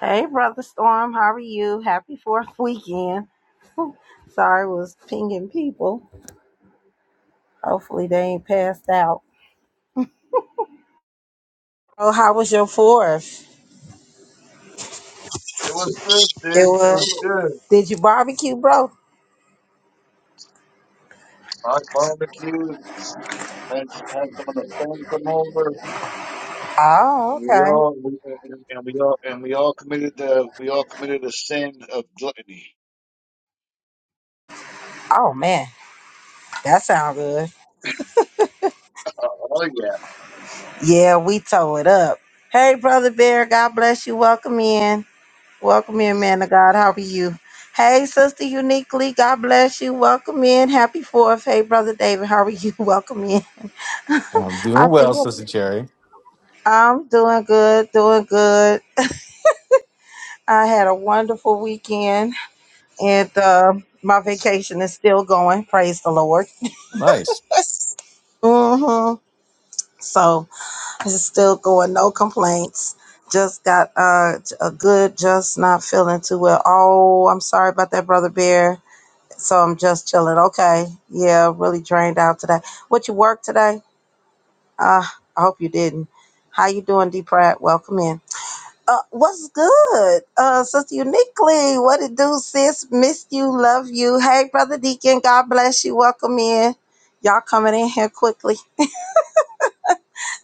Hey, Brother Storm, how are you? Happy fourth weekend. Sorry, was pinging people. Hopefully, they ain't passed out. Oh, how was your fourth? It was good, It sis. It was. was good. Did you barbecue, bro? I barbecued. Had had some of the thing come over, Oh, and we okay. all we, and, and we all and we all committed the we all committed the sin of gluttony. Oh, man. That sounds good. Oh, oh yeah, Yeah, we tore it up. Hey, Brother Bear, God bless you. Welcome in. Welcome in, man of God. How are you? Hey, Sister Uniquely, God bless you. Welcome in. Happy fourth. Hey, Brother David, how are you? Welcome in. I'm I doing well, think. Sister Cherry. I'm doing good, doing good. I had a wonderful weekend, and uh, my vacation is still going. Praise the Lord. Nice. Yes. hmm So it's still going. No complaints. Just got uh, a good. Just not feeling too well. Oh, I'm sorry about that, brother Bear. So I'm just chilling. Okay. Yeah, really drained out today. What you work today? Uh, I hope you didn't. How you doing, D. Pratt? Welcome in. Uh, what's good? Uh, Sister Uniquely, what it do, sis? Missed you, love you. Hey, Brother Deacon, God bless you. Welcome in. Y'all coming in here quickly.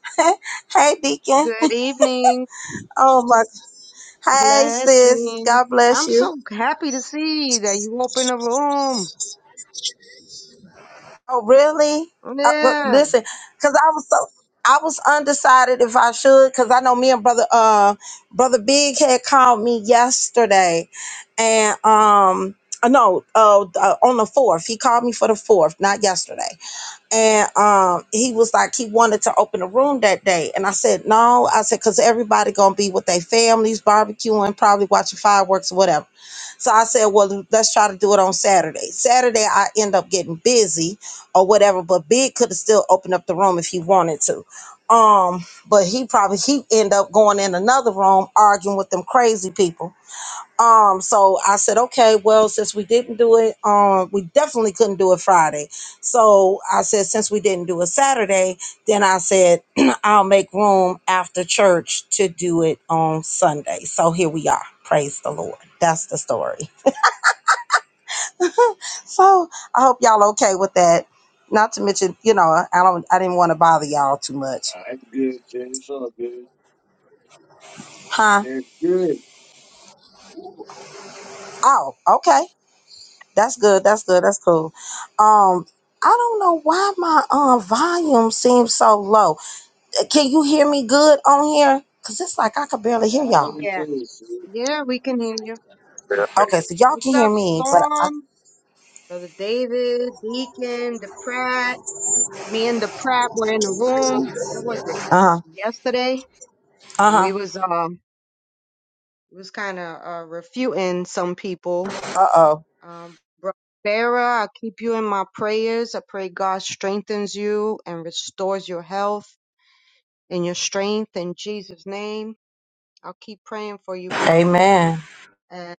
hey, Deacon. Good evening. Oh, my. Hey, sis. Blessings. God bless I'm you. so happy to see that you open a room. Oh, really? I, well, Yeah. listen, because I was so I was undecided if I should, because I know me and brother uh brother Big had called me yesterday, and um uh, no uh uh, on the fourth he called me for the fourth, not yesterday, and um he was like he wanted to open a room that day and i said no i said because everybody gonna be with their families barbecuing probably watching fireworks or whatever so i said well let's try to do it on saturday saturday i end up getting busy or whatever but big could have still opened up the room if he wanted to um but he probably he end up going in another room arguing with them crazy people um, so I said, okay, well, since we didn't do it, um, we definitely couldn't do it Friday. So I said, since we didn't do it Saturday, then I said, I'll make room after church to do it on Sunday. So here we are. Praise the Lord. That's the story. So I hope y'all okay with that. Not to mention, you know, I don't, I didn't want to bother y'all too much, I'm good, sis. It's all good. huh? It's good. Oh, okay. That's good. That's good. That's cool. Um, I don't know why my um volume seems so low. Uh, Can you hear me good on here? Cause it's like I could barely hear y'all. I'm Yeah. pleased. sis. Yeah, we can hear you. Yeah, Okay, so y'all What's can hear up, me, but I, Storm? Brother David, Deacon, the Pratt. Me and the Pratt were in the room. What was it? uh Yesterday. huh, uh And huh, we was, um, we was kind of, uh, refuting some people. uh oh. Um, Bro- Sarah, I keep you in my prayers. I pray God strengthens you and restores your health and your strength in Jesus' name. I'll keep praying for you, bro. Amen. And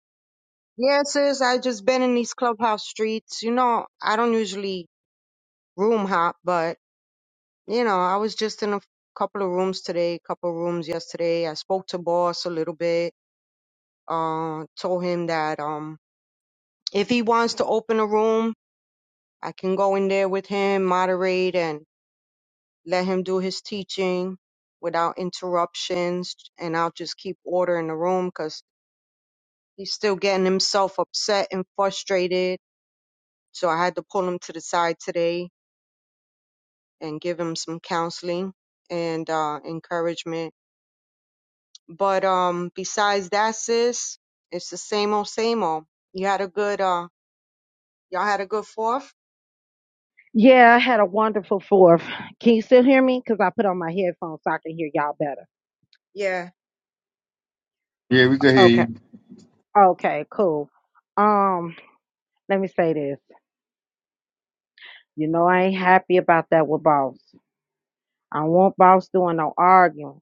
yeah, sis, I just been in these clubhouse streets. You know, I don't usually room hop, but you know, I was just in a couple of rooms today, couple of rooms yesterday. I spoke to boss a little bit. Uh, told him that um, if he wants to open a room, I can go in there with him, moderate, and let him do his teaching without interruptions. And I'll just keep order in the room 'cause He's still getting himself upset and frustrated. So I had to pull him to the side today and give him some counseling and uh, encouragement. But um, besides that, sis, it's the same old, same old. You had a good, uh, y'all had a good fourth. Yeah, I had a wonderful fourth. Can you still hear me? Because I put on my headphones so I can hear y'all better. Yeah. Yeah, we can hear Okay. you. Okay, cool. Um, let me say this. You know I ain't happy about that with boss. I don't want boss doing no arguing.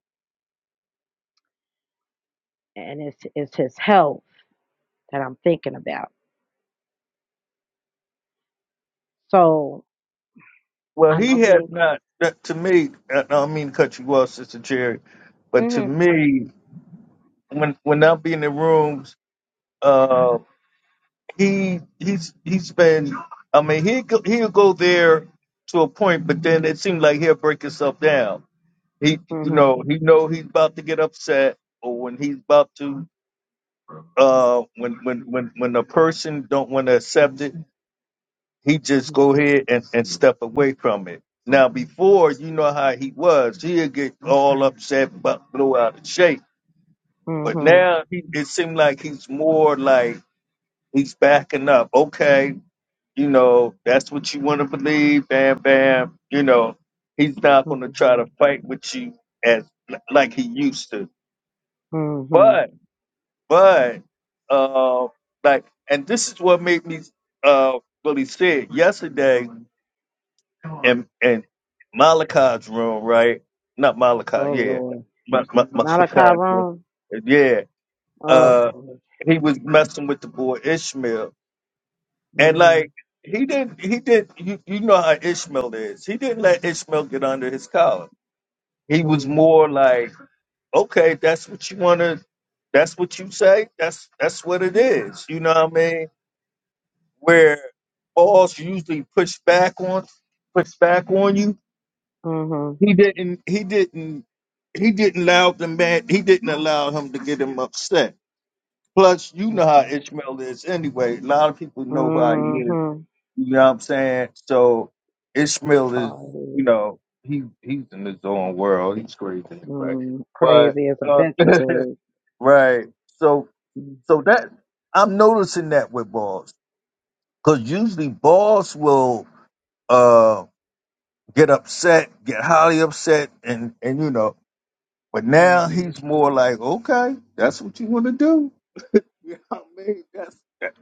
and it's it's his health that I'm thinking about. So Well, I know he he has ain't. not. that- To me, I don't mean to cut you off, Sister Cherry, but to Mhm. me, when when I'm in the rooms, uh, he he's he's been. I mean, he go, he'll go there to a point, but then it seems like he'll break himself down. He, you Mhm. know, he know he's about to get upset, or when he's about to, uh, when when when when a person don't want to accept it, he just go Mhm. ahead and, and step away from it. Now before you know how he was, he'd get all upset, but blow out of shape. But Mhm. now he, it seemed like he's more like he's backing up. Okay, you know that's what you want to believe. Bam, bam. You know he's not going to try to Mhm. fight with you as like he used to. Mhm. But but uh, like, and this is what made me uh, really sad yesterday. and and Malachi's room, right? Not Malachi, Oh yeah, Lord, Ma- Ma- not a Malachi's room, Chiron. yeah. Oh Uh, Lord. he was messing with the boy Ishmael, and like Mhm. he didn't, he did. You, you know how Ishmael is. He didn't let Ishmael get under his collar. He was Mhm. more like, okay, that's what you want to, that's what you say, that's that's what it is. You know what I mean? Where boss usually push back on, push back on you Mhm. He didn't. He didn't. He didn't allow the man. He didn't allow him to get him upset. Plus, you know how Okay. Ishmael is anyway. A lot of people know how he is. Mhm. You know what I'm saying? So Ishmael is, you Sorry. know, he he's in his own world. He's crazy anyway. Mm. But Crazy as a uh, Betsy bug. right. So Mm. so that I'm noticing that with balls because usually balls will uh get upset, get highly upset, and and you know. But now Mhm. he's more like, okay, that's what you want to do. You know what I mean? That's that,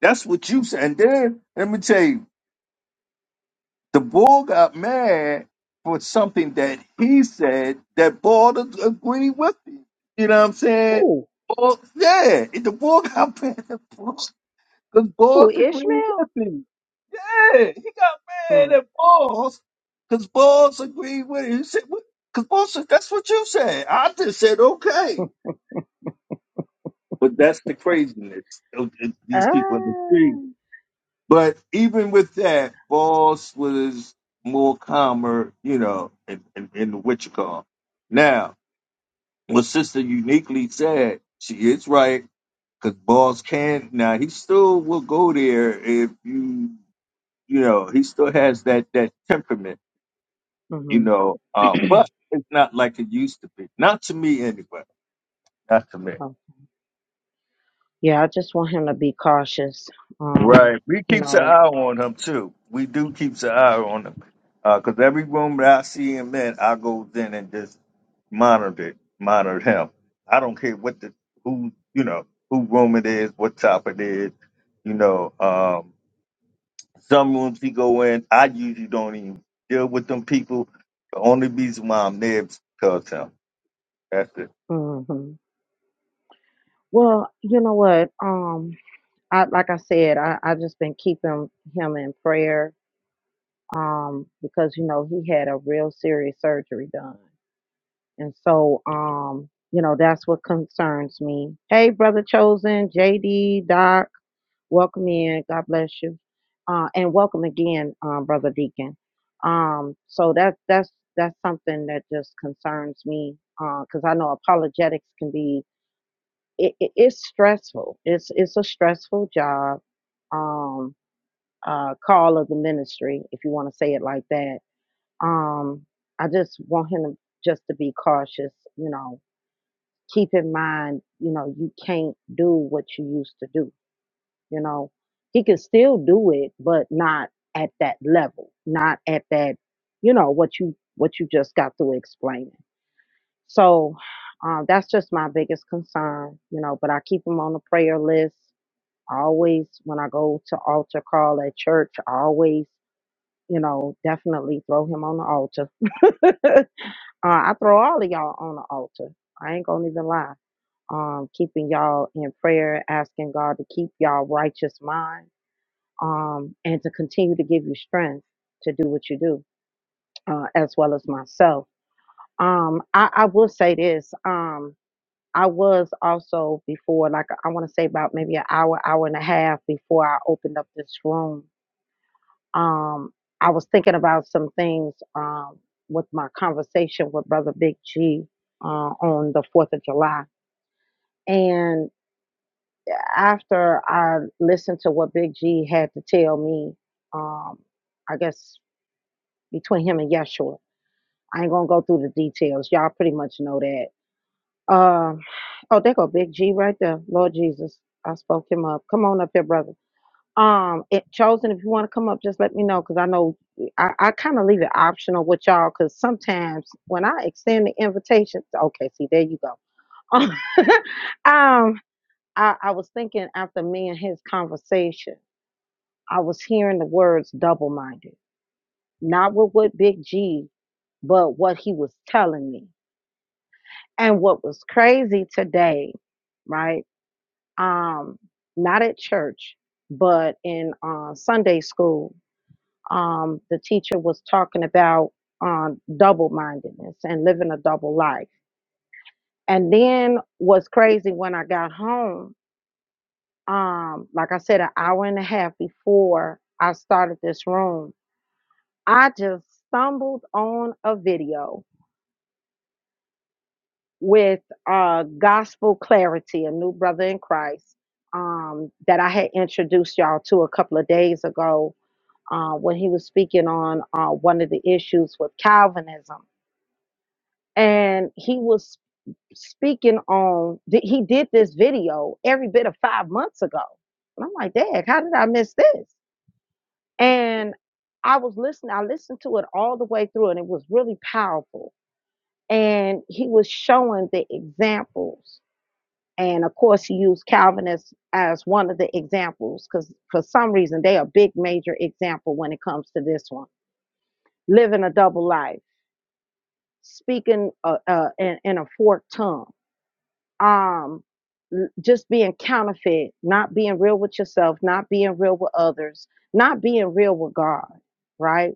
that's what you said. And then let me tell you, the bull got mad for something that he said that Ball ag- agreed with him. You know what I'm saying? Ooh. Ball, yeah, the bull got mad at Ball because Ooh. Ball's agreed Ishmael. with him. Yeah, he got mad Mm. at Balls because Balls agreed with him. He said, because Ball said, that's what you said. I just said, okay. But that's the craziness of th- these people in the street. Ah. But even with that, Boss was more calmer, you know, in, in, in the what you call. Now, what Sister uniquely said, she is right, because Boss can now he still will go there if you you know, he still has that that temperament, you Mhm. know, uh, but it's not like it used to be. Not to me anyway. Not to me. Yeah, I just want him to be cautious. Um, Right. We you keeps an know, eye on him too. We do keeps an eye on him. Because every room that I see him in, I goes in and just monitor it, monitor him. I don't care what the who you know who room it is, what top it is. You know, um, some rooms he go in, I usually don't even deal with them people. The only reason why I'm there is because of him. That's it. hmm well, you know what? Um, I like I said, I I just been keeping him in prayer. Um, because you know he had a real serious surgery done, and so um, you know that's what concerns me. Hey, brother chosen, JD, Doc. Welcome in. God bless you. Uh, and welcome again, um, Brother Deacon. Um, so that's that's that's something that just concerns me because I know apologetics can be it, it, it's stressful. It's it's a stressful job. Um, uh, call of the ministry, if you want to say it like that. Um, I just want him to, just to be cautious. You know, keep in mind, you know, you can't do what you used to do you know, he can still do it, but not at that level, not at that, you know, what you what you just got through explaining. So um, that's just my biggest concern, you know. But I keep him on the prayer list. I always, when I go to altar call at church, I always, you know, definitely throw him on the altar. uh, I throw all of y'all on the altar. I ain't gonna even lie um, keeping y'all in prayer, asking God to keep y'all righteous mind um, and to continue to give you strength to do what you do, uh, as well as myself. Um, I, I will say this. Um, I was also before, like I want to say about maybe an hour, hour and a half before I opened up this room. Um, I was thinking about some things um, with my conversation with Brother Big G uh, on the 4th of July. And after I listened to what Big G had to tell me, um, I guess between him and Yeshua. I ain't gonna go through the details. Y'all pretty much know that. Um, oh, there go Big G right there. Lord Jesus, I spoke him up. Come on up here, brother. Um, it, chosen. If you want to come up, just let me know because I know I, I kind of leave it optional with y'all because sometimes when I extend the invitation, okay, see there you go. um, I, I was thinking after me and his conversation, I was hearing the words double minded not with what Big G, but what he was telling me. And what was crazy today, right? Um, not at church, but in uh, Sunday school, um, the teacher was talking about um, double mindedness and living a double life. And then what's crazy when I got home, um, like I said, an hour and a half before I started this room, I just stumbled on a video with uh, Gospel Clarity, a new brother in Christ um, that I had introduced y'all to a couple of days ago uh, when he was speaking on uh, one of the issues with Calvinism. And he was speaking on, th- he did this video every bit of five months ago. And I'm like, Dad, how did I miss this? And I was listening, I listened to it all the way through, and it was really powerful. And he was showing the examples and of course you use calvinists as one of the examples because for some reason they are a big major example when it comes to this one living a double life speaking uh, uh, in, in a forked tongue um, l- just being counterfeit not being real with yourself not being real with others not being real with god right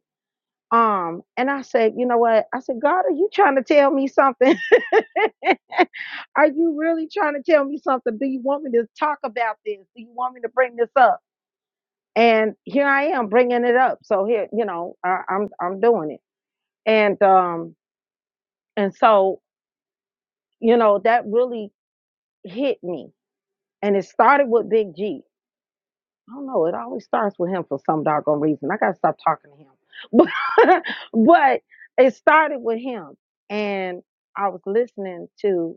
um and i said you know what i said god are you trying to tell me something Are you really trying to tell me something? Do you want me to talk about this? Do you want me to bring this up? And here I am bringing it up. So here, you know, I, I'm I'm doing it. And um and so you know that really hit me. And it started with Big G. I don't know. It always starts with him for some doggone reason. I gotta stop talking to him. But but it started with him, and I was listening to.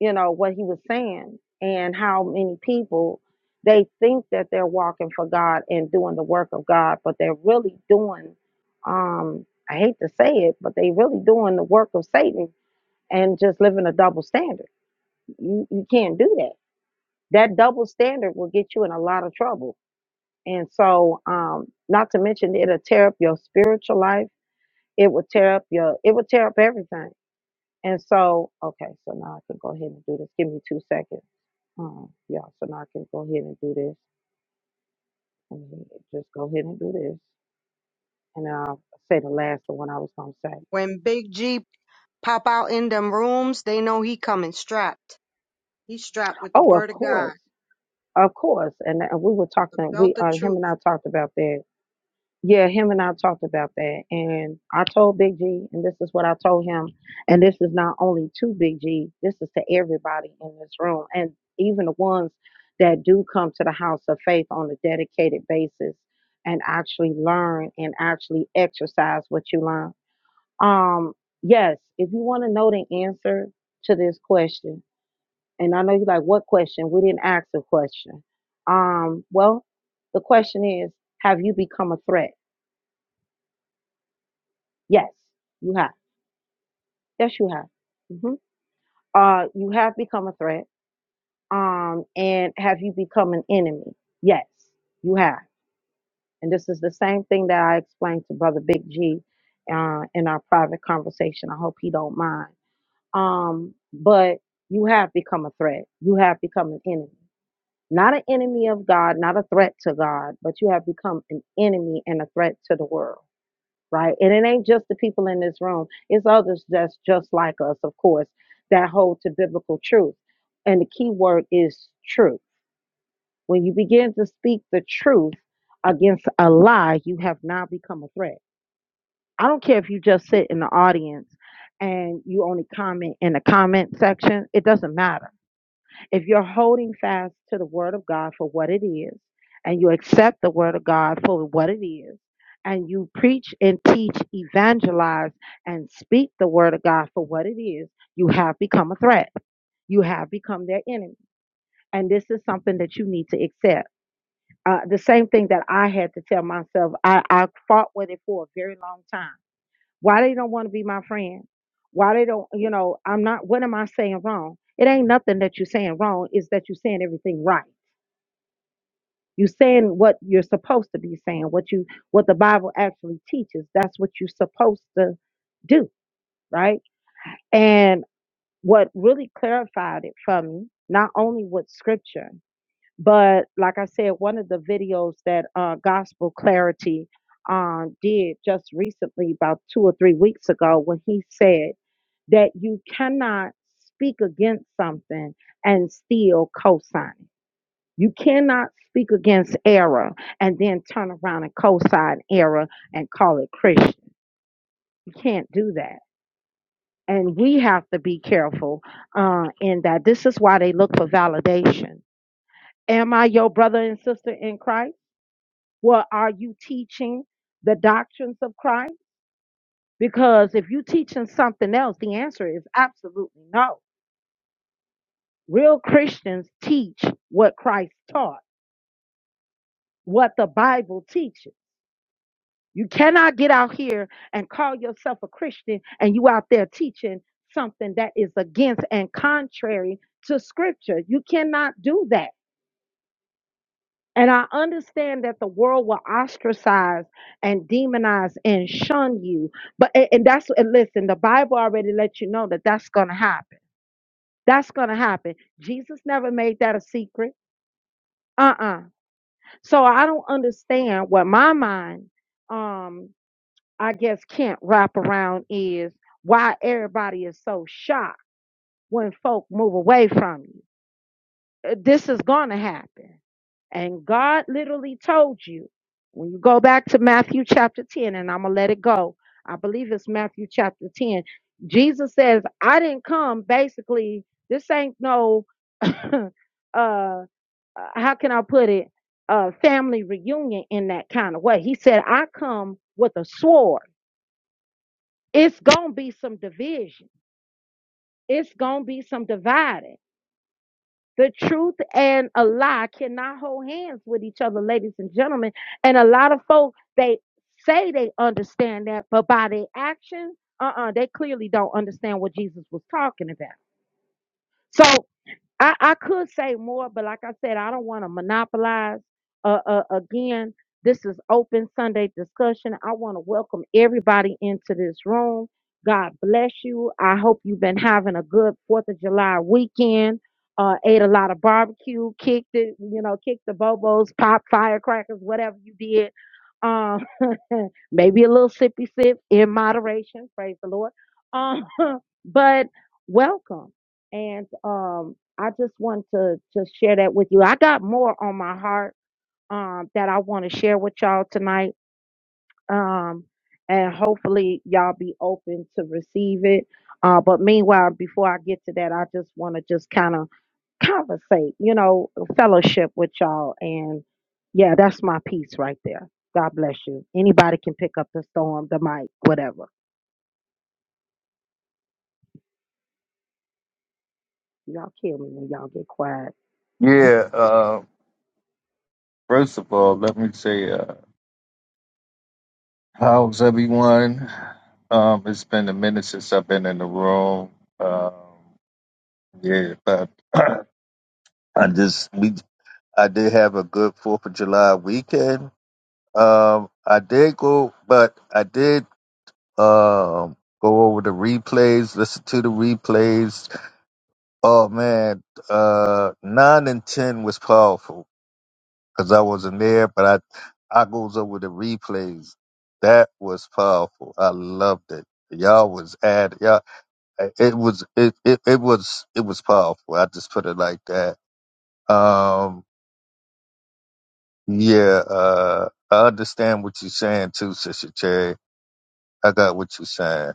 you know, what he was saying and how many people they think that they're walking for God and doing the work of God, but they're really doing um I hate to say it, but they really doing the work of Satan and just living a double standard. You you can't do that. That double standard will get you in a lot of trouble. And so um not to mention it'll tear up your spiritual life. It will tear up your it will tear up everything. And so okay, so now I can go ahead and do this. Give me two seconds. Um, yeah, so now I can go ahead and do this. I mean, just go ahead and do this. And then I'll say the last, the one I was going to say. When Big G pop out in them rooms, they know he coming strapped. He's strapped with the Oh, of word of course. God, Of course. And uh, we were the talking, we, belt of uh, him and truth. I talked about that. Yeah, him and I talked about that. And I told Big G, and this is what I told him. And this is not only to Big G, this is to everybody in this room. And even the ones that do come to the house of faith on a dedicated basis and actually learn and actually exercise what you learn Um, yes, if you want to know the answer to this question, and I know you're like, what question? We didn't ask the question. Um, well, the question is, have you become a threat? Yes, you have. Yes, you have. hmm Uh, you have become a threat. Um, and have you become an enemy? Yes, you have. And this is the same thing that I explained to Brother Big G uh, in our private conversation. I hope he don't mind um, but you have become a threat. You have become an enemy. Not an enemy of God, not a threat to God, but you have become an enemy and a threat to the world, right? And it ain't just the people in this room, it's others that's just like us, of course, that hold to biblical truth. And the key word is truth. When you begin to speak the truth against a lie, you have now become a threat. I don't care if you just sit in the audience and you only comment in the comment section, it doesn't matter if you're holding fast to the word of God for what it is, and you accept the word of God for what it is, and you preach and teach, evangelize, and speak the word of God for what it is, you have become a threat. You have become their enemy. And this is something that you need to accept. Uh, the same thing that I had to tell myself, I, I fought with it for a very long time. Why they don't want to be my friend? Why they don't, you know, I'm not, what am I saying wrong? It ain't nothing that you're saying wrong, it's that you're saying everything right You're saying what you're supposed to be saying, what you what the Bible actually teaches. That's what you're supposed to do, right? And what really clarified it for me, not only with scripture, but like I said, one of the videos that uh, Gospel Clarity um, did just recently, about two or three weeks ago, when he said that you cannot speak against something and still co-sign it you cannot speak against error and then turn around and co-sign error and call it Christian. You can't do that. And we have to be careful uh, in that. This is why they look for validation. Am I your brother and sister in Christ? Well, are you teaching the doctrines of Christ? Because if you're teaching something else, the answer is absolutely no. Real Christians teach what Christ taught, what the Bible teaches. You cannot get out here and call yourself a Christian and you out there teaching something that is contrary. Not do that. And I- that the world will ostracize and demonize and shun you. But and and that's and listen, the Bible already let you know that that's gonna happen. That's gonna happen. Jesus never made that a secret. Uh-uh. So I don't understand what my mind, um, I guess can't wrap around is why everybody shocked when it happened. And God literally told you. Matthew chapter 10, and I'm going to let it go. I believe it's chapter 10. Jesus, um, basically, this ain't no, uh, uh, how did it, um, or it's going, it's divided. The truth and a lie cannot hold hands with each other, ladies and gentlemen. And a lot of folk, they say they understand that, but by their action, uh-uh, they clearly don't understand what Jesus was talking about. So, I, I could say more, but like I said, I don't want to monopolize. Uh, uh, again, this is open Sunday discussion. I want to welcome everybody into this room. God bless you. I hope you've been having a good Fourth of July weekend. Uh, ate a lot of barbecue, kicked it, you know, kicked the bobos, popped firecrackers, whatever you did. Um, maybe a little sippy sip in moderation. Praise the Lord. Um, but welcome and um I just want to just share that with you. I got more on my heart um, that I want to share with y'all tonight, um, and hopefully y'all be open to receive it. Uh, but meanwhile, before I get to that, I just want to just kind of conversate, you know, fellowship with y'all, and yeah, that's my piece right there. God bless you. Anybody can pick up the storm, the mic, whatever. Y'all kill me when y'all get quiet. Yeah. Uh, first of all, let me say. uh. How's everyone? Um, it's been a minute since I've been in the room. Um, yeah, but I just we I did have a good Fourth of July weekend. Um, I did go, but I did um go over the replays, listen to the replays. Oh man, uh, nine and ten was powerful because I wasn't there, but I I goes over the replays. That was powerful. I loved it. Y'all was at y'all. eh, It was it, it it was it was powerful. I just put it like that. Um, yeah. Uh, I understand what you're saying too, Sister Cherry. I got what you're saying.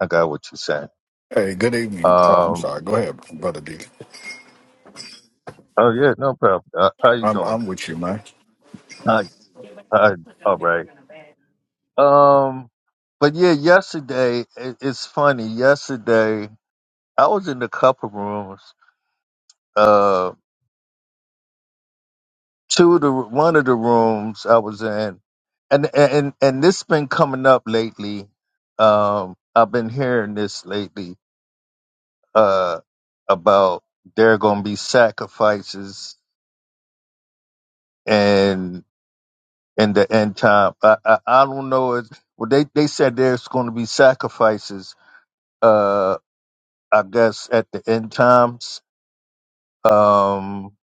I got what you're saying. Hey, good evening. Oh, I'm Um. sorry. Go ahead, brother D. Oh yeah, no problem. Uh, how you I'm doing? I'm with you, man. Hi. Hi. All right. Um. But yeah, yesterday it, it's funny. Yesterday I was in a couple rooms. Uh, two of the one of the rooms I was in, and and and this been coming up lately. Um, I've been hearing this lately. Uh, about there are gonna be sacrifices and in the end time. I I, I don't know. It, well, they they said there's gonna be sacrifices. Uh, I guess at the end times. Um,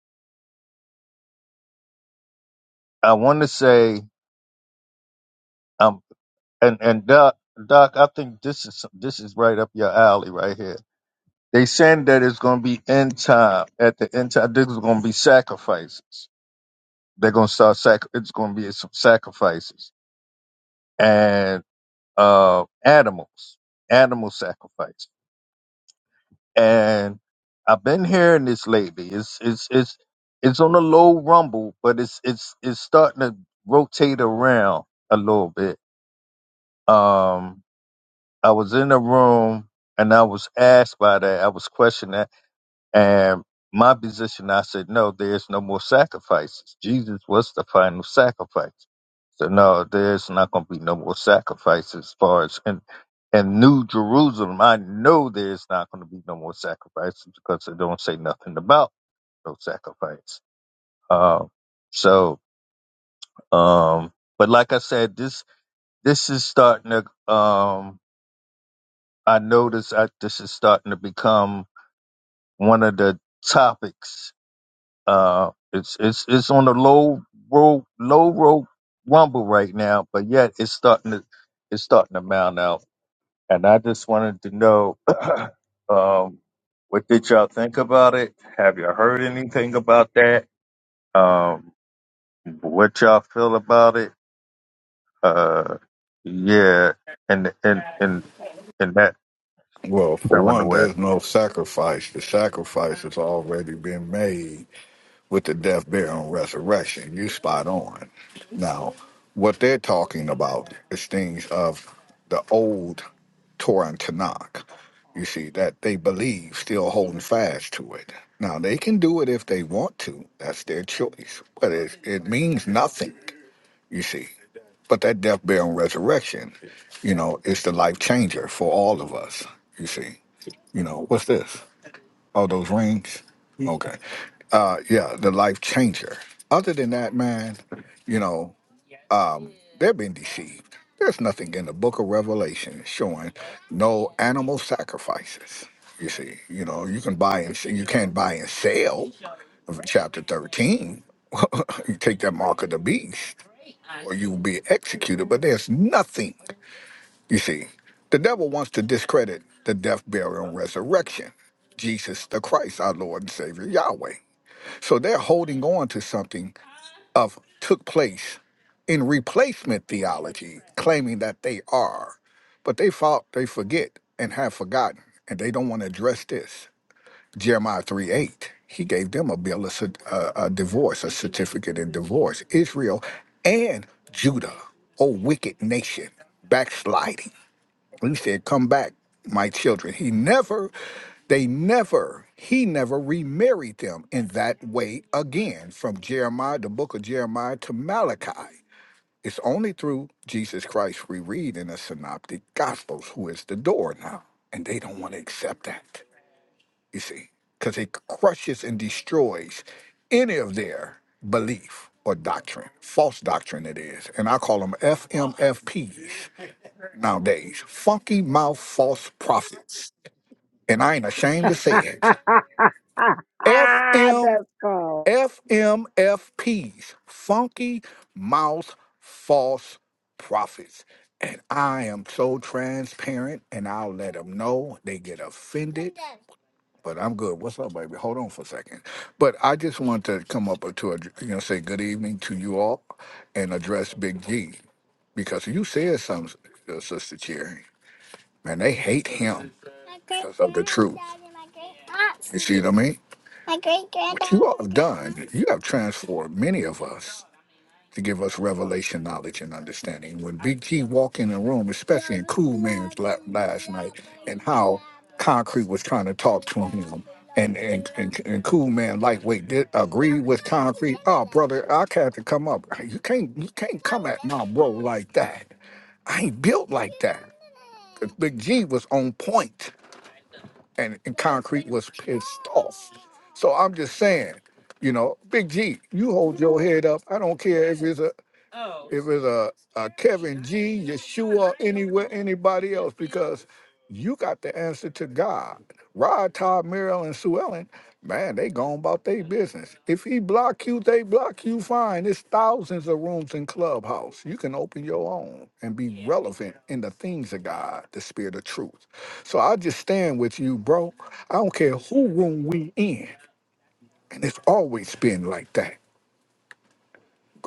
I want to say. And and Doc, Doc, I think this is this is right up your alley right here. They saying that it's going to be end time. At the end time, there's going to be sacrifices. They're going to start sac. It's going to be some sacrifices and uh animals, animal sacrifice. And I've been hearing this lately. It's it's it's it's on a low rumble, but it's it's it's starting to rotate around a little bit. Um, I was in a room and I was asked by that. I was questioned that. And my position, I said, no, there's no more sacrifices. Jesus was the final sacrifice. So no, there's not going to be no more sacrifices as far as in, in New Jerusalem. I know there's not going to be no more sacrifices because they don't say nothing about no sacrifice. Um, so, um, but like I said, this, this is starting to, um, I notice I, this is starting to become one of the topics. Uh, it's it's it's on the low road low road rumble right now, but yet it's starting to it's starting to mount out. And I just wanted to know, um, what did y'all think about it? Have you heard anything about that? Um, what y'all feel about it? Uh, yeah, and and and and that Well, for one, terminology. there's no sacrifice. The sacrifice has already been made with the death, burial, and resurrection. You spot on. Now, what they're talking about is things of the old Torah and Tanakh. You see that they believe, still holding fast to it. Now they can do it if they want to. That's their choice, but it it means nothing. you see. But that death, burial, and resurrection, you know, is the life changer for all of us, you see. You know, what's this? Oh, those rings? Okay. Uh, yeah, the life changer. Other than that, man, you know, um, they've been deceived. There's nothing in the book of Revelation showing no animal sacrifices. You see, you know, you can buy and you can't buy and sell of chapter 13. you take that mark of the beast or you will be executed. But there's nothing, you see. The devil wants to discredit the death, burial, and resurrection. Jesus the Christ, our Lord and Savior, Yahweh. So they're holding on to something of took place in replacement theology, claiming that they are. But they thought they forget and have forgotten, and they don't want to address this. Jeremiah 3 8. He gave them a bill, of cer- a, a divorce, a certificate in divorce. Israel and Judah, O wicked nation, backsliding. He said, Come back, my children. He never, they never, he never remarried them in that way again. From Jeremiah, the book of Jeremiah to Malachi. It's only through Jesus Christ we read in the Synoptic Gospels who is the door now. And they don't want to accept that you see, because it crushes and destroys any of their belief or doctrine, false doctrine it is. And I call them FMFPs nowadays, funky mouth false prophets. And I ain't ashamed to say it. Ah, ah, FM, That's cool. FMFPs, funky mouth false prophets. And I am so transparent, and I'll let them know. They get offended but I'm good. What's up, baby? Hold on for a second. But I just want to come up to, a, you know, say good evening to you all and address Big G because you said something, uh, Sister Cherry. Man, they hate him because of the truth. You see what I mean? What you all have done, you have transformed many of us to give us revelation knowledge and understanding. When Big T walked in the room, especially in Cool Man's lap last night, and how Concrete was trying to talk to him, and and, and, and Cool Man lightweight did agree with Concrete. Oh, brother, I had to come up. You can't you can't come at my bro like that. I ain't built like that. 'Cause Big G was on point, and, and Concrete was pissed off. So I'm just saying, you know, Big G, you hold your head up. I don't care if it's a if it's a, a Kevin G, Yeshua, anywhere, anybody else, because you got the answer to God. Rod, Todd, Merrill, and Sue Ellen, man, they gone about their business. If he block you, they block you fine. There's thousands of rooms in Clubhouse. You can open your own and be relevant in the things of God, the spirit of truth. So I just stand with you, bro. I don't care who room we in, and it's always been like that.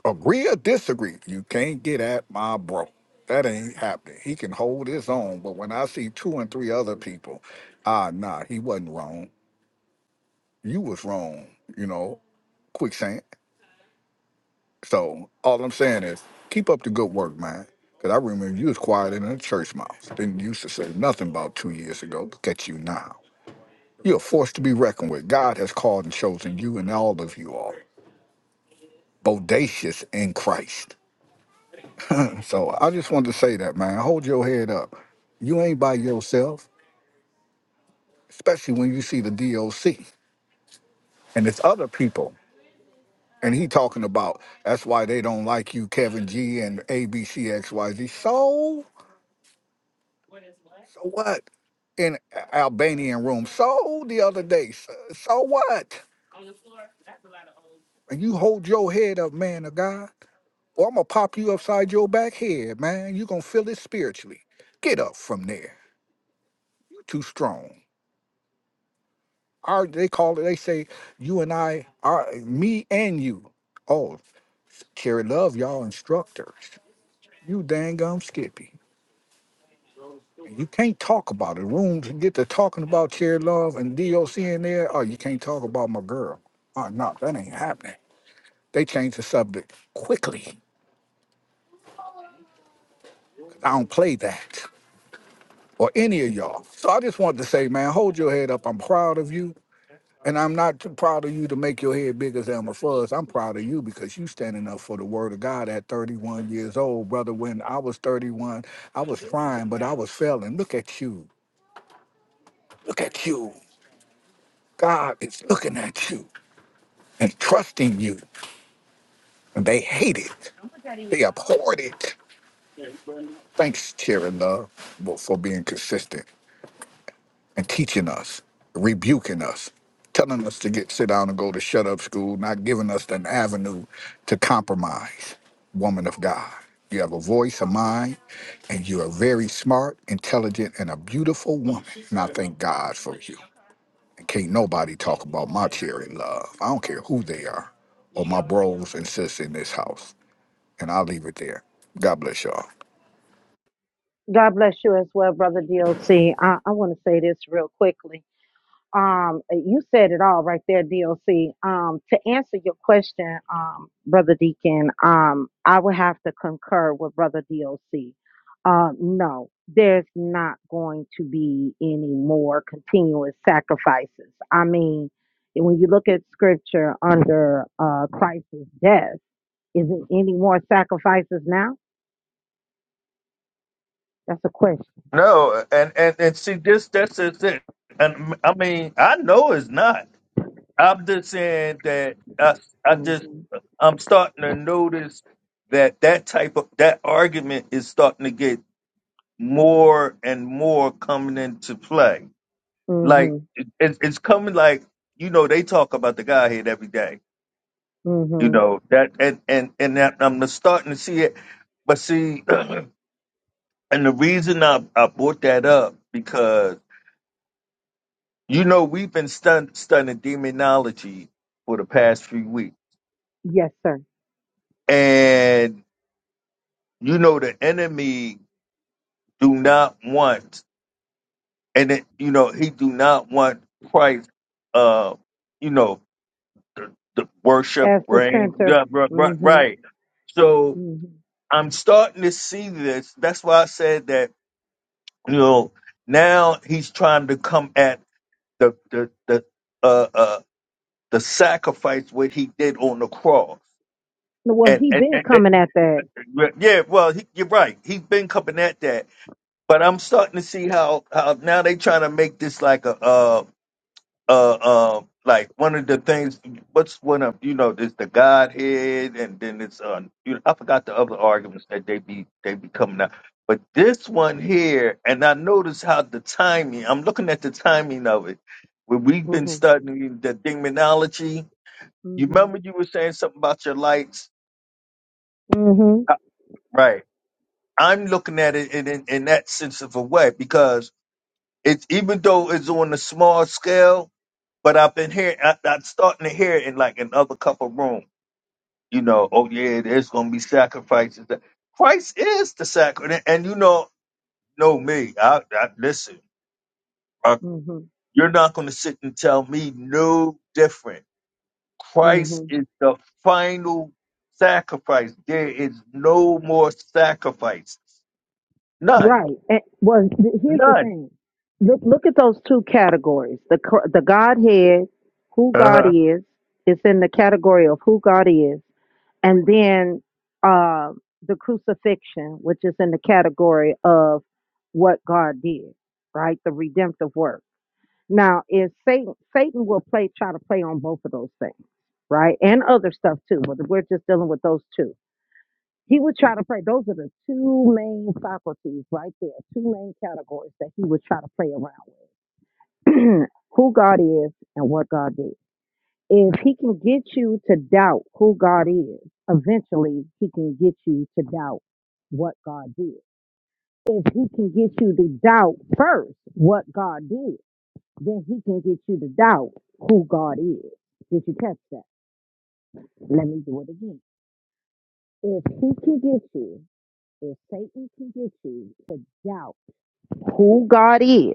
Agree or disagree, you can't get at my bro. That ain't happening. He can hold his own, but when I see two and three other people, ah, nah, he wasn't wrong. You was wrong, you know, quicksand. So all I'm saying is keep up the good work, man. Because I remember you was quiet in the church mouse. Didn't used to say nothing about two years ago. Look at you now. You're a force to be reckoned with. God has called and chosen you and all of you all. Bodacious in Christ. So I just wanted to say that, man. Hold your head up. You ain't by yourself, especially when you see the DOC and it's other people. And he talking about that's why they don't like you, Kevin G and ABCXYZ. So, so what? In A- Albanian room. So the other day. So, so what? And you hold your head up, man of God, or I'm gonna pop you upside your back head, man. you gonna feel it spiritually. Get up from there. You too strong. our they call it they say you and I are me and you. Oh, Carrie Love, y'all instructors. You dang gum skippy. You can't talk about it. Rooms get to talking about Cherry Love and DOC in there. Oh, you can't talk about my girl. Oh no, that ain't happening. They change the subject quickly. I don't play that. Or any of y'all. So I just wanted to say, man, hold your head up. I'm proud of you. And I'm not too proud of you to make your head big as Elmer Fudd. I'm proud of you because you standing up for the word of God at 31 years old, brother. When I was 31, I was trying, but I was failing. Look at you. Look at you. God is looking at you and trusting you. And they hate it. They abhorred it. Thanks, Cherry Love, for for being consistent. and teaching us, rebuking us, telling us to get sit down and go to shut up school, not giving us an avenue to compromise. Woman of God, you have a voice, a mind, and you are very smart, intelligent, and a beautiful woman. And I thank God for you. And can't nobody talk about my cherry love. I don't care who they are or my bros and sis in this house. And I'll leave it there. God bless y'all. God bless you as well, brother DOC. I, I want to say this real quickly. Um, you said it all right there, DOC. Um, to answer your question, um, brother Deacon, um, I would have to concur with brother DOC. Uh, no, there's not going to be any more continuous sacrifices. I mean, when you look at scripture under uh, Christ's death, is it any more sacrifices now? That's a question. No, and and and see this that's is it. And I mean, I know it's not. I'm just saying that I I just hmm I'm starting to notice that that type of that argument is starting to get more and more coming into play. Like hmm it, it's it's coming like you know they talk about the Godhead every day. You hmm know that and and and that I'm starting to see it. But see, and the reason I I brought that up because. You know, we've been stun- studying demonology for the past few weeks, Yes, sir. and you know the enemy do not want, and it, you know he do not want Christ. Uh, you know the, the worship, As the brain, center. yeah, ri- ri- hmm right? So hmm I'm starting to see this. That's why I said that. You know, now he's trying to come at the the the uh uh the sacrifice what he did on the cross, Well, and he and, been and, coming at that. But, Yeah, well, he, you're right. He's been coming at that, but I'm starting to see how how now they trying to make this like a uh uh uh like one of the things. What's one of you know? There's the Godhead, and then it's uh you know, I forgot the other arguments that they be they be coming out. But this one here, and I notice how the timing. I'm looking at the timing of it. When we've hmm been studying the demonology, you hmm remember you were saying something about your lights, hmm Uh, right? I'm looking at it in, in, in that sense of a way because it's even though it's on a small scale, but I've been hearing, I, I'm starting to hear it in like another couple room. You know, oh yeah, there's gonna be sacrifices. Christ is the sacrifice, and and you know, know me. I, I listen. uh, hmm You're not gonna sit and tell me no different. hmm Christ is the final sacrifice. There is no more sacrifice. None. Right. And, well, th- here's the None. thing. Look, look at those two categories. The cr- the Godhead, who God is, is in the category of who God is, and then uh, the crucifixion, which is in the category of what God did, right? The redemptive work. Now, is Satan? Satan will play, try to play on both of those things, right? And other stuff too. But we're just dealing with those two he would try to play. Those are the two main faculties right there, two main categories that he would try to play around with. who God is and what God did. If he can get you to doubt who God is, eventually he can get you to doubt what God did. If he can get you to doubt first what God did, then he can get you to doubt who God is. Did you catch that? Let me do it again. If he can get you, if Satan can get you to doubt who God is,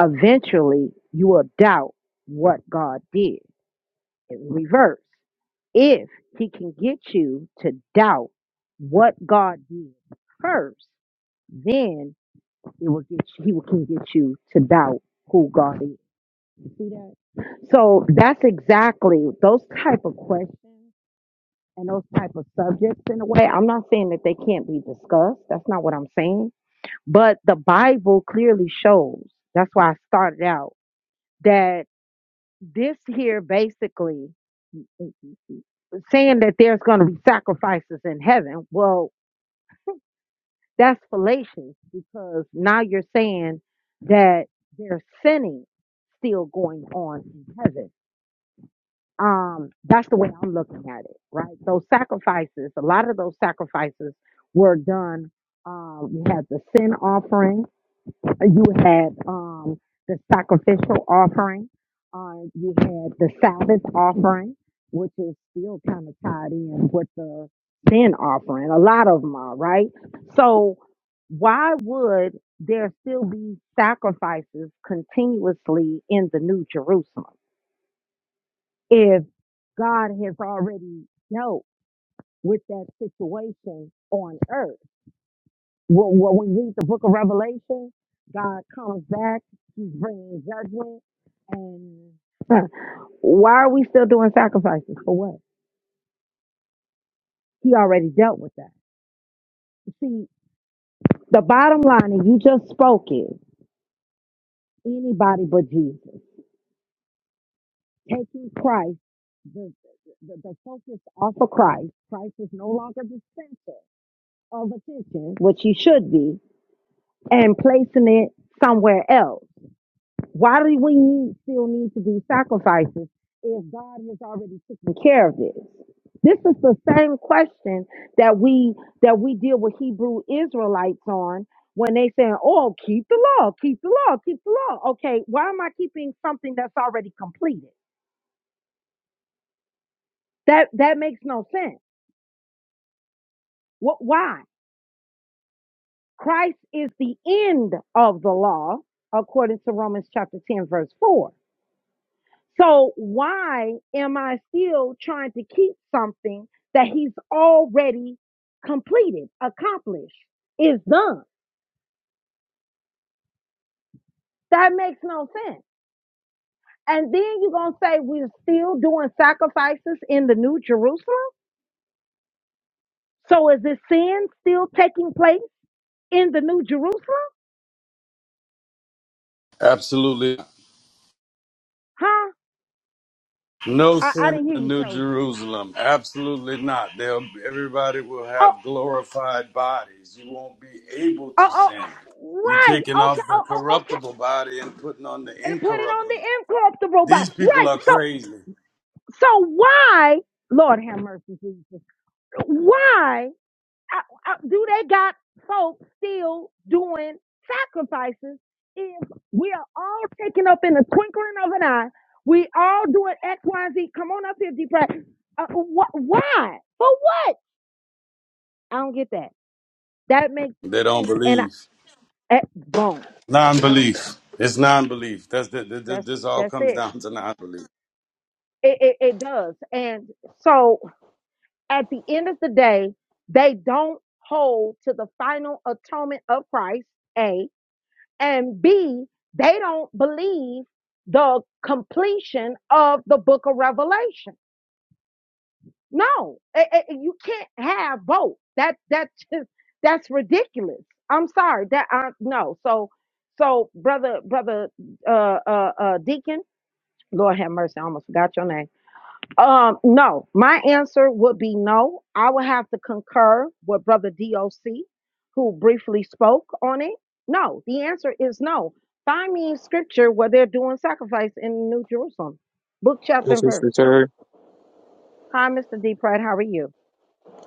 eventually you will doubt what God did in reverse. If he can get you to doubt what God did first, then it will get you, he will- can get you to doubt who God is. You see that? So that's exactly those type of questions and those type of subjects in a way. I'm not saying that they can't be discussed. That's not what I'm saying. But the Bible clearly shows. That's why I started out. that this here basically saying that there's going to be sacrifices in heaven, well, that's fallacious because now you're saying that there's sinning still going on in heaven. Um, that's the way I'm looking at it, right? Those sacrifices, a lot of those sacrifices were done. Um, we had the sin offering you had um, the sacrificial offering, uh, you had the Sabbath offering, which is still kind of tied in with the sin offering. A lot of them are, right? So, why would there still be sacrifices continuously in the New Jerusalem if God has already dealt with that situation on earth? Well, well, when we read the book of Revelation, God comes back, he's bringing judgment. And huh, why are we still doing sacrifices? For what? He already dealt with that. See, the bottom line, and you just spoke it, anybody but Jesus. Taking Christ, the, the, the focus off of Christ, Christ is no longer the center of attention, which he should be, and placing it somewhere else. Why do we need, still need to do sacrifices if God has already taken care of this? This is the same question that we that we deal with Hebrew Israelites on when they saying, "Oh, keep the law, keep the law, keep the law." Okay, why am I keeping something that's already completed? That that makes no sense. What? Why? Christ is the end of the law, according to Romans chapter ten, verse four. So why am I still trying to keep something that he's already completed, accomplished, is done? That makes no sense. And then you're going to say we're still doing sacrifices in the New Jerusalem? So is this sin still taking place in the New Jerusalem? Absolutely. not. Huh? No I, I sin didn't in hear the you, New Chosen. Jerusalem. Absolutely not. They'll, everybody will Oh, have glorified bodies. You won't be able oh, to oh, sin. You're right. taking Okay. off the Oh, oh, okay. corruptible body and putting on the And put it on incorruptible. the incorruptible body. These people Right. are So, crazy. so why Lord have mercy, Jesus. Why I, I, do they got folks still doing sacrifices if we are all taken up in the twinkling of an eye? We all doing X, Y, and Z. Come on up here, deep breath. Uh, wh- why? For what? I don't get that. That makes They no don't sense. And I, believe. eh, boom, Non belief. It's non belief. That's the, the, the- that's this all that's comes it. down to non belief. It, it. it does. And so at the end of the day, they don't hold to the final atonement of Christ. A and B, they don't believe the completion of the book of Revelation. No, eh, eh, you can't have both. That that just that's ridiculous. I'm sorry. That I no. So so brother brother uh uh, uh deacon, Lord have mercy, I almost forgot your name um, no, my answer would be no. I would have to concur with Brother DOC, who briefly spoke on it. No, the answer is no. Find me in scripture where they're doing sacrifice in New Jerusalem, book, chapter, This and is verse. Terry. Hi, Mr. D. Pratt, how are you?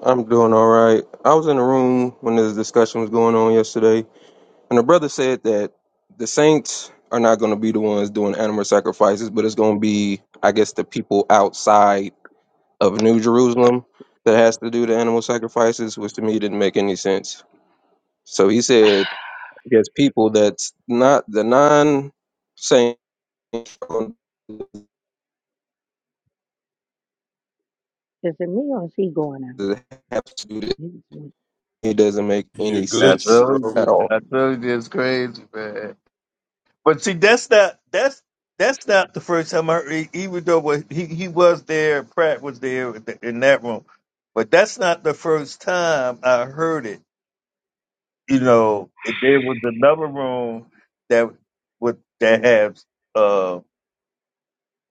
I'm doing all right. I was in the room when this discussion was going on yesterday, and the brother said that the saints are not going to be the ones doing animal sacrifices, but it's going to be, I guess, the people outside of New Jerusalem that has to do the animal sacrifices, which to me didn't make any sense. So he said, I guess people that's not the non saints Is it me or is he going out? that have to do this. He like, It doesn't make You're any I glitching, sense told bro. at you, all. I told you it's crazy, man. But see, that's not that's that's not the first time I heard- e, even though what he he was there, Pratt was there in that room, but that's not the first time I heard it. You know, and there was another room that would that has uh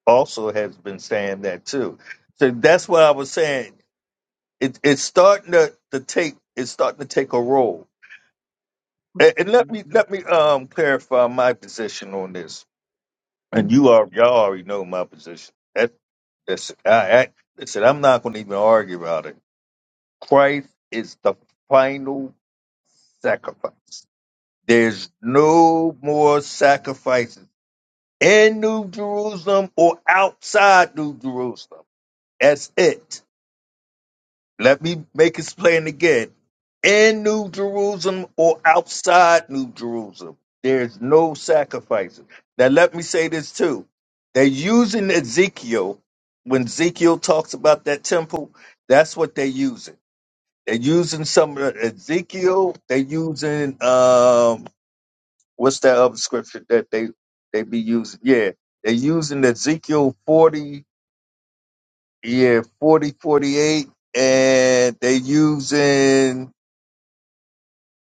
also has been saying that too. So that's why I was saying it, it's starting to, to take it's starting to take a role mm, And, and let mm, me mm, let me um clarify my position on this. And mhm. you are y'all already know my position. That that's I, I listen. I'm not going to even argue about it. Christ is the final sacrifice. There's no more sacrifices in New Jerusalem or outside New Jerusalem. That's it. Let me make it plain again. In New Jerusalem or outside New Jerusalem, there's no sacrifices. Now, let me say this too. They're using Ezekiel, when Ezekiel talks about that temple, that's what they're using. They're using some of the Ezekiel, they're using, um, what's that other scripture that they, they be using? Yeah, they're using Ezekiel 40, yeah, 40 48, and they're using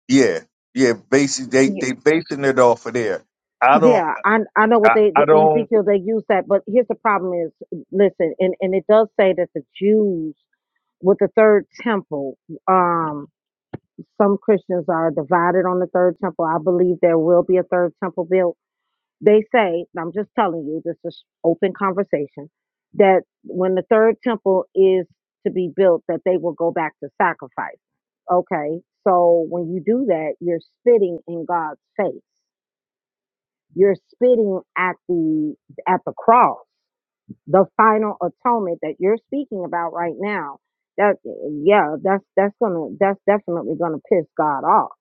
Yeah, yeah. Basically, they Ye- they basing it off of there. I Yeah, don't, yeah, I I know what I, they the I don't. Ezekiel they use that, but here's the problem is listen, and, and it does say that the Jews with the third temple. Um, some Christians are divided on the third temple. I believe there will be a third temple built. They say, and I'm just telling you, this is open conversation, that when the third temple is to be built, that they will go back to sacrifice. Okay, so when you do that, you're spitting in God's face. You're spitting at the at the cross the final atonement that you're speaking about right now that yeah that's that's gonna that's definitely gonna piss god off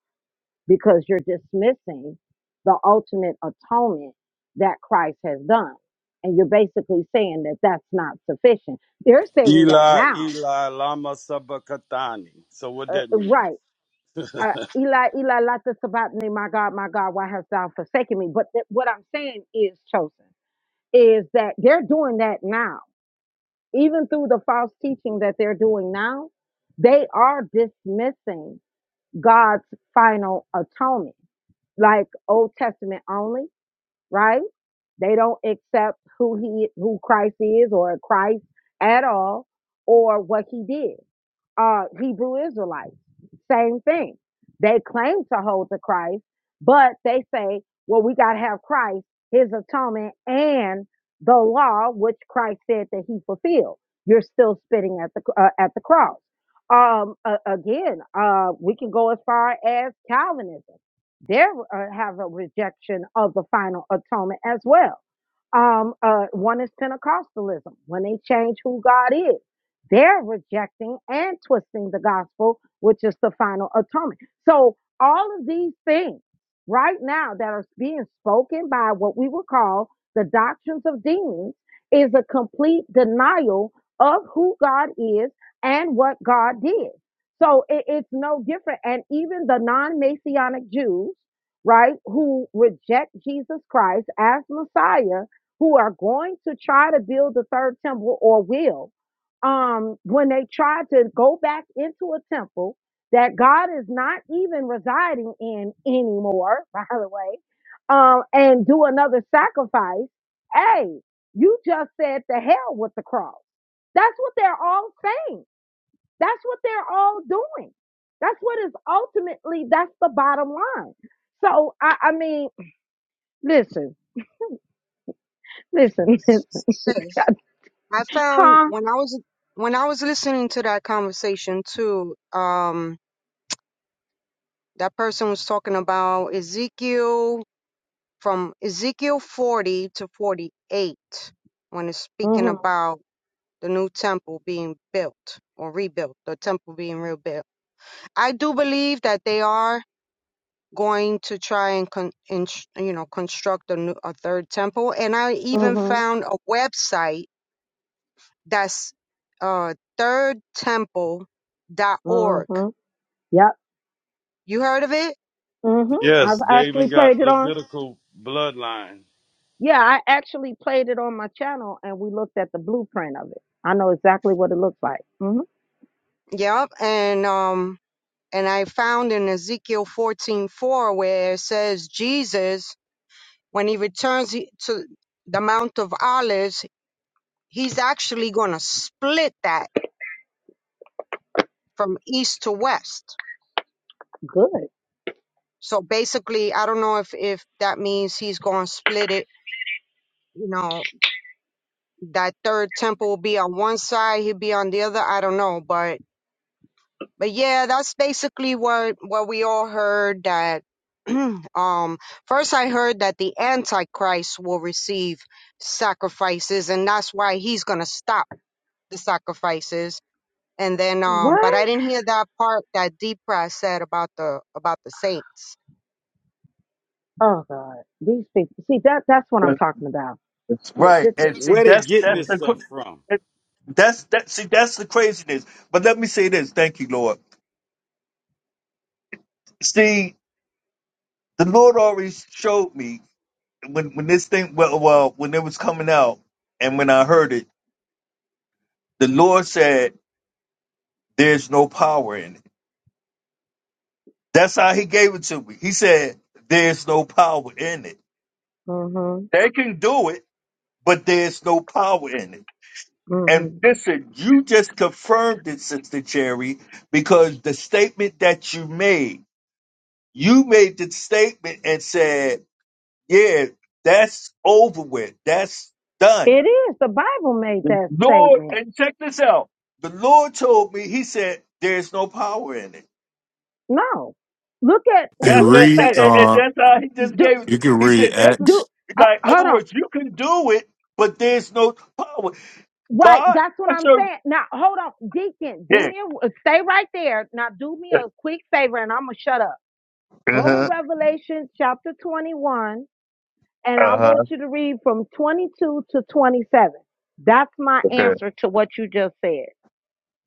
because you're dismissing the ultimate atonement that christ has done and you're basically saying that that's not sufficient they're saying that Eli, now Eli, Lama Sabachthani. So, what uh, that mean? right uh, eli eli lata sabatani my god my god why hast thou forsaken me but th- what i'm saying is chosen is that they're doing that now even through the false teaching that they're doing now, they are dismissing God's final atonement, like Old Testament only, right? They don't accept who he who Christ is or Christ at all or what he did. Uh Hebrew Israelites, same thing. They claim to hold to Christ, but they say, well, we gotta have Christ, his atonement, and the law which Christ said that he fulfilled. You're still spitting at the uh, at the cross. Um, a- again, uh, we can go as far as Calvinism. They uh, have a rejection of the final atonement as well. Um, uh, one is Pentecostalism. When they change who God is, they're rejecting and twisting the gospel, which is the final atonement. So all of these things right now that are being spoken by what we would call the doctrines of demons is a complete denial of who God is and what God did. So it, it's no different. And even the non Messianic Jews, right, who reject Jesus Christ as Messiah, who are going to try to build the third temple or will, um, when they try to go back into a temple that God is not even residing in anymore, by the way, um, and do another sacrifice, hey, you just said to hell with the cross. That's what they're all saying that's what they're all doing. That's what is ultimately, that's the bottom line. So, I, I mean, listen, listen, listen. Sis. I found Huh? when I was when I was listening to that conversation too, um, that person was talking about Ezekiel from Ezekiel 40 to 48 when it's speaking Mm-hmm, about the new temple being built or rebuilt, the temple being rebuilt. I do believe that they are going to try and con- and you know construct a, new, a third temple, and I even mm-hmm, found a website That's uh thirdtemple.org. mm-hmm. Yep. You heard of it? Mm-hmm. Yes, I've they even actually got played it on, Levitical bloodline. yeah, I actually played it on my channel and we looked at the blueprint of it. I know exactly what it looks like. Mm-hmm. Yep. And um and I found in Ezekiel fourteen four where it says Jesus, when he returns he- to the Mount of Olives, he's actually gonna split that from east to west. Good. So basically, I don't know if if that means he's gonna split it, you know, that third temple will be on one side, he'll be on the other. I don't know, but but yeah, that's basically what what we all heard that um first I heard that the antichrist will receive sacrifices and that's why he's going to stop the sacrifices and then um but I What? didn't hear that part that Deepra said about the about the saints. Oh, God. These people. See, that that's what I'm but- talking about. Th- Right, th- th- and see, Where they that's getting that's mm. this the cra- stuff from? that- that's that. See, that's the craziness. But let me say this. Thank you, Lord. See, the Lord already showed me when when this thing well, well when it was coming out, and when I heard it, the Lord said, "There's no power in it." That's how He gave it to me. He said, "There's no power in it. Mhm. They can do it, but there's no power in it." And Mhm. listen, you just confirmed it, Sister Cherry, because the statement that you made, you made the statement and said, yeah, that's over with. That's done. It is. The Bible made that Lord, statement. and check this out. The Lord told me, he said, there's no power in it. No. Look at. Hey, That's Do me a it. That, read. and favor. and Uh, that's how D- he just Do gave it to you can He read said, they can, Acts do. Uh, like, hold other on. words, you can do it, but there's no power. Right. God, That's what I I'm serve. saying. Now hold on, Deacon. Do Yeah. me a. uh, Stay right there. Now do me a quick favor, and I'm gonna shut up. Go to Uh-huh. Revelation chapter 21, and I Uh-huh. want you to read from 22 to 27. That's my Okay. answer to what you just said.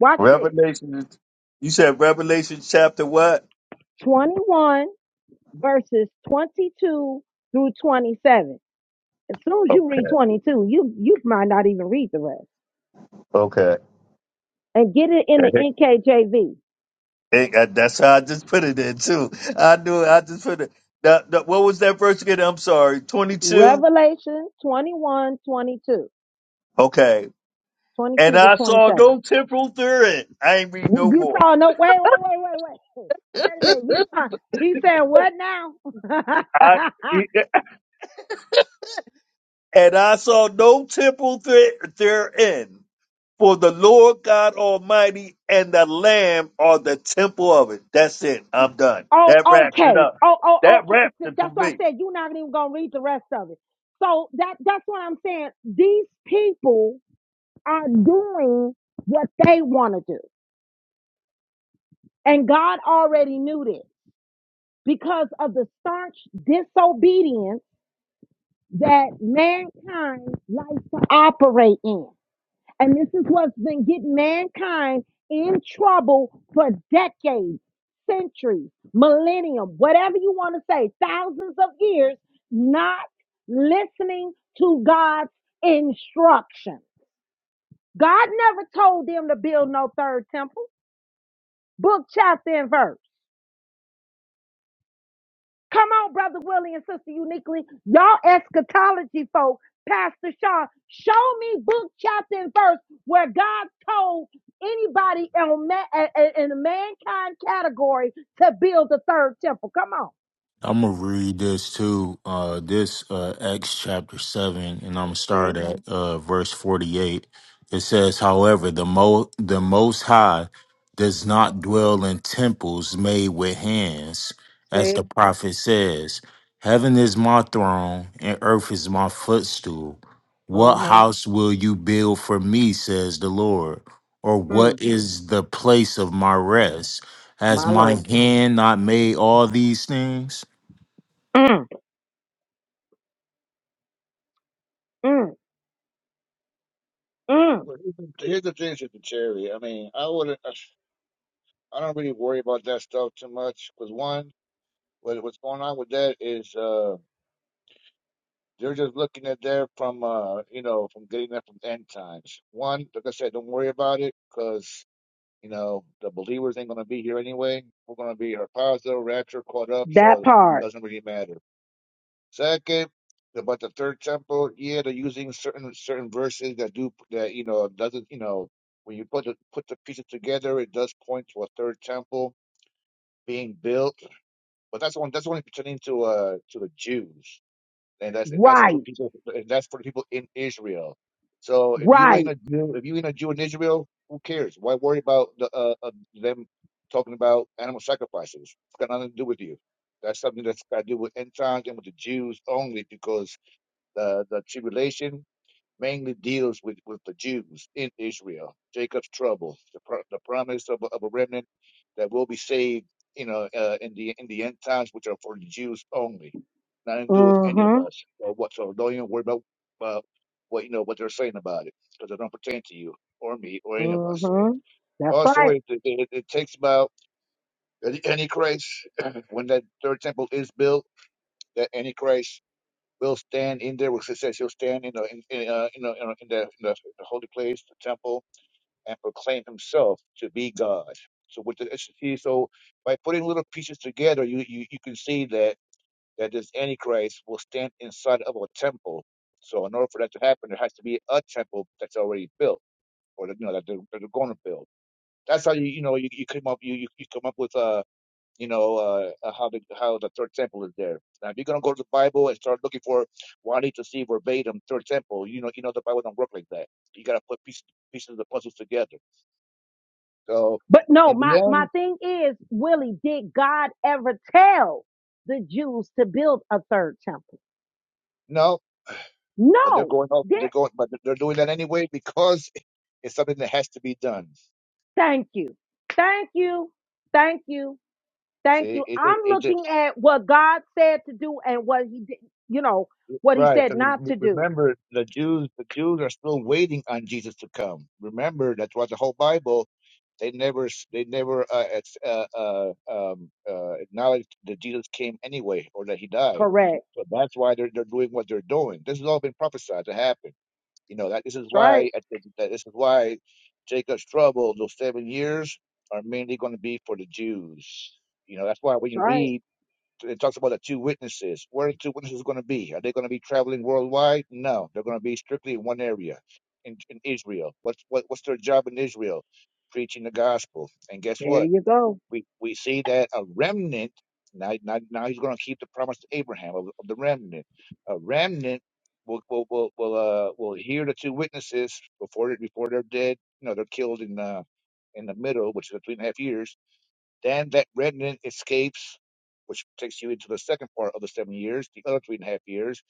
Watch this. Revelation. You said Revelation chapter what? 21. verses 22 through 27. As soon as you read Okay. 22, you, you might not even read the rest. Okay. And get it in the It- NKJV. uh, that's how I just put it in too. I knew it, I just put it. The- the- what was that verse again? I'm sorry. 22. Revelation 21 22 Okay. 22 And to I saw no temporal thread. I ain't read 27. no You more. saw no, wait, wait, wait, wait, wait. Wait a minute. You saw, he said, what now? I and I saw no temporal thread therein, for the Lord God Almighty and the Lamb are the temple of it. That's it. I'm done. oh, That wraps it okay. up. Oh, oh, That wraps okay. it for That's why I me. said you're not even going to read the rest of it. So that, that's what I'm saying. These people are doing what they want to do. And God already knew this because of the staunch disobedience that mankind likes to operate in. And this is what's been getting mankind in trouble for decades, centuries, millennium, whatever you want to say, thousands of years, not listening to God's instruction. God never told them to build no third temple. book, chapter, and verse. Come on, Brother Willie and Sister Uniquely. Y'all eschatology folk, Pastor Shaw, show me book, chapter, and verse where God told anybody in ma- a- a- in the mankind category to build the third temple. Come on. I'm gonna read this too. Uh, this uh, Acts chapter seven, and I'm gonna start See? at uh, verse forty-eight. It says, "However, the mo the Most High does not dwell in temples made with hands, as See? the prophet says. Heaven is my throne, and earth is my footstool. What Uh-huh. house will you build for me? Says the Lord. Or Mm, what is the place of my rest? Has my my Lord. hand not made all these things? Mm, mm, mm. Well, here's the here's the thing with the cherry. I mean, I wouldn't. I don't really worry about that stuff too much because one, what, what's going on with that is. uh. They're just looking at there from, uh, you know, from getting that from end times. One, like I said, don't worry about it because, you know, the believers ain't going to be here anyway. We're going to be our positive rapture caught up, so That it part. doesn't really matter. Second, about the third temple, yeah, they're using certain certain verses that do that, you know, doesn't, you know, when you put the put the pieces together, it does point to a third temple being built, but that's only that's only pertaining to uh to the Jews and that's and that's for Right. people and that's for the people in Israel. So if you ain't Right. a Jew, if you ain't a Jew in Israel, who cares? Why worry about the, uh, uh, them talking about animal sacrifices? It's got nothing to do with you. That's something that's got to do with end times and with the Jews only, because the the tribulation mainly deals with, with the Jews in Israel, Jacob's trouble, the, pro- the promise of, a- of a remnant that will be saved, you know, uh, in the in the end times, which are for the Jews only, nothing to do with any of Mm-hmm. us or what. So don't even worry about uh, what you know what they're saying about it, because it don't pertain to you or me or any of us. Mm-hmm. That's right. Also, it, it, it it takes about the Antichrist when that third temple is built. That Antichrist will stand in there. Because it says he'll stand in the in, in, uh, in, the, in, the, in, the, the holy place, the temple, and proclaim himself to be God. So with the see, so by putting little pieces together, you you, you can see that that this Antichrist will stand inside of a temple. So in order for that to happen, there has to be a temple that's already built, or that, you know that they're, that they're going to build. That's how you you know you, you come up you you you come up with uh you know uh, uh, how the how the third temple is there. Now, if you're gonna go to the Bible and start looking for, well, I need to see verbatim third temple. You know, you know the Bible don't work like that. You gotta put pieces pieces of the puzzles together. So But no, in the my, my end, thing is, Willie, did God ever tell the Jews to build a third temple? no, but they're No. going off. They're There, going, but they're doing that anyway because it's something that has to be done. thank you. Thank you. Thank you. Thank See, you. it it, I'm it just looking at what God said to do and what he did, you know, what he Right. said not re- to do. Remember, the Jews, the Jews are still waiting on Jesus to come. Remember, that's why the whole Bible, they never, they never uh, ex- uh, uh, um, uh, acknowledged that Jesus came anyway, or that he died. Correct. So that's why they're they're doing what they're doing. This has all been prophesied to happen. You know that this is That's right. why at the- that this is why Jacob's trouble, those seven years, are mainly going to be for the Jews. You know that's why when That's you right. read it talks about the two witnesses. Where are the two witnesses going to be? Are they going to be traveling worldwide? No, they're going to be strictly in one area, in, in Israel. What's what, what's their job in Israel? Preaching the gospel. And guess There what? you go. We we see that a remnant. Now, now, now he's going to keep the promise to Abraham of, of the remnant. A remnant will will will will, uh, will hear the two witnesses before they before they're dead. You know, they're killed in uh, in the middle, which is the three and a half years then that remnant escapes, which takes you into the second part of the seven years, the other three and a half years.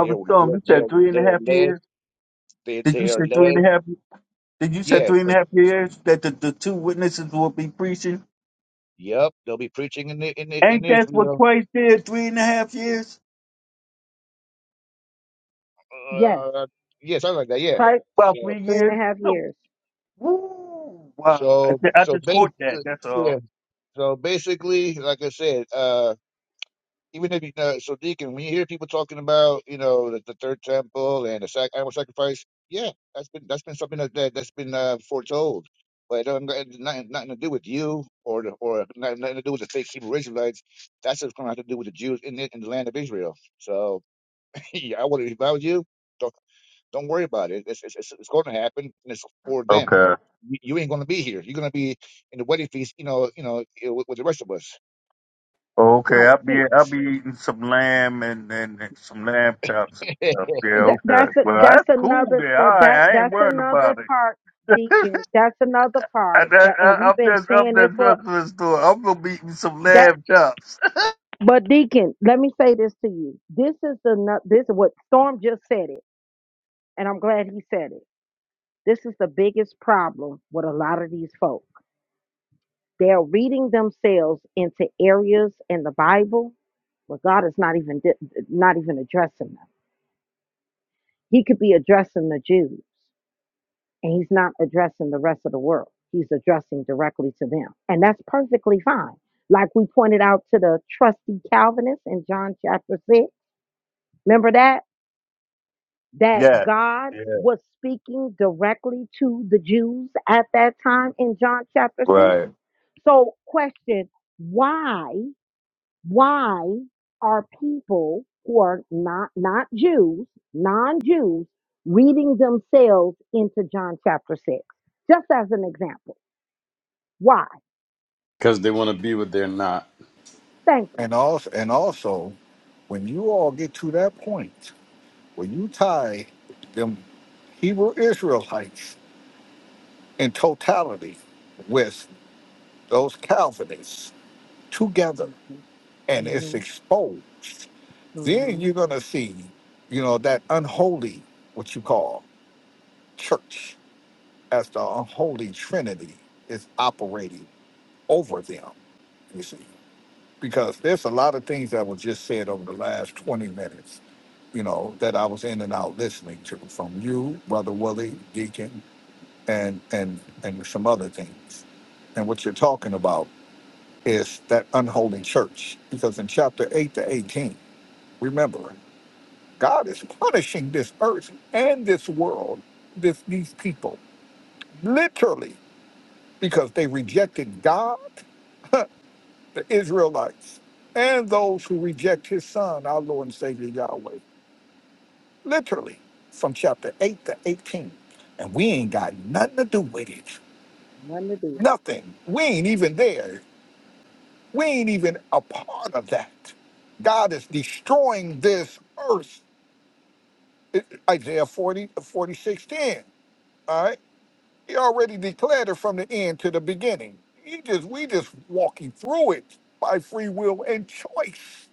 They are they Storm, you are, they said are, three and a half led. years. They Did you they say are three led. and a half? Did you say Yeah, three and a 'cause- half years that the, the two witnesses will be preaching? yep, they'll be preaching in the, in the, in Ain't that what Israel. Christ did? Three and a half years, Yes. Uh, yeah, something like that. Yeah. Christ, about So three three and a years. half So, years. woo, wow! I, so ju- I so just caught that. basically, That's all. yeah. So basically, like I said, uh, even if you know, so Deacon, when you hear people talking about, you know, the, the third temple and the sac- animal sacrifice, yeah, that's been that's been something that, that that's been uh, foretold, but it don't, it, nothing, nothing to do with you or the, or nothing, nothing to do with the fake Hebrew Israelites. That's just going to have to do with the Jews in the, in the land of Israel. So yeah, I would if I was you, don't don't worry about it. It's it's, it's, it's going to happen, and it's for them. Okay. You you ain't gonna be here. You're gonna be in the wedding feast, you know, you know, with, with the rest of us. Okay, Right. I'll be See, I'll be eating some lamb and, and, and some lamb chops and stuff. Yeah, that, okay. that's a, Well, that's that's cool. another There, all that, right. that I ain't that's worrying another about it. part deacon that's another I, part that I, and I, I'm we've been just I'm saying this just, for I'm just I'm gonna be eating some that lamb chops. but deacon let me say this to you this is the no- this is what storm just said it and i'm glad he said it this is the biggest problem with a lot of these folk they're reading themselves into areas in the bible where god is not even di- not even addressing them he could be addressing the jews and he's not addressing the rest of the world. He's addressing directly to them. And that's perfectly fine. Like we pointed out to the trusty Calvinist in John chapter 6. Remember that? That Yeah. God Yeah. was speaking directly to the Jews at that time in John chapter 6. Right. So, question why, why are people who are not, not Jews, non Jews, reading themselves into John chapter 6? Just as an example Why? Because they want to be what they're not. Thank you. And also, and also, when you all get to that point. When you tie them Hebrew Israelites in totality with those Calvinists together Mm-hmm. and it's Mm-hmm. exposed, then Mm-hmm. you're going to see, you know, that unholy, what you call church, as the unholy trinity is operating over them, you see. Because there's a lot of things that were just said over the last 20 minutes, you know, that I was in and out listening to from you, Brother Willie, Deacon, and and and some other things. And what you're talking about is that unholy church, because in chapter eight to eighteen, remember, God is punishing this earth and this world, this these people, literally, because they rejected God, the Israelites, and those who reject His Son, our Lord and Savior Yahweh, literally, from chapter eight to eighteen. And we ain't got nothing to do with it. Nothing to do with it. Nothing. We ain't even there We ain't even a part of that. God is destroying this earth. It- Isaiah 40, forty-six, ten. All right. He already declared it from the end to the beginning. He just we just walking through it by free will and choice.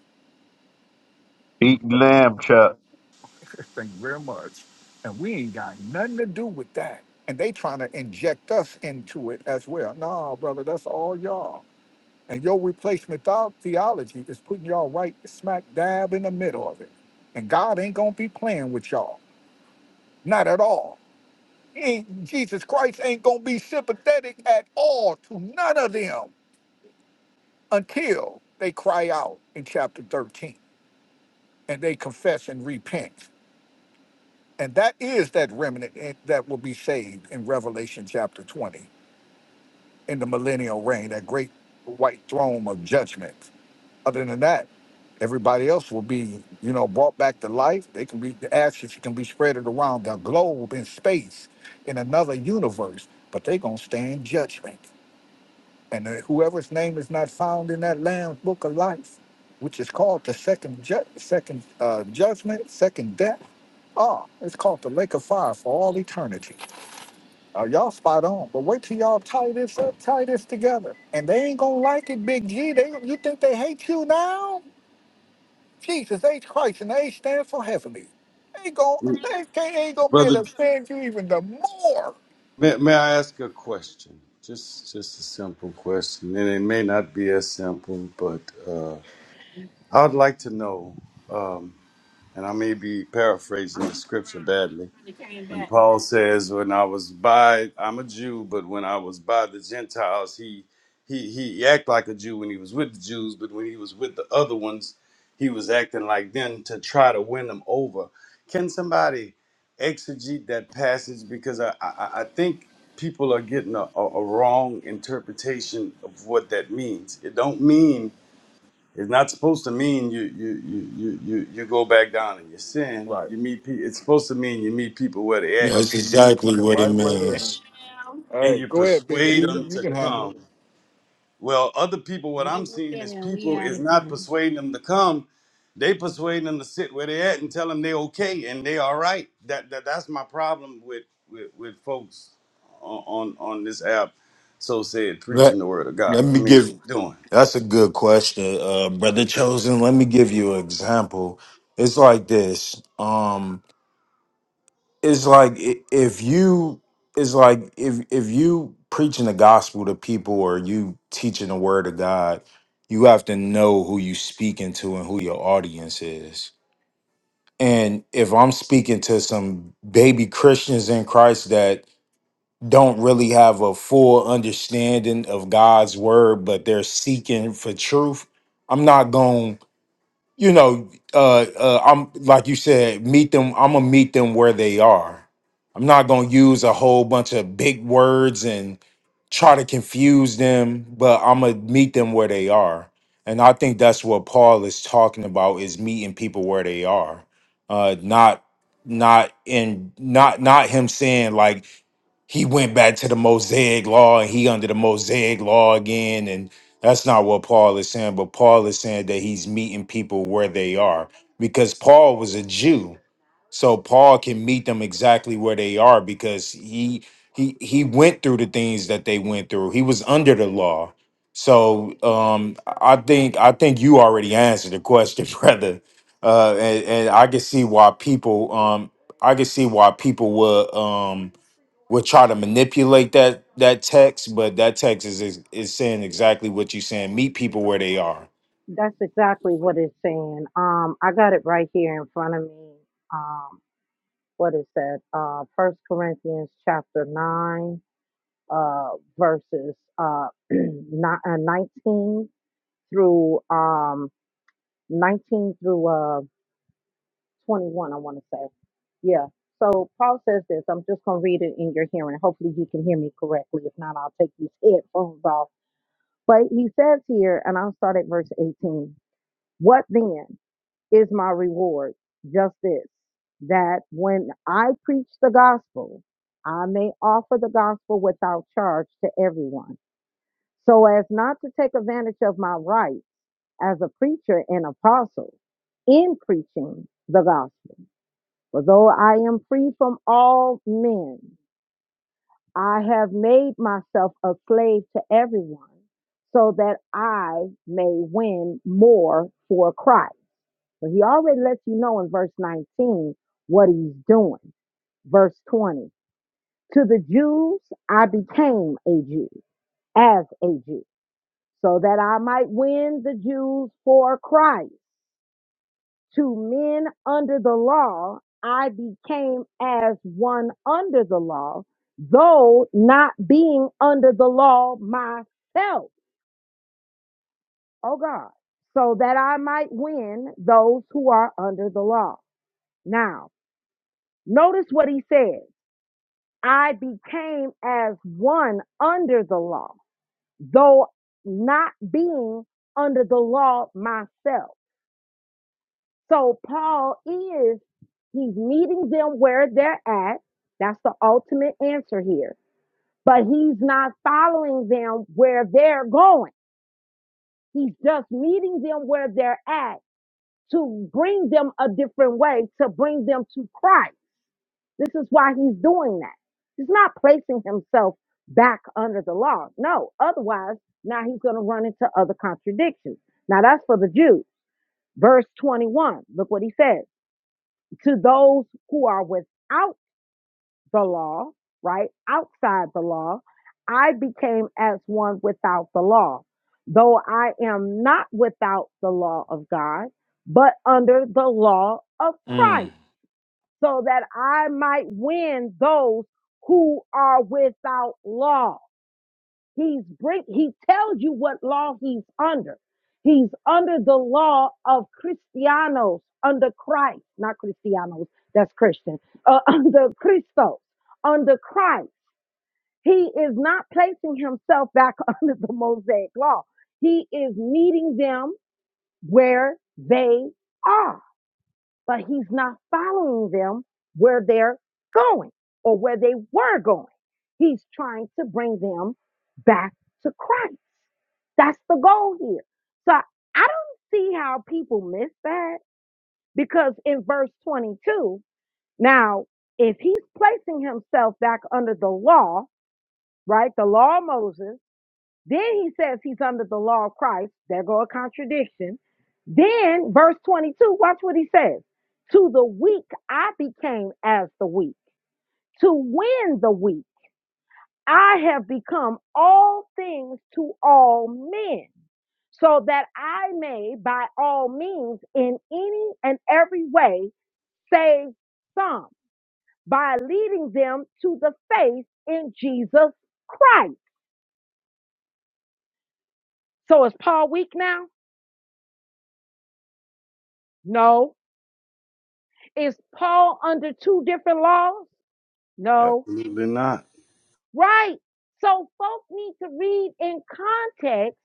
Eating lamb chop. Thank you very much. And we ain't got nothing to do with that. And they trying to inject us into it as well. Nah, brother, that's all y'all. And your replacement thou- theology is putting y'all right smack dab in the middle of it. And God ain't gonna be playing with y'all. Not at all. He ain't, Jesus Christ ain't gonna be sympathetic at all to none of them until they cry out in chapter 13 and they confess and repent. And that is that remnant eh, that will be saved in Revelation chapter 20 in the millennial reign, that great white throne of judgment. Other than that, everybody else will be, you know, brought back to life. They can be the ashes can be spread around the globe in space, in another universe, but they're gonna stand judgment. And uh, whoever's name is not found in that Lamb's Book of Life, which is called the second ju- second uh, judgment, second death. Ah, it's called the Lake of Fire for all eternity. Uh, y'all spot on, but wait till y'all tie this up, tie this together, and they ain't gonna like it, Big G. They you think they hate you now? Jesus H. Christ, and they stand for heavenly. They going they can't, ain't gonna be able Brother, to stand you even the more. may, may I ask a question? Just, just a simple question, and it may not be as simple, but uh, I'd like to know, um, and I may be paraphrasing the scripture badly, When Paul says, "When I was by, I'm a Jew, but when I was by the Gentiles, he he he act like a Jew when he was with the Jews, but when he was with the other ones, he was acting like them to try to win them over." Can somebody exegete that passage because I I, I think people are getting a, a, a wrong interpretation of what that means. It don't mean it's not supposed to mean you you you you you, you go back down in your sin. Right. You meet people. It's supposed to mean you meet people where they at That's You meet exactly people what it and right where they are. means. All and you right, go ahead, Big persuade D. them You to can handle it. come. Well, other people, what I'm seeing is people is not persuading them to come. They persuading them to sit where they at and tell them they okay and they all right. That, that that's my problem with with, with folks on, on on this app. So said preaching Let, the word of God. let I me mean, what give you doing? that's a good question, uh, brother chosen. Let me give you an example. It's like this. Um, it's like i- if you it's like if if you preaching the gospel to people or you teaching the word of God, you have to know who you speaking to and who your audience is. And if I'm speaking to some baby Christians in Christ that don't really have a full understanding of God's word, but they're seeking for truth. I'm not going, to you know, uh, uh, I'm like you said, meet them. I'm gonna meet them where they are. I'm not gonna use a whole bunch of big words and try to confuse them, but I'm gonna meet them where they are. And I think that's what Paul is talking about is meeting people where they are, uh, not not in not not him saying like he went back to the Mosaic law and he under the Mosaic law again. And that's not what Paul is saying, but Paul is saying that he's meeting people where they are because Paul was a Jew. So Paul can meet them exactly where they are because he he he went through the things that they went through. He was under the law. So um I think I think you already answered the question, brother. Uh and, and I can see why people um I can see why people would Um, will try to manipulate that that text, but that text is is, is saying exactly what you're saying. Meet people where they are. That's exactly what it's saying. Um, I got it right here in front of me. Um, what is that? Uh, First Corinthians chapter nine, uh, verses uh, ni- uh, nineteen through um nineteen through uh twenty-one. I want to say, yeah. So Paul says this. I'm just gonna read it in your hearing. Hopefully you can hear me correctly. If not, I'll take these headphones off But he says here, and I'll start at verse 18. What then is my reward? Just this, that when I preach the gospel, I may offer the gospel without charge to everyone, so as not to take advantage of my rights as a preacher and apostle in preaching the gospel. For though I am free from all men, I have made myself a slave to everyone so that I may win more for Christ. So he already lets you know in verse 19 what he's doing. Verse 20 To the Jews, I became a Jew as a Jew so that I might win the Jews for Christ to men under the law, I became as one under the law, though not being under the law myself. Oh God. So that I might win those who are under the law. Now, notice what he says. I became as one under the law, though not being under the law myself. So Paul is, he's meeting them where they're at. That's the ultimate answer here. But he's not following them where they're going. He's just meeting them where they're at to bring them a different way, to bring them to Christ. This is why he's doing that. He's not placing himself back under the law. No, otherwise, now he's going to run into other contradictions. Now that's for the Jews. Verse 21, look what he says. to those who are without the law, right? Outside the law, I became as one without the law, though I am not without the law of God, but under the law of Mm. Christ, so that I might win those who are without law. He's bring he tells you what law he's under. He's under the law of Christianos, under Christ, not Christianos, that's Christian, uh, under Christos, under Christ. He is not placing himself back under the Mosaic law. He is meeting them where they are but he's not following them where they're going or where they were going. He's trying to bring them back to Christ. That's the goal here. So I don't see how people miss that because in verse 22, now, if he's placing himself back under the law, right, the law of Moses, then he says he's under the law of Christ. There go a contradiction. Then verse 22, watch what he says. To the weak I became as the weak. To win the weak, I have become all things to all men so that I may by all means in any and every way save some by leading them to the faith in Jesus Christ. So is Paul weak now? No. Is Paul under two different laws? No. Absolutely not. Right. So folk need to read in context.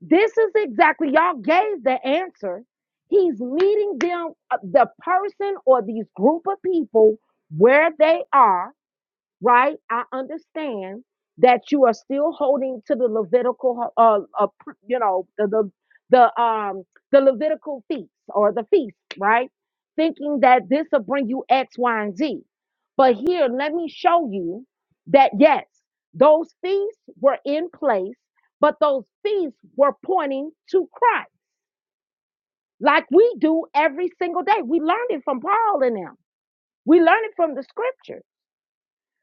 This is exactly, y'all gave the answer. He's meeting them, uh, the person or these group of people where they are right? I understand that you are still holding to the Levitical, uh, uh pr- you know, the, the the um the Levitical feast or the feast, right? Thinking that this will bring you X, Y, and Z. But here, let me show you that yes, those feasts were in place, but those feasts were pointing to Christ, like we do every single day. We learned it from Paul and them. We learned it from the scriptures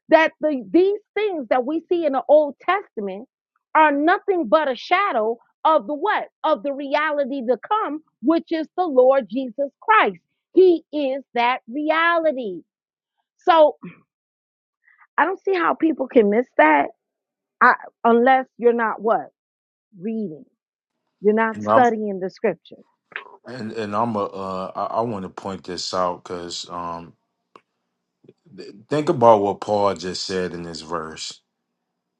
that the, these things that we see in the Old Testament are nothing but a shadow of the what? Of the reality to come, which is the Lord Jesus Christ. He is that reality. So I don't see how people can miss that I, unless you're not what? Reading. You're not And I'm studying the scripture. and, and I'm a uh, I, I want to point this out because um, th- think about what Paul just said in this verse.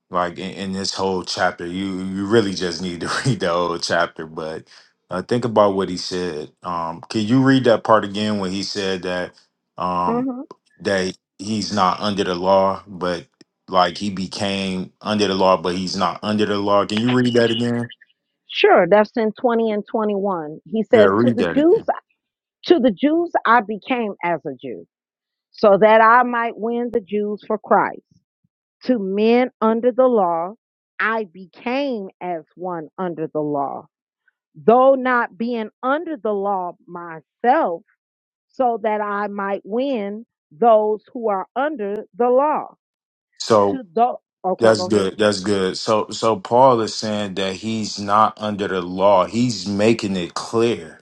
like in, in this whole chapter you you really just need to read the whole chapter but uh, think about what he said um can you read that part again when he said that um hmm that he's not under the law but like he became under the law but he's not under the law can you read that again Sure, that's in 20 and 21. He yeah says, To read the that Jews, again to the Jews I became as a Jew, so that I might win the Jews for Christ. To men under the law, I became as one under the law, though not being under the law myself. so that I might win those who are under the law. so To those, okay, that's go ahead. good that's good so so paul is saying that he's not under the law he's making it clear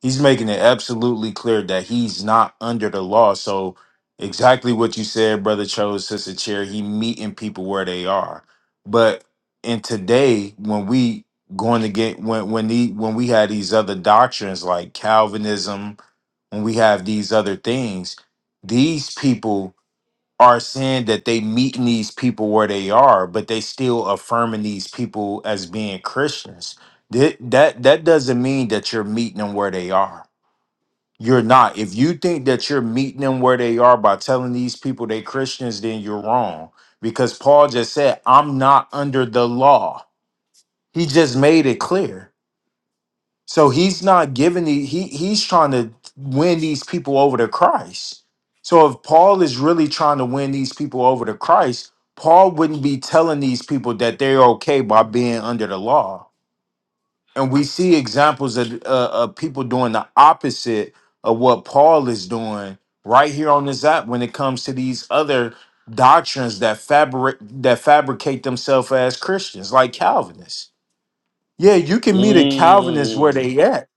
he's making it absolutely clear that he's not under the law. So exactly what you said, brother chose sister chair. He meeting people where they are. But in today, when we going to get when when the when we had these other doctrines like Calvinism, when we have these other things, these people are saying that they meeting these people where they are, but they still affirming these people as being Christians. That that that doesn't mean that you're meeting them where they are you're not. If you think that you're meeting them where they are by telling these people they Christians, then you're wrong. Because Paul just said, I'm not under the law. He just made it clear. So he's not giving the he he's trying to win these people over to Christ. So if Paul is really trying to win these people over to Christ, Paul wouldn't be telling these people that they're okay by being under the law and we see examples of, uh, of people doing the opposite of what Paul is doing right here on this app when it comes to these other doctrines that fabric that fabricate themselves as Christians, like Calvinists. Yeah, you can meet a Calvinist where Mm. they at.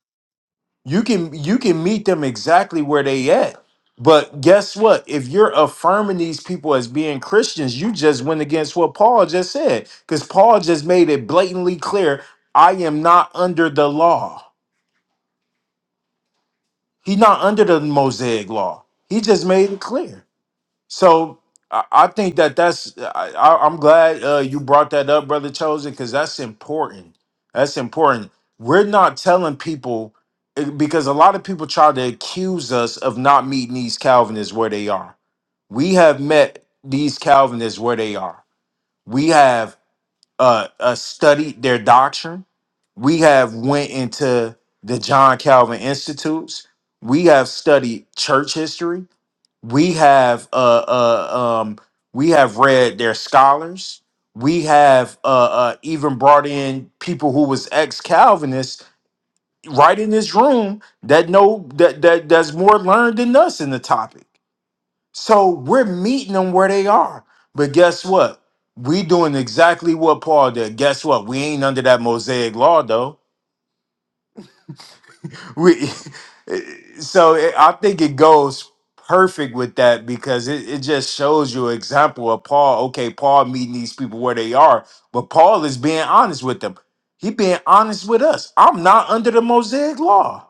You can you can meet them exactly where they at. But guess what? If you're affirming these people as being Christians, you just went against what Paul just said. Because Paul just made it blatantly clear I am not under the law. He's not under the Mosaic law. He just made it clear. So I, I think that that's. I, I, I'm glad uh, you brought that up, brother Chosen, because that's important. That's important. We're not telling people eh, because a lot of people try to accuse us of not meeting these Calvinists where they are. We have met these Calvinists where they are. We have uh, uh studied their doctrine. We have went into the John Calvin Institutes. We have studied church history. We have uh, uh um we have read their scholars. We have uh, uh even brought in people who was ex Calvinists right in this room that know that that that's more learned than us in the topic so we're meeting them where they are. But guess what? We doing exactly what Paul did. Guess what? We ain't under that Mosaic law though. We so it, I think it goes perfect with that because it, it just shows you an example of Paul. Okay, Paul meeting these people where they are, but Paul is being honest with them. He being honest with us. I'm not under the Mosaic law.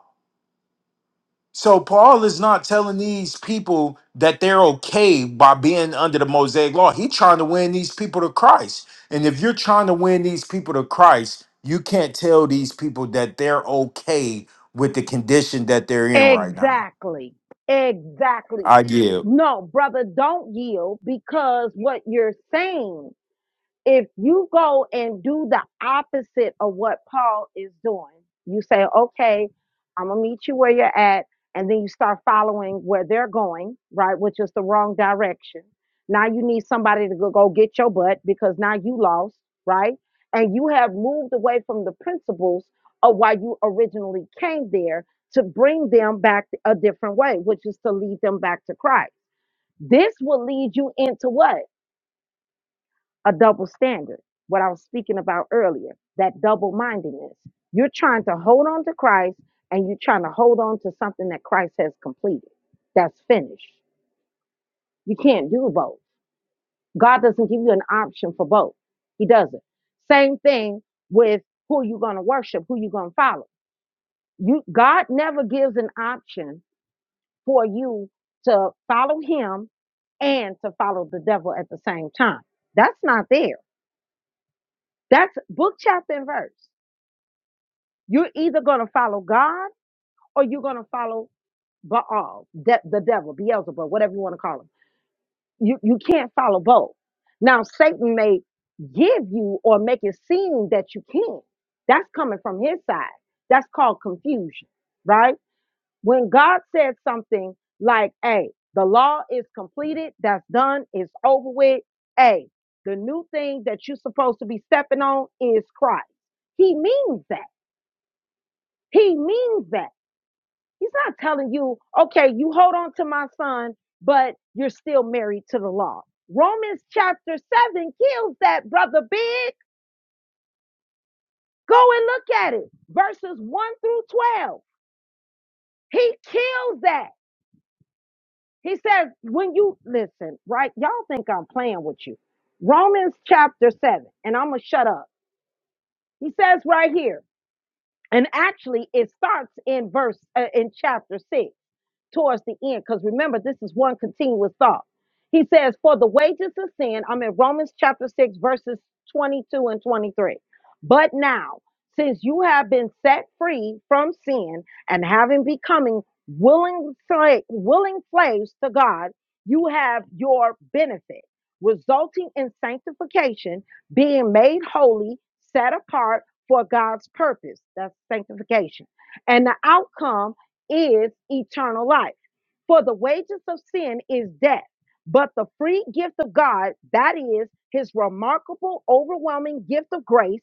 So Paul is not telling these people that they're okay by being under the Mosaic law. He's trying to win these people to Christ. And if you're trying to win these people to Christ, you can't tell these people that they're okay with the condition that they're in right now. Exactly. Exactly. I give. No, brother, don't yield because what you're saying if you go and do the opposite of what Paul is doing, you say, okay, I'm going to meet you where you're at. And then you start following where they're going, right? Which is the wrong direction. Now you need somebody to go, go get your butt because now you lost, right? And you have moved away from the principles of why you originally came there to bring them back a different way, which is to lead them back to Christ. This will lead you into what? a double standard, what I was speaking about earlier, that double mindedness. You're trying to hold on to Christ and you're trying to hold on to something that Christ has completed, that's finished. You can't do both. God doesn't give you an option for both, He doesn't. Same thing with who you're going to worship, who you're going to follow. You, God never gives an option for you to follow Him and to follow the devil at the same time. That's not there. That's book, chapter, and verse. You're either going to follow God or you're going to follow Baal, de- the devil, Beelzebub, whatever you want to call him. You, you can't follow both. Now, Satan may give you or make it seem that you can. That's coming from his side. That's called confusion, right? When God said something like, hey, the law is completed, that's done, it's over with. Hey, the new thing that you're supposed to be stepping on is Christ. He means that. He means that. He's not telling you, okay, you hold on to my son, but you're still married to the law. Romans chapter 7 kills that, brother Big. Go and look at it. Verses 1 through 12. He kills that. He says, when you listen, right? Y'all think I'm playing with you. Romans chapter 7, and I'm going to shut up. He says right here, and actually it starts in verse, uh, in chapter 6. towards the end, because remember, this is one continuous thought. He says, For the wages of sin, I'm in Romans chapter 6, verses 22 and 23. But now, since you have been set free from sin and having becoming willing, sla- willing slaves to God, you have your benefit, resulting in sanctification, being made holy, set apart for God's purpose. That's sanctification. And the outcome is eternal life. For the wages of sin is death, but the free gift of God, that is his remarkable, overwhelming gift of grace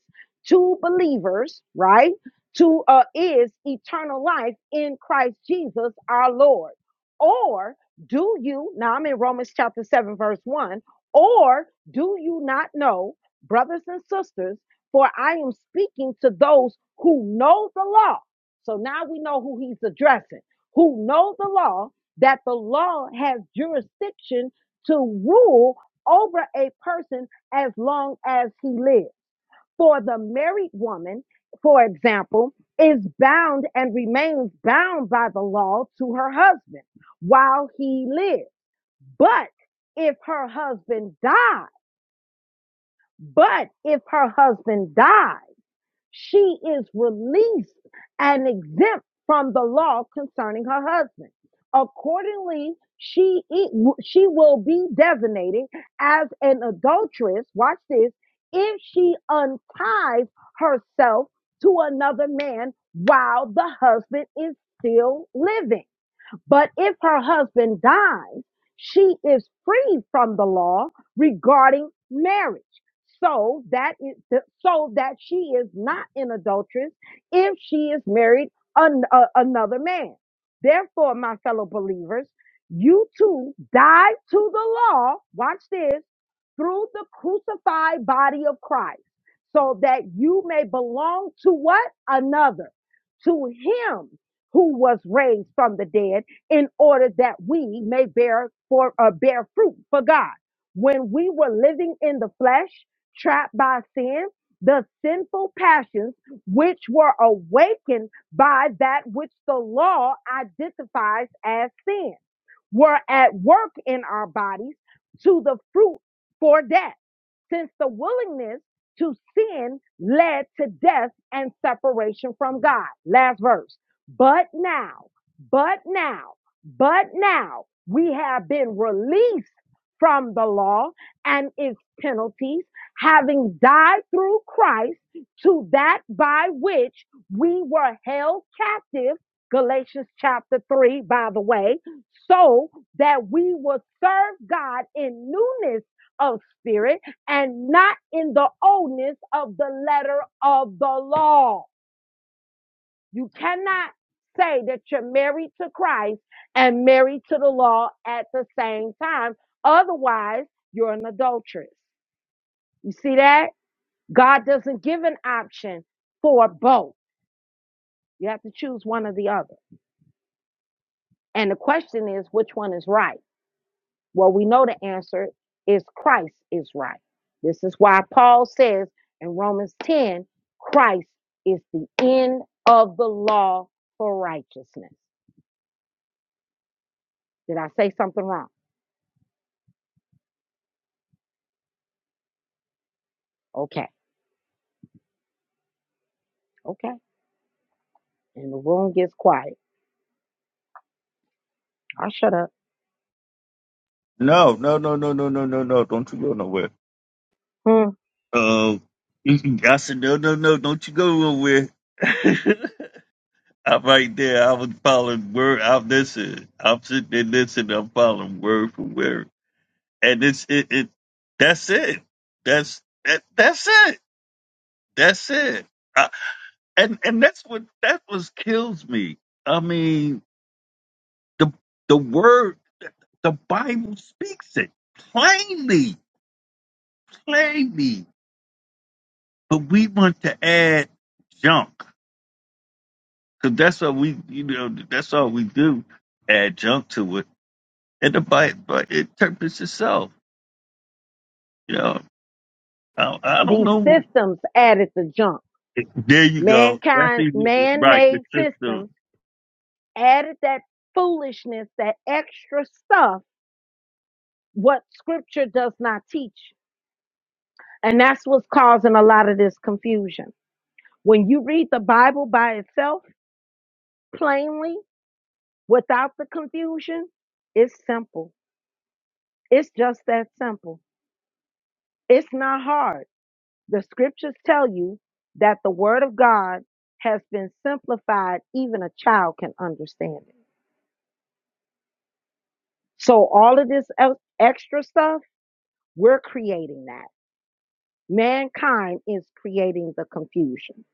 to believers, right? To uh, is eternal life in Christ Jesus our Lord. Or do you, now I'm in Romans chapter 7, verse 1, or do you not know, brothers and sisters, for I am speaking to those who know the law so now we know who he's addressing, who know the law, that the law has jurisdiction to rule over a person as long as he lives. For the married woman, for example, is bound and remains bound by the law to her husband while he lives. But if her husband dies, but if her husband dies she is released and exempt from the law concerning her husband. Accordingly, she e- she will be designated as an adulteress. Watch this. If she unties herself to another man while the husband is still living. But if her husband dies, she is free from the law regarding marriage. So that is so that she is not an adulteress if she is married an, a- another man. Therefore, my fellow believers, you too die to the law. Watch this through the crucified body of Christ so that you may belong to what? Another, to him who was raised from the dead in order that we may bear for uh, bear fruit for God. When we were living in the flesh, trapped by sin, the sinful passions which were awakened by that which the law identifies as sin were at work in our bodies to the fruit for death since the willingness to sin led to death and separation from God. Last verse. But now, but now, but now we have been released from the law and its penalties, having died through Christ to that by which we were held captive. Galatians chapter 3, by the way, so that we will serve God in newness of spirit and not in the oldness of the letter of the law. You cannot say that you're married to Christ and married to the law at the same time. Otherwise, you're an adulteress. You see that? God doesn't give an option for both. You have to choose one or the other. And the question is, which one is right? Well, we know the answer is Christ is right. This is why Paul says in Romans 10 Christ is the end of the law for righteousness. Did I say something wrong? Okay, okay. And the room gets quiet. I shut up. No, no, no, no, no, no, no, no. Don't you go nowhere. Hmm. Um, I said, no, no, no. Don't you go nowhere. I'm right there. I was following word. I'm listening. I'm sitting there listening. I'm following word for word. And it's, it, it, that's it. That's, that, that's it. That's it. I, and, and that's what, that was kills me. I mean, The the word the Bible speaks it plainly, plainly. But we want to add junk because that's what we, you know, that's all we do. Add junk to it, and the Bible it interprets itself. You know, I, I don't These know. systems added the junk. There you go. That's Mankind, even, man right. The made system. systems added that foolishness, that extra stuff, what scripture does not teach. And that's what's causing a lot of this confusion. When you read the Bible by itself, plainly, without the confusion, it's simple. It's just that simple. It's not hard. The scriptures tell you that the word of God has been simplified, even a child can understand it. So, all of this el- extra stuff, we're creating that. Mankind is creating the confusion.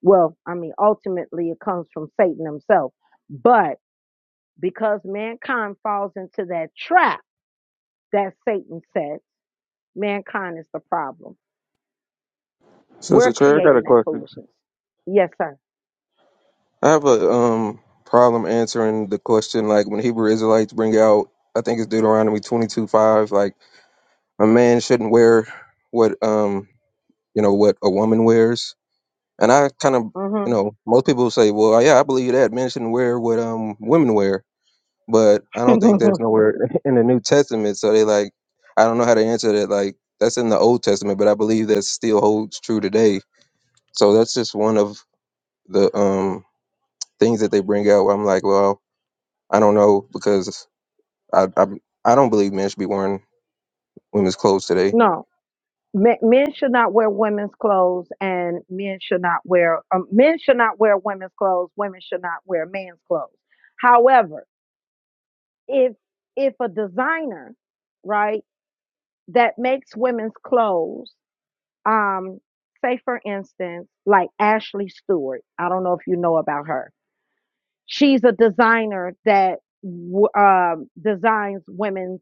Well, I mean, ultimately, it comes from Satan himself. But because mankind falls into that trap, that Satan says mankind is the problem. Sister We're Terry, I got a creating that question. foolishness. Yes, sir. I have a um problem answering the question like when Hebrew Israelites bring out I think it's Deuteronomy twenty two five, like a man shouldn't wear what um you know what a woman wears. And I kind of Mm-hmm. you know, most people say, Well yeah, I believe that men shouldn't wear what um women wear but I don't think that's nowhere in the New Testament. So they like I don't know how to answer that. Like that's in the old testament, but I believe that still holds true today. So that's just one of the um things that they bring out where I'm like, well, I don't know because I I, I don't believe men should be wearing women's clothes today. no, men, men should not wear women's clothes, and men should not wear um, men should not wear women's clothes. Women should not wear men's clothes. However, if if a designer, right, that makes women's clothes, um, say for instance, like Ashley Stewart. I don't know if you know about her She's a designer that w- um, designs women's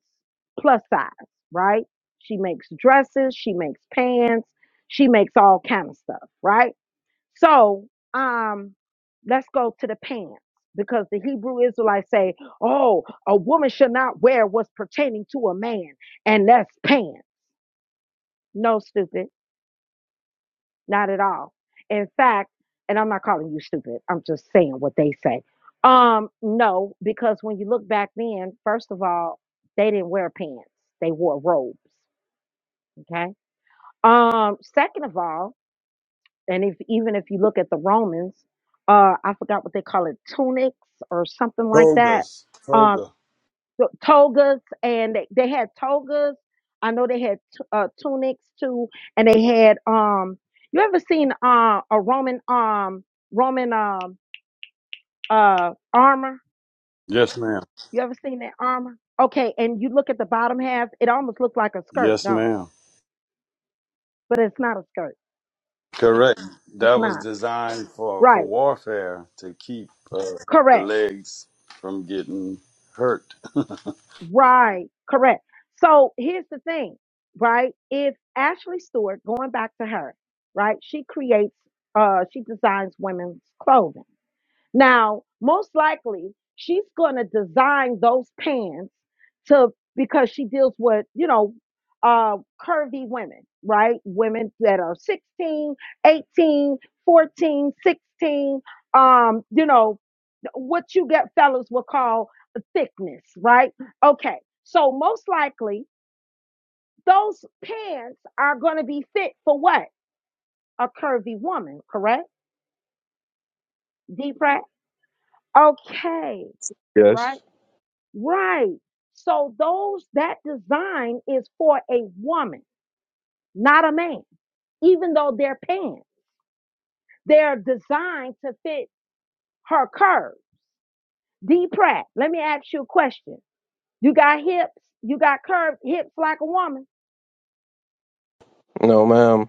plus size, right? She makes dresses, she makes pants, she makes all kind of stuff, right? So, um, let's go to the pants because the Hebrew Israelites say, "Oh, a woman should not wear what's pertaining to a man, and that's pants." No, stupid. Not at all. In fact, and I'm not calling you stupid. I'm just saying what they say. Um, no, because when you look back then, first of all, they didn't wear pants. They wore robes. Okay. Um, second of all, and if even if you look at the Romans, uh, I forgot what they call it, tunics or something like that. Togas, Um, toga. the togas and they, they had togas i know they had t- uh, tunics too and they had um you ever seen uh, a roman um roman um uh armor Yes, ma'am. you ever seen that armor okay and you look at the bottom half it almost looks like a skirt Yes, don't it ma'am. but it's not a skirt Correct. That it's was not designed for, for right warfare to keep uh, the correct legs from getting hurt. right correct so here's the thing right if ashley stewart going back to her right she creates uh she designs women's clothing Now, most likely, she's going to design those pants to because she deals with, you know, uh, curvy women, right? Women that are 16, 18, 14, 16, um, you know, what you get fellas will call thickness, right? Okay. So most likely those pants are going to be fit for what? A curvy woman, correct? Deep breath. Okay. Right. Yes. Right. So those that design is for a woman, not a man. Even though they're pants, they're designed to fit her curves. D Pratt, let me ask you a question. You got hips, you got curved hips like a woman, No, ma'am.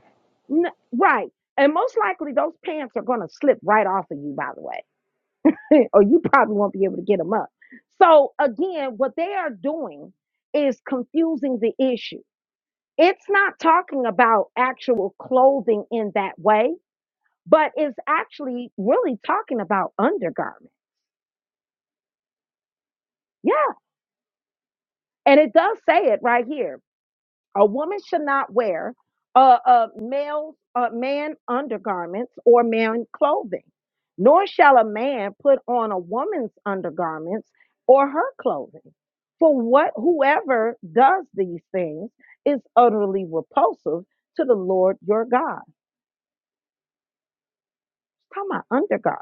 N- right? And most likely those pants are gonna slip right off of you, by the way, or you probably won't be able to get them up. So again, what they are doing is confusing the issue It's not talking about actual clothing in that way, but it's actually really talking about undergarment. Yeah. And it does say it right here. A woman should not wear a, a male, a man undergarments or man clothing, nor shall a man put on a woman's undergarments or her clothing. For what whoever does these things is utterly repulsive to the Lord your God. Talking about undergarments.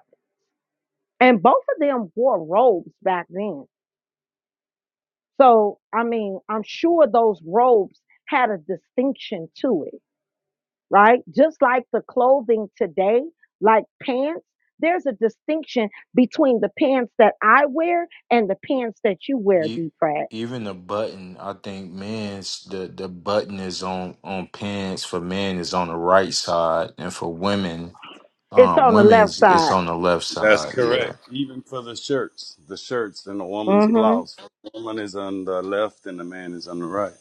And both of them wore robes back then. So, I mean, I'm sure those robes had a distinction to it, right? Just like the clothing today, like pants, there's a distinction between the pants that I wear and the pants that you wear, You D. Pratt. even the button, I think men's the the button is on on pants for men is on the right side, and for women, It's uh, on the left women's it's side. on the left That's side. Yeah. correct. Even for the shirts, the shirts and the woman's hmm blouse. The woman is on the left and the man is on the right.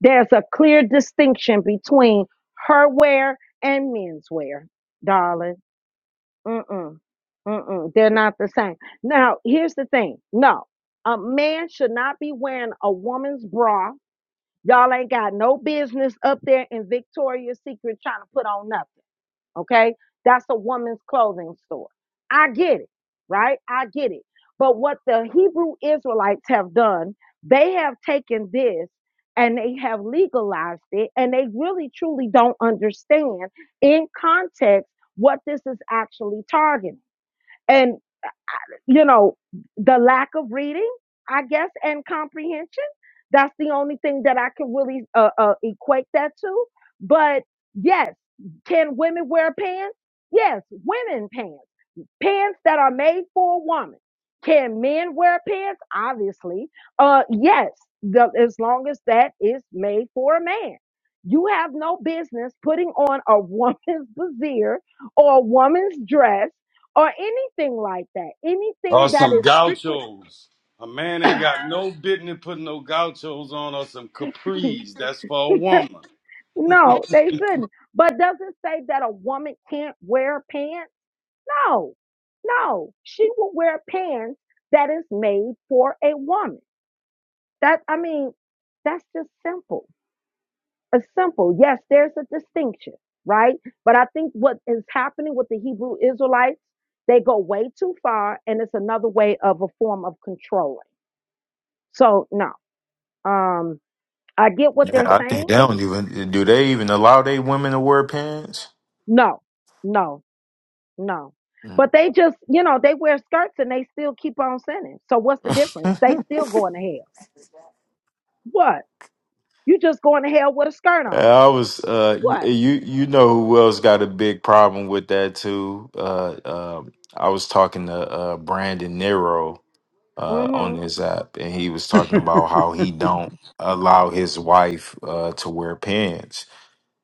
There's a clear distinction between her wear and men's wear, darling. Mm-mm. Mm-mm, they're not the same. Now, here's the thing. No, a man should not be wearing a woman's bra. Y'all ain't got no business up there in Victoria's Secret trying to put on nothing. Okay. That's a woman's clothing store. I get it. Right. I get it. But what the Hebrew Israelites have done, they have taken this and they have legalized it and they really truly don't understand in context what this is actually targeting. and you know, the lack of reading, I guess, and comprehension. That's the only thing that I can really uh, uh, equate that to. But yes, can women wear pants? Yes, women pants pants that are made for a woman. Can men wear pants? Obviously, uh, yes, the, as long as that is made for a man. You have no business putting on a woman's brassiere or a woman's dress or anything like that. Or Anything that some is strictly gauchos. A man ain't got no business putting no gauchos on or some capris. That's for a woman. no, they shouldn't. But does it say that a woman can't wear pants? No, no, she will wear pants that is made for a woman. That I mean, that's just simple. It's simple. Yes, there's a distinction, right? But I think what is happening with the Hebrew Israelites, they go way too far, and it's another way of a form of controlling. So no, um, I get what Yeah, they're I think saying. they don't even do they even allow they women to wear pants? No, no, no. Mm. But they just, you know, they wear skirts and they still keep on sinning. So what's the difference? They still going to hell. What? You just going to hell with a skirt on. I was uh y- What? you you know who else got a big problem with that too. Uh um I was talking to uh Brandon Nero uh on Mm-hmm. this app and he was talking about how he don't allow his wife uh to wear pants.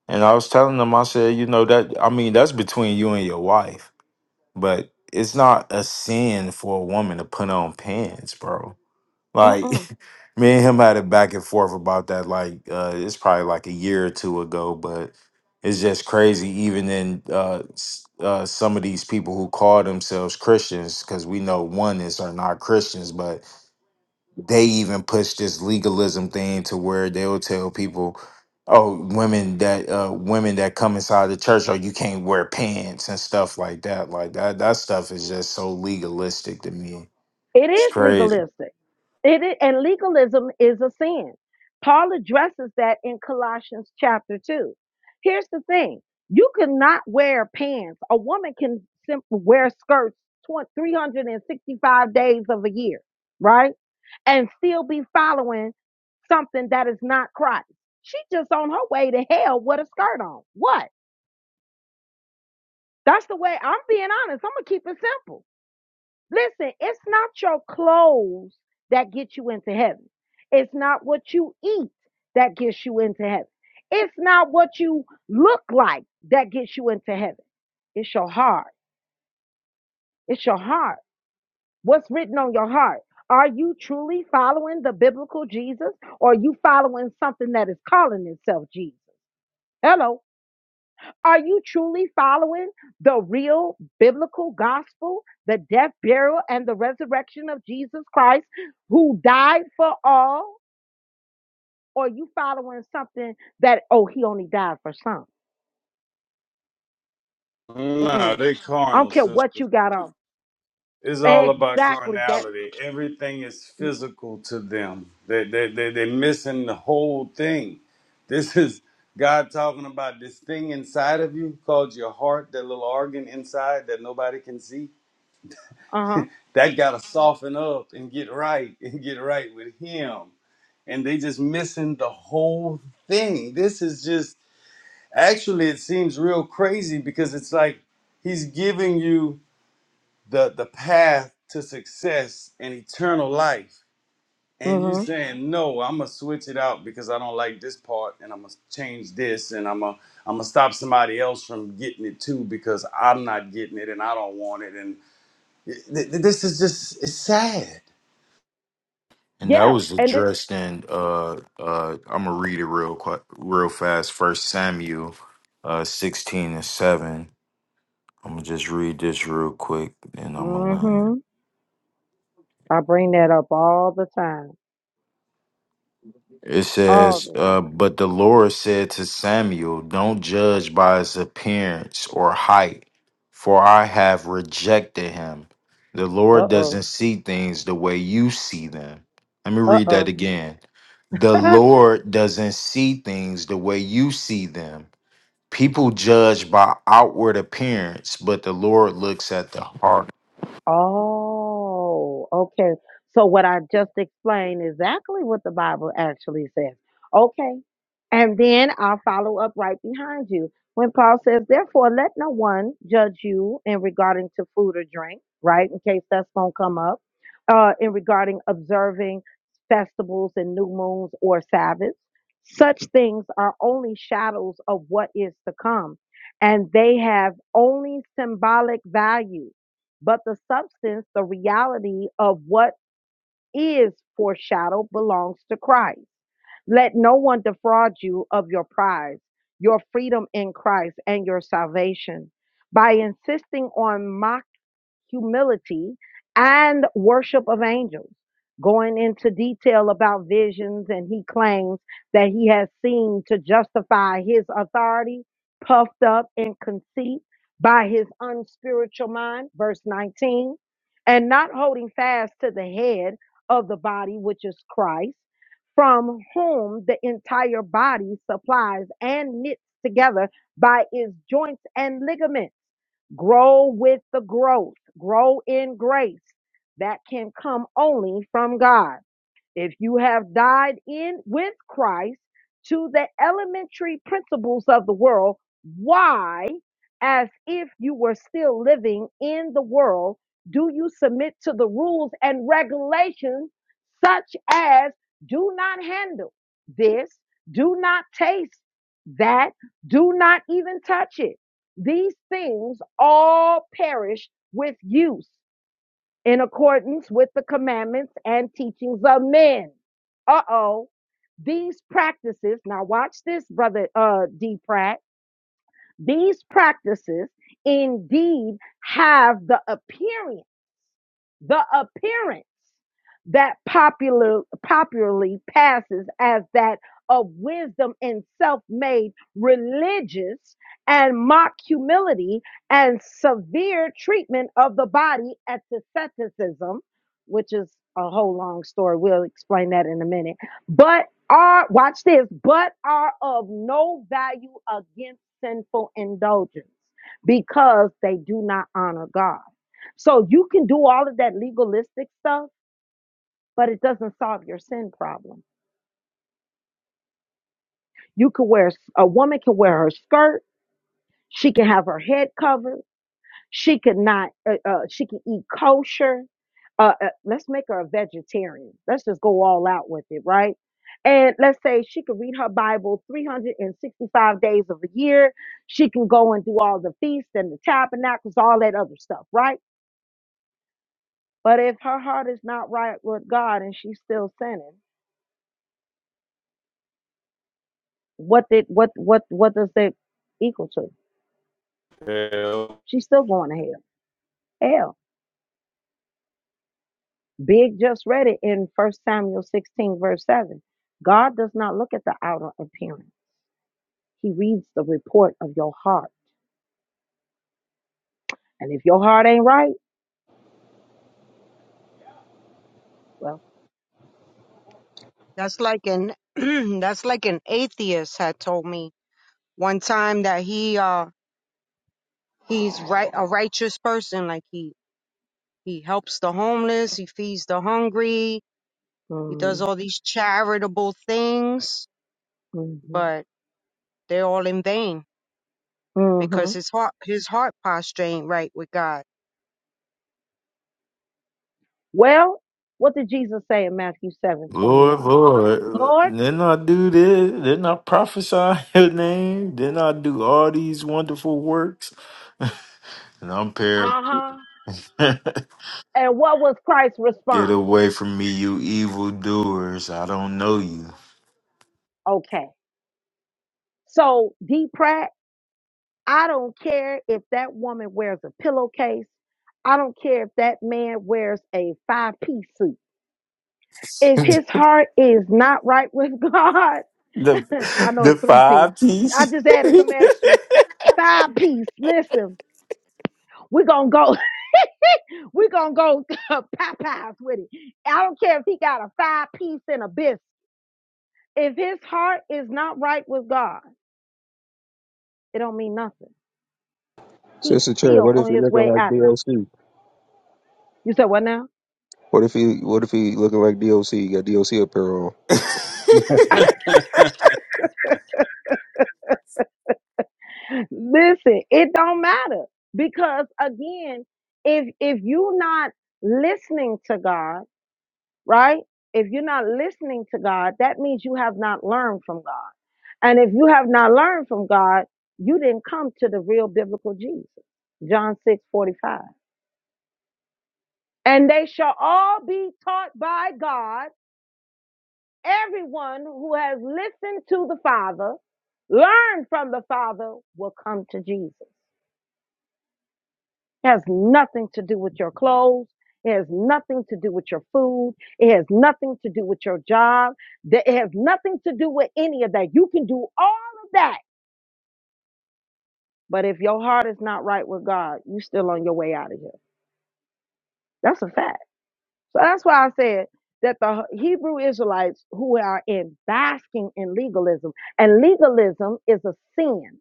And I was telling him I said, you know that I mean that's between you and your wife, but it's not a sin for a woman to put on pants, bro Like Mm-mm. me and him had it back and forth about that. Like uh, it's probably like a year or two ago, but it's just crazy. Even in uh, s- uh, some of these people who call themselves Christians, because we know oneness are not Christians, but they even push this legalism thing to where they'll tell people. Oh, women that uh, women that come inside the church, oh, you can't wear pants and stuff like that. Like that, that stuff is just so legalistic to me. It It's is crazy. legalistic. It is, and legalism is a sin. Paul addresses that in Colossians chapter 2. Here's the thing you cannot wear pants. A woman can sim- wear skirts 20, 365 days of a year, right? And still be following something that is not Christ. She just on her way to hell with a skirt on. What? That's the way I'm being honest. I'm going to keep it simple. Listen, it's not your clothes that get you into heaven. It's not what you eat that gets you into heaven. It's not what you look like that gets you into heaven. It's your heart. It's your heart. What's written on your heart? Are you truly following the biblical Jesus or are you following something that is calling itself Jesus? Hello. Are you truly following the real biblical gospel, the death, burial, and the resurrection of Jesus Christ, who died for all? Or are you following something that, oh, he only died for some? Nah, Mm-mm. they I don't carnal, care sis. what you got on. It's all about Exactly that. carnality. Everything is physical to them. They, they, they, they're missing the whole thing. This is God talking about this thing inside of you called your heart, that little organ inside that nobody can see. Uh huh. That got to soften up and get right and get right with Him. And they just missing the whole thing. This is just, actually, it seems real crazy because it's like He's giving you the the path to success and eternal life and you Mm-hmm. saying no i'm gonna switch it out because i don't like this part and i'm gonna change this and i'm gonna i'm gonna stop somebody else from getting it too because i'm not getting it and i don't want it and th- th- this is just it's sad And that Yeah. was And it, addressed in uh uh I'm gonna read it real quick real fast. First Samuel uh sixteen and seven. I'm gonna just read this real quick and I'm gonna learn. mm-hmm. I bring that up all the time. It All says, the uh, time. but the Lord said to Samuel, Don't judge by his appearance or height, for I have rejected him. The Uh Lord doesn't oh. see things the way you see them. Let me Uh read that oh. again. The Lord doesn't see things the way you see them. People judge by outward appearance, but the Lord looks at the heart. Oh, okay. So what I just explained is exactly what the Bible actually says. Okay. And then I'll follow up right behind you. When Paul says, therefore, let no one judge you in regarding to food or drink, right? In case that's going to come up, uh, in regarding observing festivals and new moons or Sabbaths. Such things are only shadows of what is to come, and they have only symbolic value but the substance, the reality of what is foreshadowed belongs to Christ. Let no one defraud you of your prize, your freedom in Christ, and your salvation by insisting on mock humility, and worship of angels, going into detail about visions, and he claims that he has seen to justify his authority, puffed up in conceit by his unspiritual mind, verse 19, and not holding fast to the head of the body, which is Christ, from whom the entire body supplies and knits together by its joints and ligaments Grow with the growth, grow in grace that can come only from God. If you have died in with Christ to the elementary principles of the world, why, as if you were still living in the world, do you submit to the rules and regulations such as do not handle this, do not taste that, do not even touch it? These things all perish with use in accordance with the commandments and teachings of men. Uh oh. These practices, now watch this, brother uh, D. Pratt. These practices indeed have the appearance the appearance that popular, popularly passes as that of wisdom and self-made religious and mock humility and severe treatment of the body at asceticism, which is a whole long story. We'll explain that in a minute. But are watch this, but are of no value against sinful indulgence because they do not honor God. So you can do all of that legalistic stuff, but it doesn't solve your sin problem. You could wear a woman can wear her skirt. She can have her head covered. She could not. Uh, uh, she can eat kosher. Uh, uh, let's make her a vegetarian. Let's just go all out with it, right? And let's say she could read her Bible 365 days of the year. She can go and do all the feasts and the tabernacles, all that other stuff, right? But if her heart is not right with God and she's still sinning, What did what what what does that equal to? yeah. She's still going to hell. Hell. Big just read it in First Samuel 16, verse 7. God does not look at the outer appearance. He reads the report of your heart. And if your heart ain't right, well, That's like an that's like an atheist had told me one time that he uh he's right a righteous person like he he helps the homeless, he feeds the hungry, He does mm, all these charitable things, hmm but they're all in vain hmm because his heart his heart posture ain't right with God. well, what did Jesus say in Matthew seven twenty Lord, one? Lord, Lord, didn't I do this? Didn't I prophesy in your name? Didn't I do all these wonderful works? And I'm par uh-huh. And what was Christ's Get response? away from me, you evil doers. I don't know you. Okay. So depravity. I don't care if that woman wears a pillowcase. I don't care if that man wears a five piece suit. If the his heart is not right with God, I know it's the three piece. five I keys. just added some extras. Five piece. Listen, we're going to go. We're going to go Popeyes with it. I don't care if he got a five piece and a biscuit. If his heart is not right with God, it don't mean nothing. He's Sister Cherry, still what if he on his looking way like out of it. DOC? You said what now? What if he what if he looking like DOC? He got DOC apparel on. Listen, it don't matter because again, if if you're not listening to God, right? If you're not listening to God, that means you have not learned from God. And if you have not learned from God, you didn't come to the real biblical Jesus. John 6 45. And they shall all be taught by God. Everyone who has listened to the Father, learned from the Father, will come to Jesus. It has nothing to do with your clothes. It has nothing to do with your food. It has nothing to do with your job. Th- It has nothing to do with any of that. You can do all of that. But if your heart is not right with God, you're still on your way out of here. That's a fact. So that's why I said that the Hebrew Israelites who are in basking in legalism, and legalism is a sin.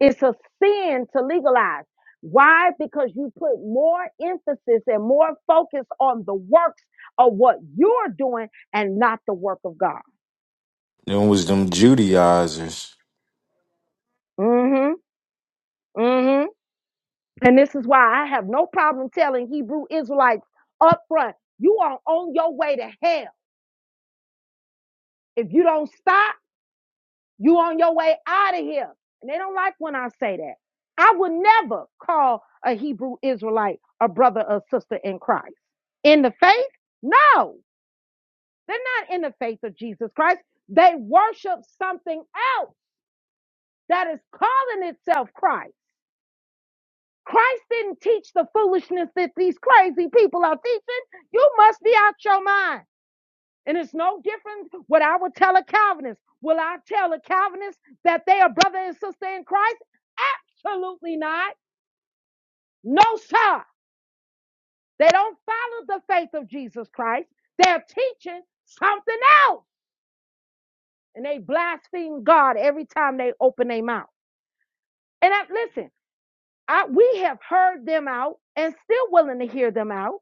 It's a sin to legalize. Why? Because you put more emphasis and more focus on the works of what you're doing and not the work of God. them was them Judaizers. hmm hmm And this is why I have no problem telling Hebrew Israelites up front, you are on your way to hell. If you don't stop, you on your way out of here. And they don't like when I say that. I would never call a Hebrew Israelite a brother or sister in Christ. In the faith? No. They're not in the faith of Jesus Christ. They worship something else that is calling itself Christ. Christ didn't teach the foolishness that these crazy people are teaching. You must be out your mind. And it's no different what I would tell a Calvinist. Will I tell a Calvinist that they are brother and sister in Christ? Absolutely not. No, sir. They don't follow the faith of Jesus Christ. They're teaching something else. And they blaspheme God every time they open their mouth. And I, listen, I, we have heard them out and still willing to hear them out.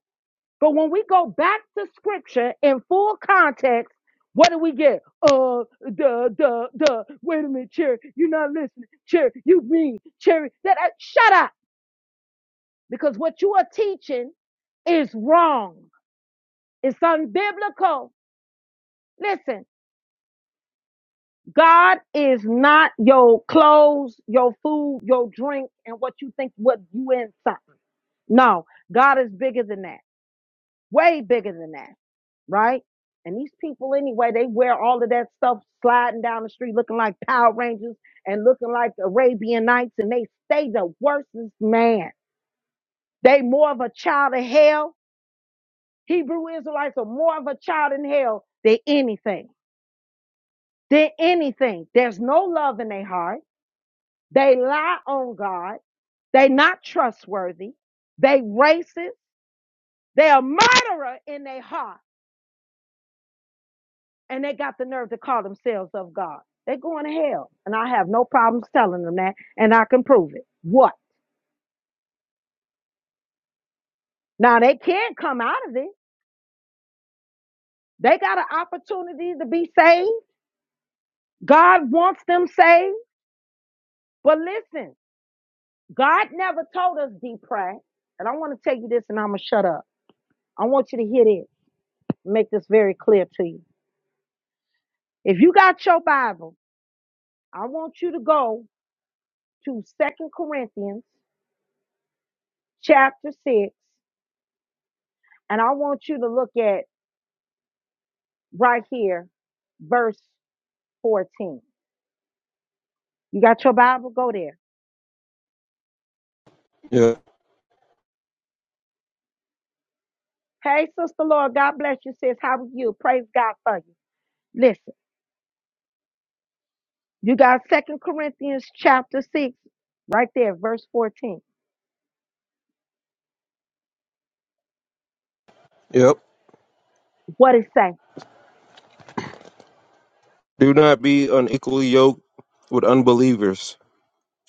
But when we go back to scripture in full context, what do we get? Uh, duh, duh, duh. Wait a minute, Cherry. You're not listening. Cherry, you mean, Cherry. That, I, shut up. Because what you are teaching is wrong. It's unbiblical. Listen, God is not your clothes, your food, your drink, and what you think what you in something. No, God is bigger than that. Way bigger than that, right? And these people anyway, they wear all of that stuff sliding down the street looking like Power Rangers and looking like Arabian Nights, and they stay the worstest man. They more of a child of hell. Hebrew Israelites are more of a child in hell than anything. Than anything. There's no love in their heart. They lie on God. They not trustworthy. They racist. They a murderer in their heart. And they got the nerve to call themselves of God. They going to hell. And I have no problems telling them that. And I can prove it. What? Now they can't come out of it. They got an opportunity to be saved. God wants them saved. But listen, God never told us depressed. And I want to tell you this and I'm going to shut up. I want you to hear this. Make this very clear to you. If you got your Bible, I want you to go to Second Corinthians chapter 6, and I want you to look at right here, verse 14. You got your Bible? Go there. Yeah. Hey, Sister Lord, God bless you, sis. How are you? Praise God for you. Listen, you got Second Corinthians chapter 6, right there, verse 14. Yep. What it say? Do not be unequally yoked with unbelievers.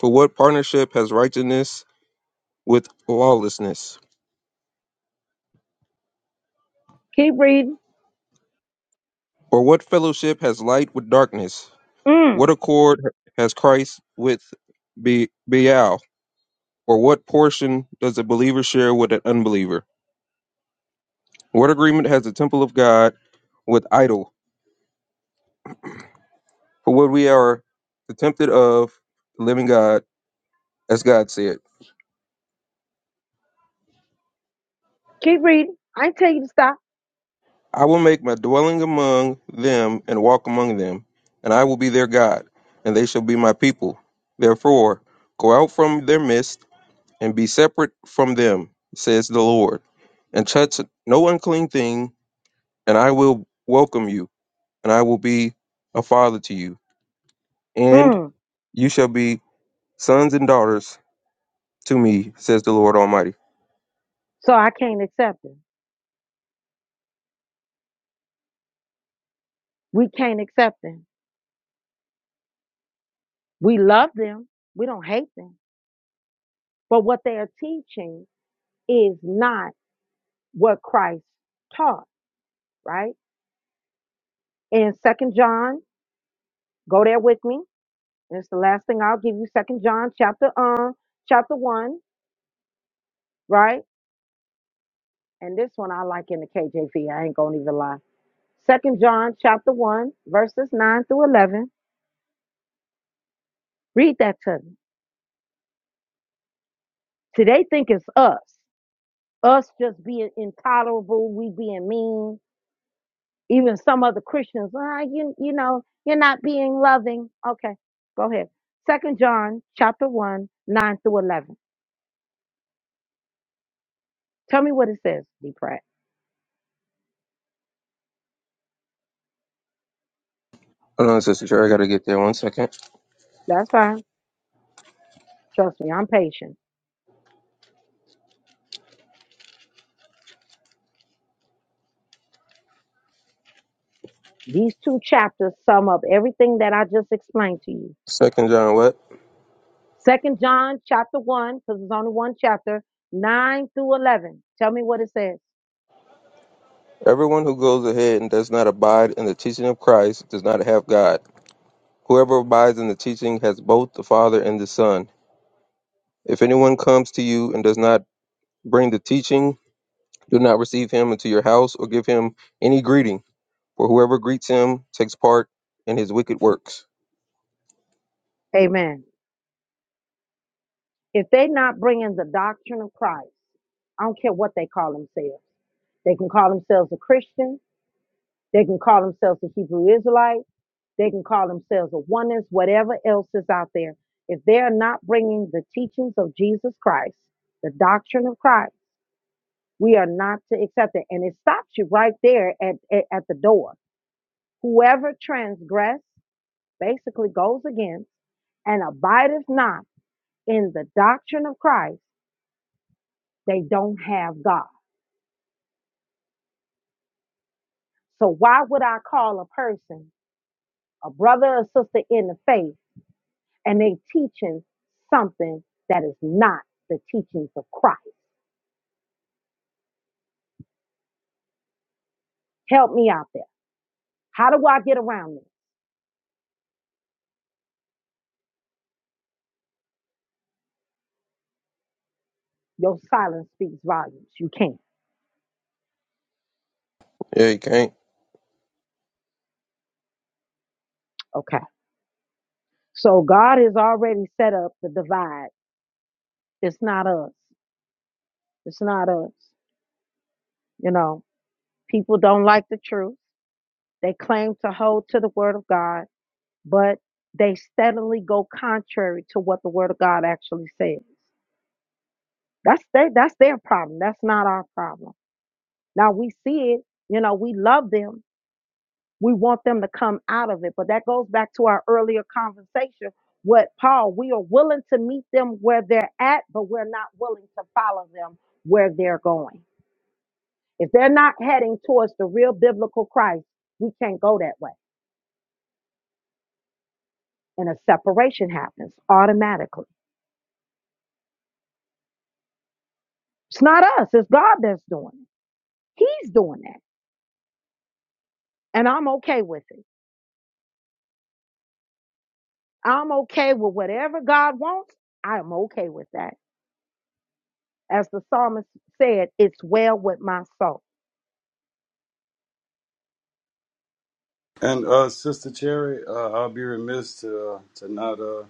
For what partnership has righteousness with lawlessness? Keep reading. Or what fellowship has light with darkness? Mm, What accord has Christ with Be- Belial? Or what portion does a believer share with an unbeliever? What agreement has the temple of God with idol? For what we are the tempted of the living God, as God said, keep reading. I ain't tell you to stop. I will make my dwelling among them and walk among them, and I will be their God, and they shall be my people. Therefore, go out from their midst and be separate from them, says the Lord, and touch no unclean thing, and I will welcome you, and I will be a father to you. and Mm. You shall be sons and daughters to me, says the Lord Almighty. So I can't accept them. We can't accept them. We love them. We don't hate them. But what they are teaching is not what Christ taught, right? In Second John, go there with me. And it's the last thing I'll give you, Second John chapter um chapter one, right? And this one I like in the KJV. I ain't gonna even lie. Second John chapter one, verses nine through eleven. Read that to me. See, they think it's us. Us just being intolerable, we being mean. Even some other Christians, ah, you you know, you're not being loving. Okay, go ahead. Second John chapter one, nine through eleven. Tell me what it says, D Pratt. Hold on, Sister Cherry, I gotta get there one second. That's fine. Trust me, I'm patient. These two chapters sum up everything that I just explained to you. Second John what? Second John chapter one, because it's only one chapter, nine through eleven. Tell me what it says. Everyone who goes ahead and does not abide in the teaching of Christ does not have God. Whoever abides in the teaching has both the Father and the Son. If anyone comes to you and does not bring the teaching, do not receive him into your house or give him any greeting, for whoever greets him takes part in his wicked works. Amen. If they're not bringing the doctrine of Christ, I don't care what they call themselves. They can call themselves a Christian. They can call themselves a Hebrew Israelite. They can call themselves a oneness, whatever else is out there. If they are not bringing the teachings of Jesus Christ, the doctrine of Christ. We are not to accept it. And it stops you right there at, at, at the door. Whoever transgress basically goes against and abideth not in the doctrine of Christ, they don't have God. So why would I call a person, a brother or sister in the faith, and they teaching something that is not the teachings of Christ? Help me out there. How do I get around this? Your silence speaks volumes. You can't. Yeah, you can't. Okay. So God has already set up the divide. It's not us. It's not us. You know, people don't like the truth. They claim to hold to the word of God, but they steadily go contrary to what the word of God actually says. That's their that's their problem. That's not our problem. Now we see it, you know, we love them We want them to come out of it. But that goes back to our earlier conversation with Paul. We are willing to meet them where they're at, but we're not willing to follow them where they're going. If they're not heading towards the real biblical Christ, we can't go that way. And a separation happens automatically. It's not us, it's God that's doing it. He's doing that. And I'm okay with it. I'm okay with whatever God wants. I am okay with that. As the psalmist said, it's well with my soul. and uh sister cherry uh, i'll be remiss to uh, to not uh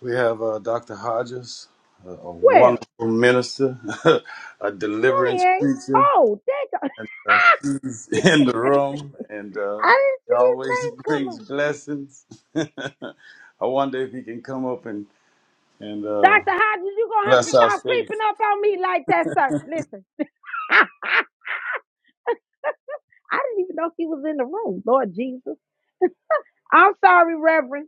we have uh dr hodges a, a Where? wonderful minister a No, he deliverance ain't. preacher Oh, that go- and uh, he's in the room, and uh, I didn't he see his always name come brings up. blessings. I wonder if he can come up and and uh, Dr. Hodges, you gonna have to bless our stop creeping faith. up on me like that, sir. Listen. I didn't even know he was in the room, Lord Jesus. I'm sorry, Reverend.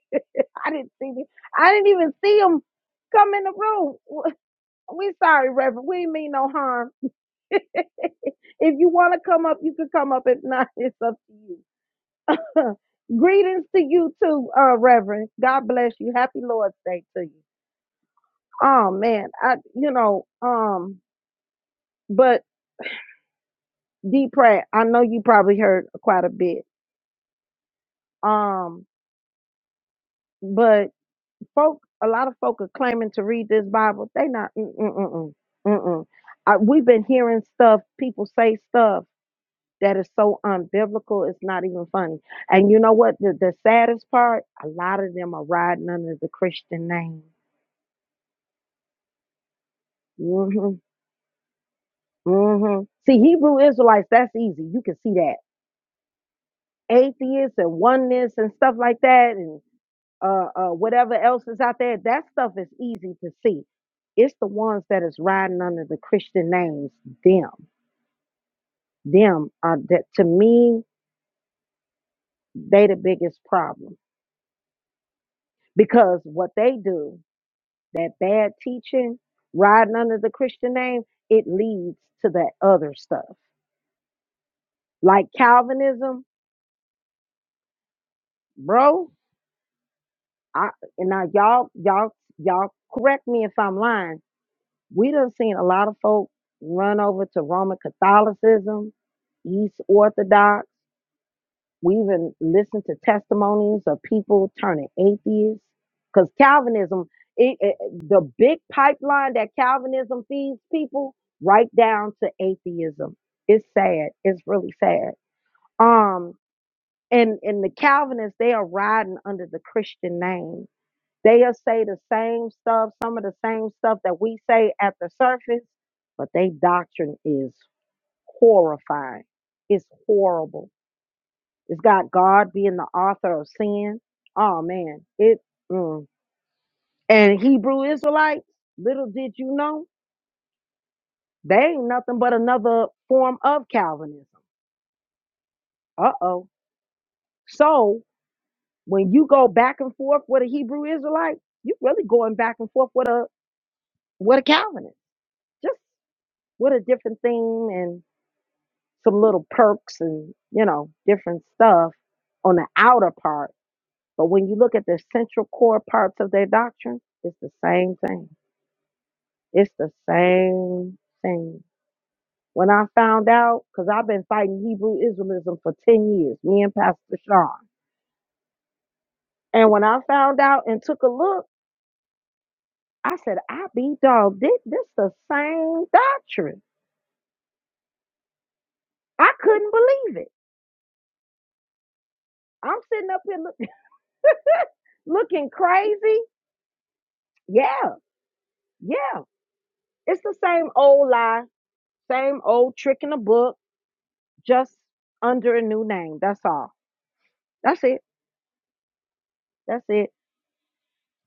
I didn't see him. I didn't even see him come in the room. We sorry, Reverend. We ain't mean no harm. if you want to come up, you can come up. If not, it's up to you. Greetings to you too, uh, Reverend. God bless you. Happy Lord's Day to you. Oh man, I you know, um, but D Pratt, I know you probably heard quite a bit. Um, but folk, a lot of folk are claiming to read this Bible. They not. Mm mm mm mm. mm. I, we've been hearing stuff. People say stuff that is so unbiblical. It's not even funny. And you know what? The, the saddest part, a lot of them are riding under the Christian name. hmm hmm See, Hebrew Israelites, that's easy. You can see that. atheists and oneness and stuff like that and uh, uh, whatever else is out there, that stuff is easy to see. It's the ones that is riding under the Christian names, them. Them are that to me, they the biggest problem. Because what they do, that bad teaching, riding under the Christian name, it leads to that other stuff. Like Calvinism, bro, I and now y'all, y'all, y'all correct me if I'm lying We done seen a lot of folk run over to Roman Catholicism, East Orthodox. We even listened to testimonies of people turning atheists. Because Calvinism, it, it, the big pipeline that Calvinism feeds people, right down to atheism. It's sad. It's really sad. Um, and and the Calvinists, they are riding under the Christian name They'll say the same stuff, some of the same stuff that we say at the surface, but they doctrine is horrifying. It's horrible. It's got God being the author of sin. Oh man, it mm. and Hebrew Israelites. Little did you know, they ain't nothing but another form of Calvinism. Uh oh. So when you go back and forth with a Hebrew Israelite, you really going back and forth with a with a Calvinist. Just with a different theme and. some little perks and you know different stuff on the outer part but when you look at the central core parts of their doctrine it's the same thing it's the same thing when i found out because i've been fighting hebrew israelism for 10 years me and pastor sean and when i found out and took a look i said i be dog this, this the same doctrine i couldn't believe it i'm sitting up here look, looking crazy yeah yeah It's the same old lie, same old trick in the book, just under a new name. That's all. That's it. That's it.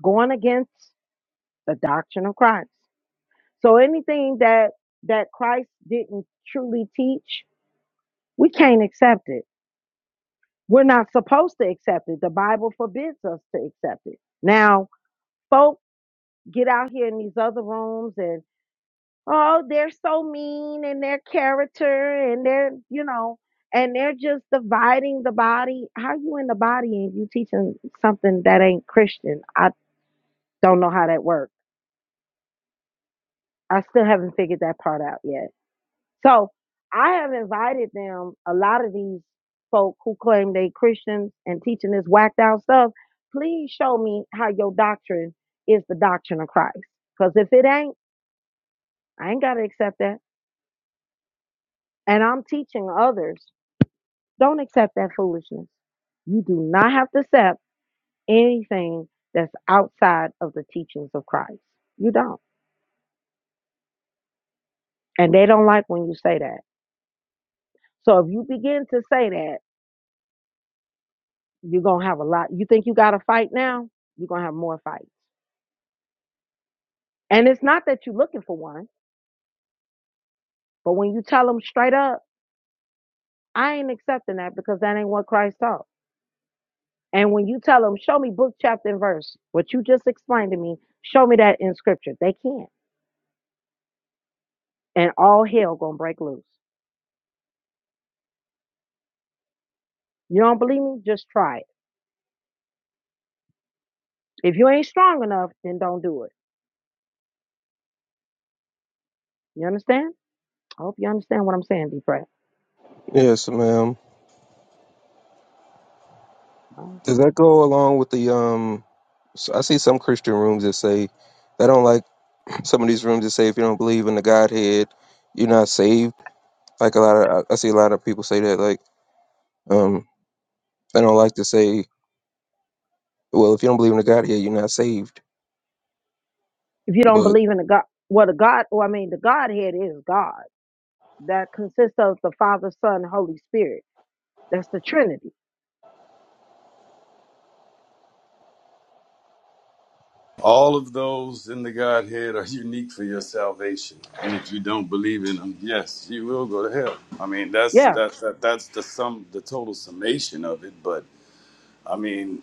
Going against the doctrine of Christ. So anything that that Christ didn't truly teach, we can't accept it. We're not supposed to accept it. The Bible forbids us to accept it. Now, folks, get out here in these other rooms and oh, they're so mean and their character and they're, you know, and they're just dividing the body. How you in the body and you teaching something that ain't Christian? I don't know how that works. I still haven't figured that part out yet. So I have invited them, a lot of these folk who claim they Christians and teaching this whacked out stuff, please show me how your doctrine is the doctrine of Christ. Because if it ain't, I ain't got to accept that. And I'm teaching others Don't accept that foolishness. You do not have to accept anything that's outside of the teachings of Christ. You don't. And they don't like when you say that. So if you begin to say that, you're going to have a lot. You think you got a fight now? You're going to have more fights. And it's not that you're looking for one, but when you tell them straight up, I ain't accepting that because that ain't what Christ taught. And when you tell them, show me book, chapter, and verse, what you just explained to me, show me that in scripture. They can't. And all hell going to break loose. You don't believe me? Just try it. If you ain't strong enough, then don't do it. You understand? I hope you understand what I'm saying, D. Pratt. Yes, ma'am. Right. Does that go along with the um? So I see some Christian rooms that say they don't like some of these rooms that say if you don't believe in the Godhead, you're not saved. Like a lot of I I see a lot of people say that like um they don't like to say well if you don't believe in the Godhead you're not saved. If you don't But believe in the God, well, the God, well, I mean, the Godhead is God. That consists of the Father, Son, Holy Spirit. That's the Trinity. All of those in the Godhead are unique for your salvation, and if you don't believe in them, yes, you will go to hell. I mean, that's Yeah. that's that, that's the sum, the total summation of it. But I mean,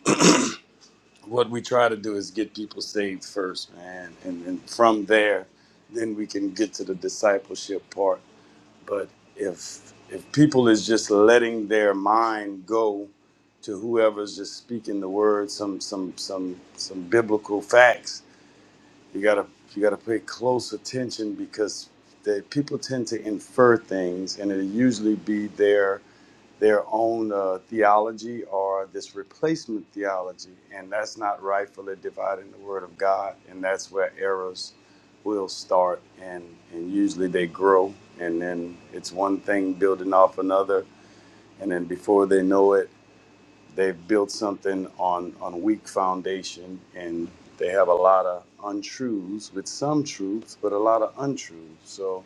what we try to do is get people saved first, man, and, then from there, then we can get to the discipleship part But if if people is just letting their mind go to whoever's just speaking the word, some some some some biblical facts, you gotta you gotta pay close attention because the people tend to infer things, and it'll usually be there their own uh, theology or this replacement theology, and that's not rightfully dividing the Word of God, and that's where errors will start, and and usually they grow, and then it's one thing building off another, and then before they know it, they've built something on on weak foundation, and they have a lot of untruths with some truths, but a lot of untruths. So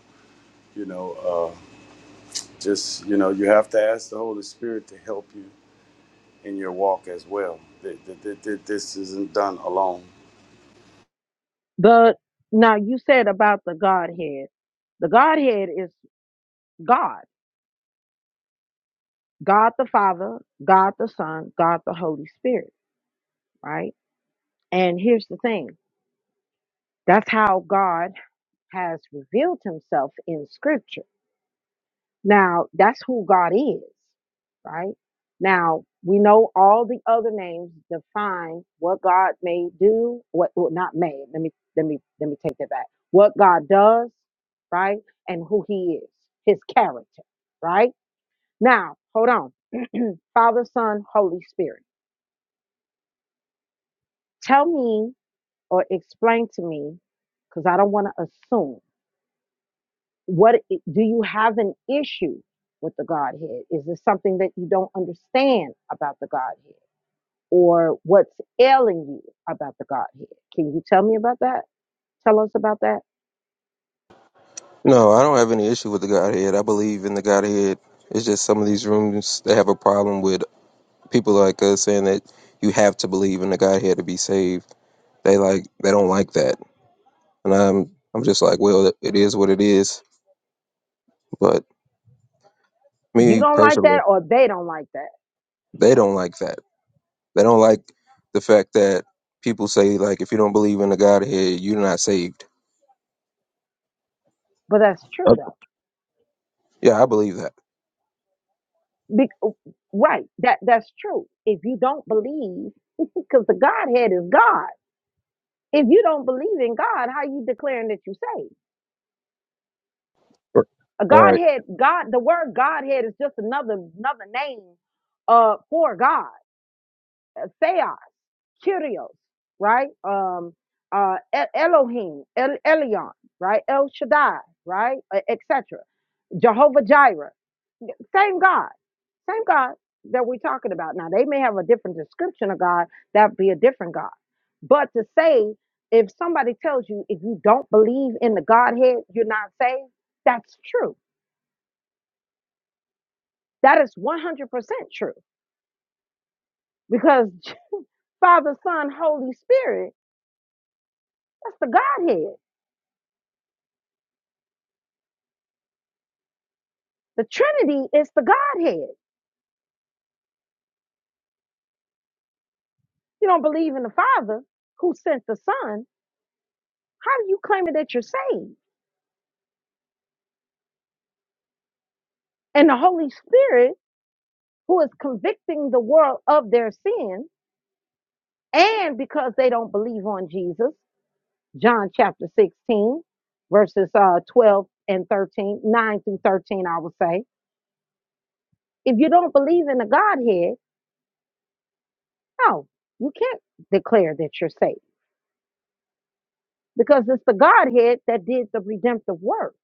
you know, uh, just you know, you have to ask the Holy Spirit to help you in your walk as well. This isn't done alone. The now you said about the Godhead. The Godhead is God. God the Father, God the Son, God the Holy Spirit. Right. And here's the thing. That's how God has revealed Himself in Scripture Now, that's who God is, right? Now, we know all the other names define what God may do, what well, not may. Let me let me let me take that back. What God does, right? And who he is, his character, right? Now, hold on. Father, Son, Holy Spirit. Tell me or explain to me cuz I don't want to assume what do you have an issue with the godhead is there something that you don't understand about the godhead or what's ailing you about the godhead can you tell me about that tell us about that no, I don't have any issue with the Godhead. I believe in the Godhead. It's just some of these rooms they have a problem with people like us saying that you have to believe in the Godhead to be saved. They like they don't like that, and I'm I'm just like well it is what it is But you me don't like personally, that or they don't like that they don't like that. They don't like the fact that people say like, if you don't believe in the Godhead, you're not saved. but that's true Yep. though Yeah, I believe that. Be- right that that's true if you don't believe because the godhead is god if you don't believe in god how you declaring that you saved R- A Right. Godhead, God, the word Godhead is just another another name uh for God. Uh, Theos, Kyrios, right? Um uh E- Elohim, El Elion, right? El Shaddai, right? Etc. Jehovah Jireh. Same God. Same God that we're talking about. Now they may have a different description of God, that'd be a different God. But to say if somebody tells you if you don't believe in the Godhead, you're not saved, that's true That is 100% true because Father, Son, Holy Spirit, that's the Godhead. The Trinity is the Godhead. You don't believe in the Father who sent the Son. How do you claim that you're saved? And the Holy Spirit who is convicting the world of their sin and because they don't believe on Jesus. John chapter 16, verses uh, 12 and 13, 9 through 13, I would say. If you don't believe in the Godhead, No, you can't declare that you're saved because it's the Godhead that did the redemptive work.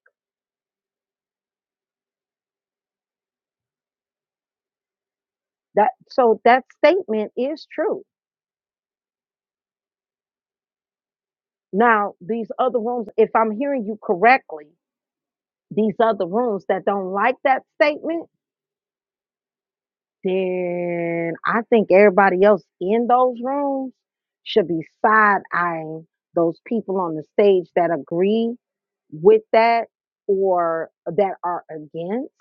That so that statement is true. Now, these other rooms, if I'm hearing you correctly, these other rooms that don't like that statement, then I think everybody else in those rooms should be side eyeing those people on the stage that agree with that or that are against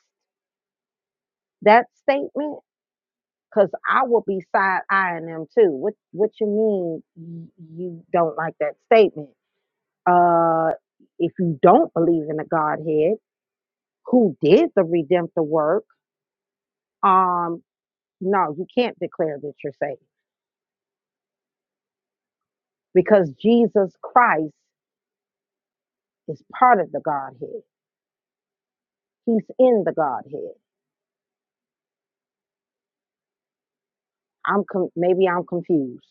that statement Cause I will be side eyeing them too. What what you mean y- you don't like that statement? Uh, if you don't believe in the Godhead, who did the redemptive work? Um, no, you can't declare that you're saved because Jesus Christ is part of the Godhead. He's in the Godhead. I'm com- maybe I'm confused.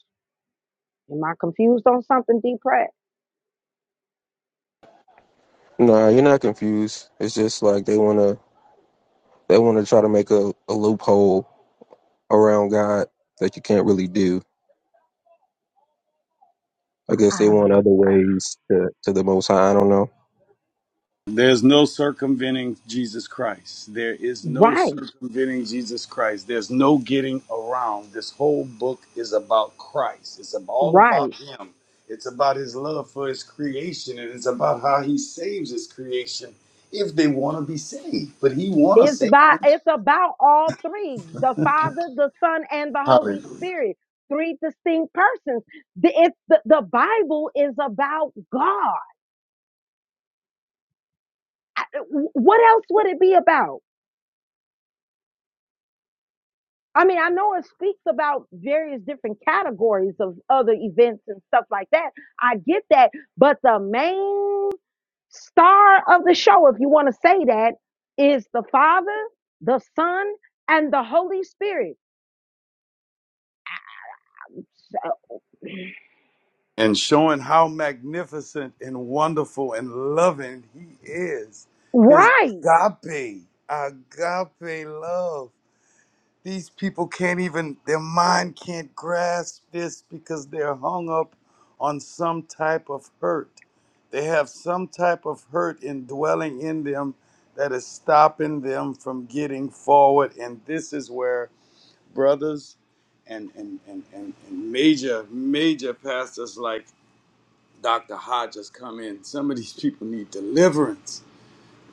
Am I confused on something, Deep Pratt? Nah, you're not confused. It's just like they wanna they wanna try to make a, a loophole around God that you can't really do. I guess they want other Um, ways to, to the Most High. I don't know. There's no circumventing Jesus Christ. There is no right, circumventing Jesus Christ. There's no getting around. This whole book is about Christ. It's all right. about Him. It's about His love for His creation, and it's about how He saves His creation if they want to be saved. But He want to It's save by them. it's about all three: the Father, the Son, and the Holy Hallelujah. Spirit. Three distinct persons. The, it's the, the Bible is about God. What else would it be about? I mean, I know it speaks about various different categories of other events and stuff like that. I get that, but the main star of the show, if you want to say that, is the Father, the Son, and the Holy Spirit. and showing how magnificent and wonderful and loving he is. His Right. agape, agape love. These people can't even, their mind can't grasp this because they're hung up on some type of hurt. They have some type of hurt indwelling in them that is stopping them from getting forward. And this is where brothers and, and, and, and, and major, major pastors like Dr. Hodges come in. Some of these people need deliverance.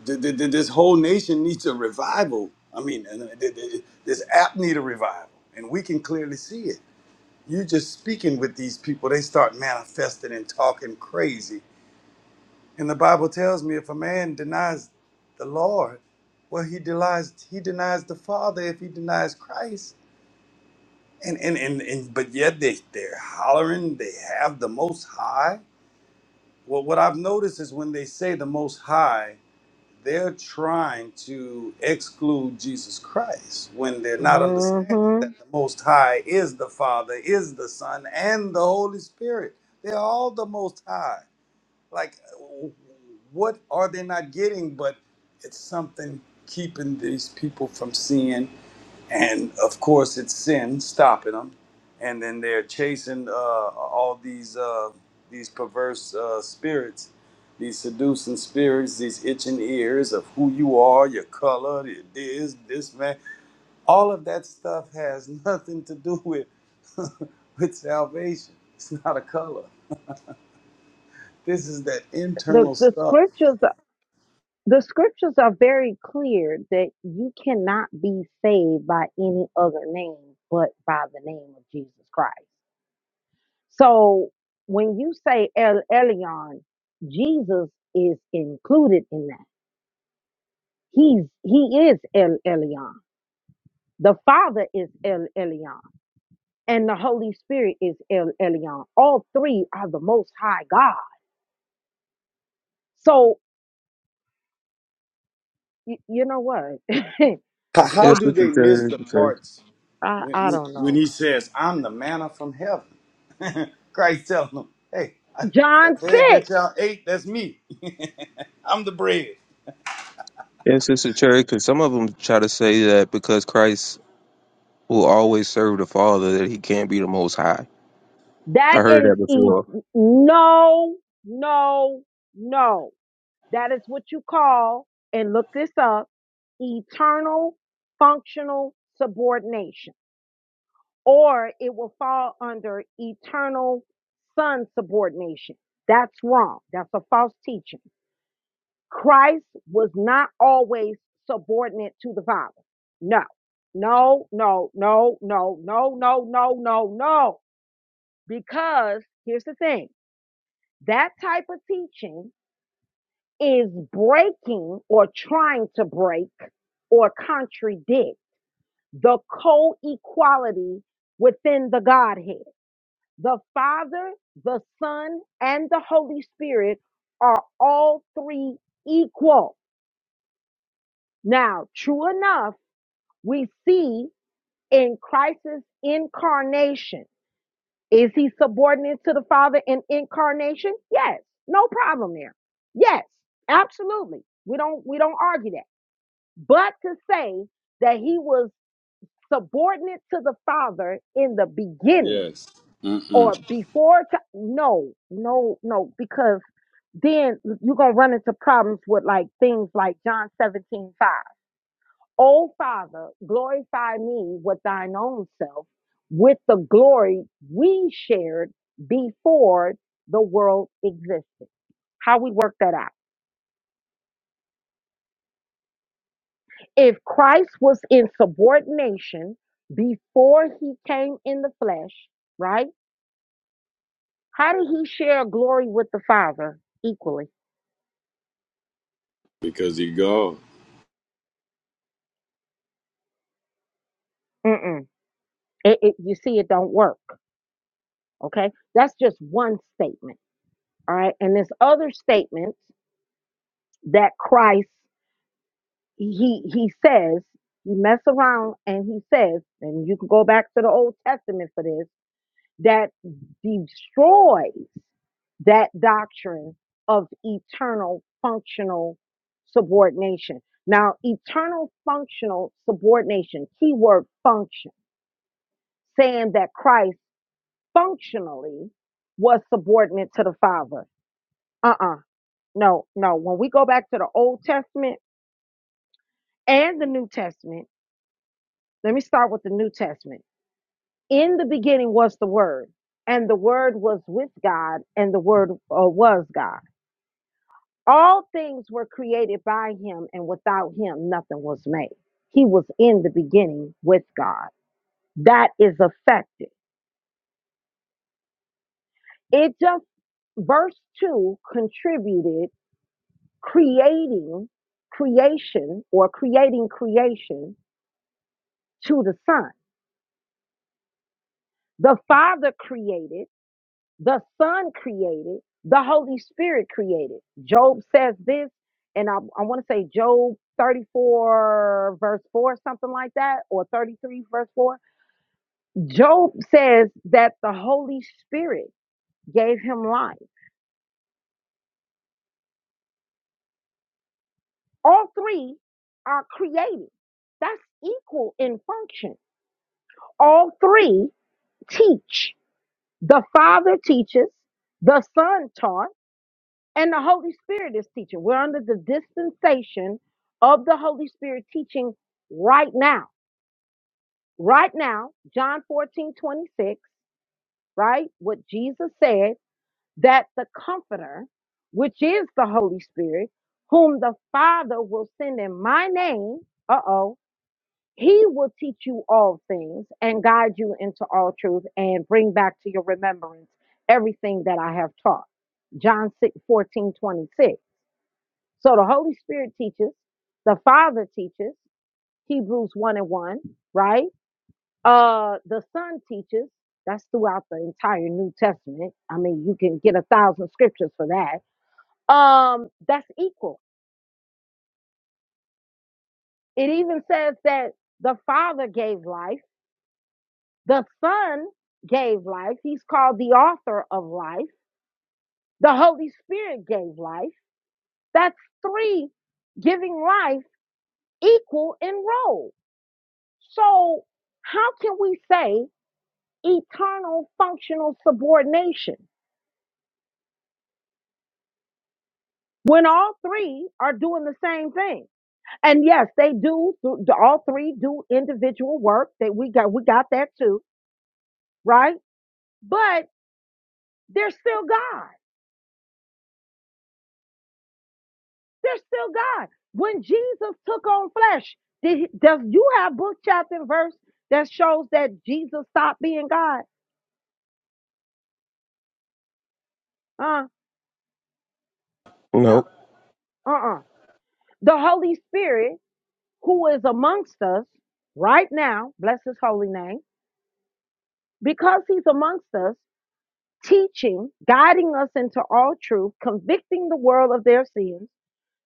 Th- th- th- This whole nation needs a revival. I mean, uh, th- th- this app need a revival, and we can clearly see it. You just speaking with these people, they start manifesting and talking crazy. And the Bible tells me if a man denies the Lord, well, he denies he denies the Father if he denies Christ. And and and, and but yet they they're hollering. They have the Most High. Well, what I've noticed is when they say the Most High, they're trying to exclude Jesus Christ when they're not understanding hmm that the Most High is the Father, is the Son, and the Holy Spirit. They're all the Most High. Like, what are they not getting? But it's something keeping these people from seeing and of course it's sin stopping them and then they're chasing uh, all these uh, these perverse uh, spirits these seducing spirits these itching ears of who you are your color your this this man all of that stuff has nothing to do with with salvation it's not a color this is that The internal the stuff scriptures the scriptures are very clear that you cannot be saved by any other name but by the name of Jesus Christ. So when you say El Elyon, Jesus is included in that. He's he is El Elyon. The Father is El Elyon, and the Holy Spirit is El Elyon. All three are the Most High God. So y- you know what? I, how, how Yes, do they Sister miss Cherry. the Because, parts I, when, I when, don't when know. he says i'm the manna from heaven Christ telling them, hey, I, that John 6. bread that y'all ate, that's me. I'm the bread. yes, Sister Cherry. Because some of them try to say that because Christ will always serve the Father, that he can't be the Most High. I That heard is that e- before. no, no, no. That is what you call, and look this up, eternal functional subordination, or it will fall under eternal son subordination. That's wrong. That's a false teaching. Christ was not always subordinate to the Father. No, no, no, no, no, no, no, no, no, no. Because here's the thing that type of teaching is breaking or trying to break or contradict the co equality within the Godhead. The Father, the Son, and the Holy Spirit are all three equal. Now, true enough, we see in Christ's incarnation. Is he subordinate to the Father in incarnation? Yes. No problem there. Yes, absolutely. We don't we don't argue that. But to say that he was subordinate to the Father in the beginning Yes. or Mm-mm. before ti- no, no, no, because then you're gonna run into problems with like things like John 17 5. O Father, glorify me with thine own self, with the glory we shared before the world existed. How we work that out. If Christ was in subordination before he came in the flesh, right? How did he share glory with the Father equally? Because he God. Mm-mm. It, it, you see, it don't work. Okay. That's just one statement. All right. And this other statement that Christ he he says he mess around and he says and you can go back to the old testament for this that destroys that doctrine of eternal functional subordination now eternal functional subordination keyword function saying that christ functionally was subordinate to the father uh-uh no no when we go back to the old testament and the new testament let me start with the new testament in the beginning was the word and the word was with god and the word uh, was god all things were created by him and without him nothing was made he was in the beginning with god that is effective it just verse 2 contributed creating creation or creating creation to the son the father created The Son created, the Holy Spirit created. Job says this, and I, I want to say Job 34, verse 4, something like that, or 33, verse 4. Job says that the Holy Spirit gave him life. All three are created, that's equal in function. All three teach. The Father teaches, the Son taught and the Holy Spirit is teaching. We're under the dispensation of the Holy Spirit teaching right now. Right now, John 14 twenty six. right? What Jesus said that the Comforter, which is the Holy Spirit, whom the Father will send in my name, uh oh, he will teach you all things and guide you into all truth and bring back to your remembrance everything that I have taught. John 6 14 26. So the Holy Spirit teaches, the Father teaches, Hebrews 1 and 1, right? Uh the Son teaches, that's throughout the entire New Testament. I mean, you can get a thousand scriptures for that. Um, that's equal. It even says that the Father gave life, the Son gave life, he's called the author of life, the Holy Spirit gave life. That's three giving life equal in role. So how can we say eternal functional subordination when all three are doing the same thing and yes they do th- all three do individual work that we got we got that too right but they're still god they're still god when jesus took on flesh did he, does you have book chapter and verse that shows that jesus stopped being god uh no Nope, uh-uh the holy spirit who is amongst us right now bless his holy name because he's amongst us, teaching, guiding us into all truth, convicting the world of their sins.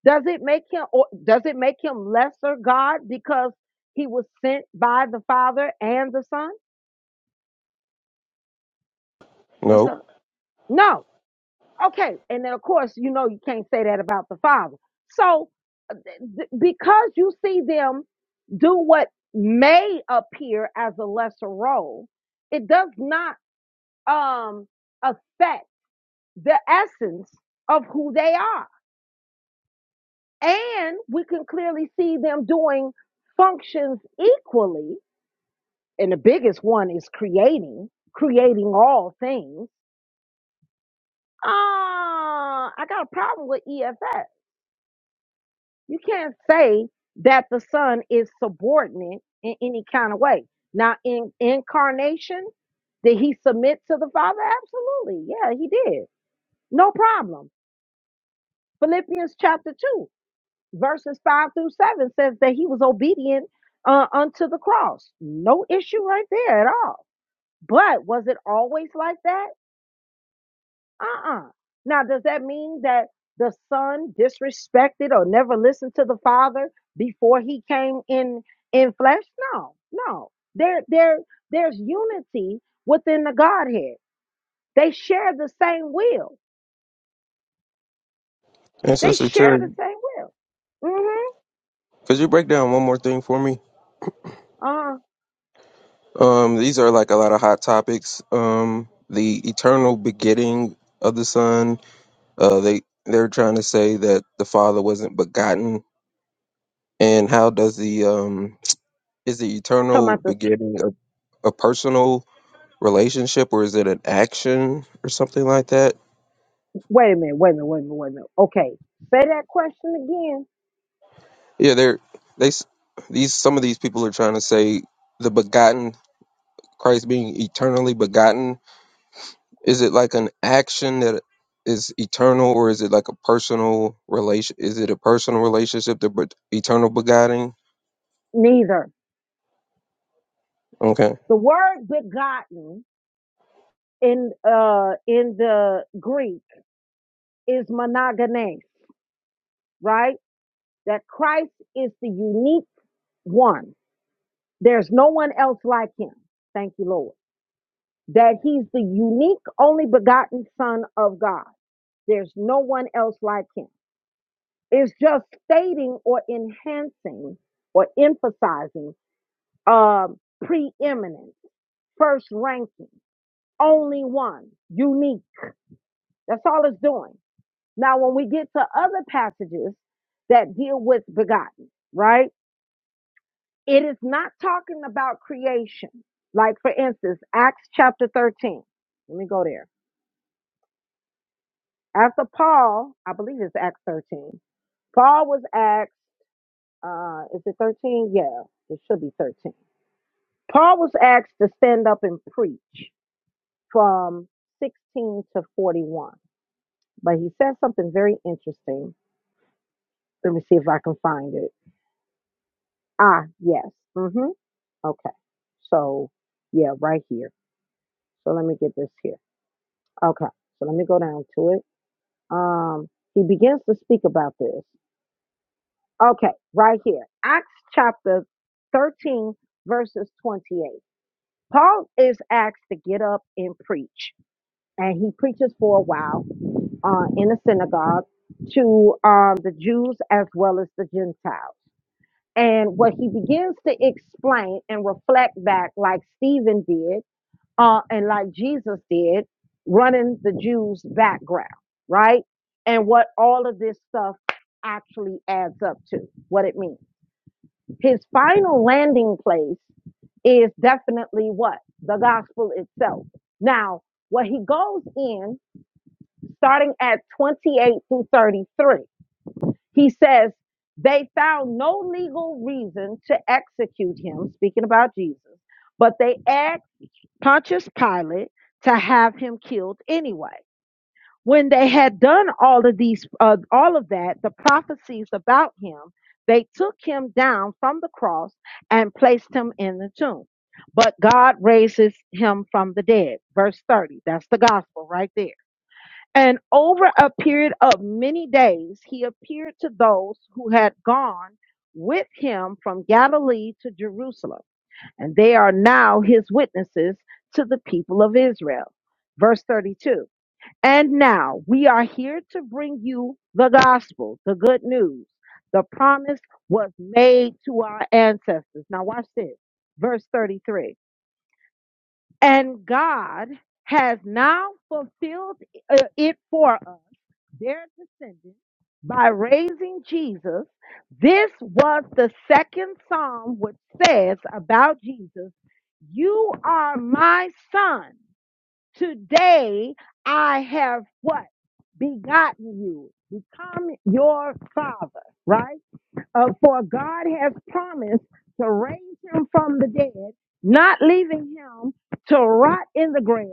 Does it make him or does it make him lesser God because he was sent by the Father and the Son? That's nope. not, no. Okay. And then of course, you know you can't say that about the Father. So uh, th- because you see them do what may appear as a lesser role, it does not um affect the essence of who they are. And we can clearly see them doing functions equally. And the biggest one is creating, creating all things. Ah, uh, I got a problem with EFS. You can't say that the son is subordinate in any kind of way. Now, in incarnation, did he submit to the Father? Absolutely. Yeah, he did. No problem. Philippians chapter 2. verses 5 through 7 says that he was obedient uh, unto the cross. No issue right there at all. But was it always like that? Uh uh Now, does that mean that the son disrespected or never listened to the father before he came in in flesh? No, no. There, there, there's unity within the Godhead. They share the same will. And They Sister share the Cherry, same will. Mm-hmm. could you break down one more thing for me? Uh-huh. Um, these are like a lot of hot topics. Um, the eternal begetting of the Son. Uh, they they're trying to say that the Father wasn't begotten, and how does the um is the Talking eternal about the begetting a, a personal relationship or is it an action or something like that? Wait a minute, wait a minute, wait a minute, wait a minute. Okay, say that question again. Yeah, they're they s- these some of these people are trying to say the begotten Christ being eternally begotten Is it like an action that is eternal, or is it like a personal relation? Is it a personal relationship to bet- eternal beguiling? Neither. Okay, The word begotten in uh in the Greek is monogenes, right? That Christ is the unique one. There's no one else like him. Thank you, Lord. That he's the unique, only begotten Son of God. There's no one else like him. It's just stating or enhancing or emphasizing um, preeminence first ranking, only one, unique. That's all it's doing. Now, when we get to other passages that deal with begotten, right? It is not talking about creation. Like, for instance, Acts chapter 13. Let me go there. After Paul, I believe it's Acts 13. Paul was asked, uh, is it 13? Yeah, it should be 13. Paul was asked to stand up and preach from 16 to 41 but he said something very interesting. Let me see if I can find it. Ah, yes. Mm-hmm. Okay. So, yeah, right here. So let me get this here. Okay. So let me go down to it. Um, he begins to speak about this. Okay, right here. Acts chapter 13, verses 28. Paul is asked to get up and preach, and he preaches for a while uh, in a synagogue to um, the Jews as well as the Gentiles. And what he begins to explain and reflect back, like Stephen did, uh, and like Jesus did, running the Jews' background, right? And what all of this stuff actually adds up to, what it means. His final landing place is definitely what? The gospel itself. Now, what he goes in, starting at 28 through 33, he says, they found no legal reason to execute him, speaking about Jesus, but they asked Pontius Pilate to have him killed anyway. When they had done all of these, uh, all of that, the prophecies about him, they took him down from the cross and placed him in the tomb. But God raises him from the dead. Verse 30. That's the gospel right there. And over a period of many days, he appeared to those who had gone with him from Galilee to Jerusalem, and they are now his witnesses to the people of Israel. Verse 32 And now we are here to bring you the gospel, the good news. The promise was made to our ancestors. Now, watch this. Verse 33 And God has now fulfilled uh, it for us their descendants by raising Jesus. This was the second psalm which says about Jesus, You are my son. Today I have what? Begotten you. Become your father, right? Uh, for God has promised to raise him from the dead, not leaving him to rot in the grave.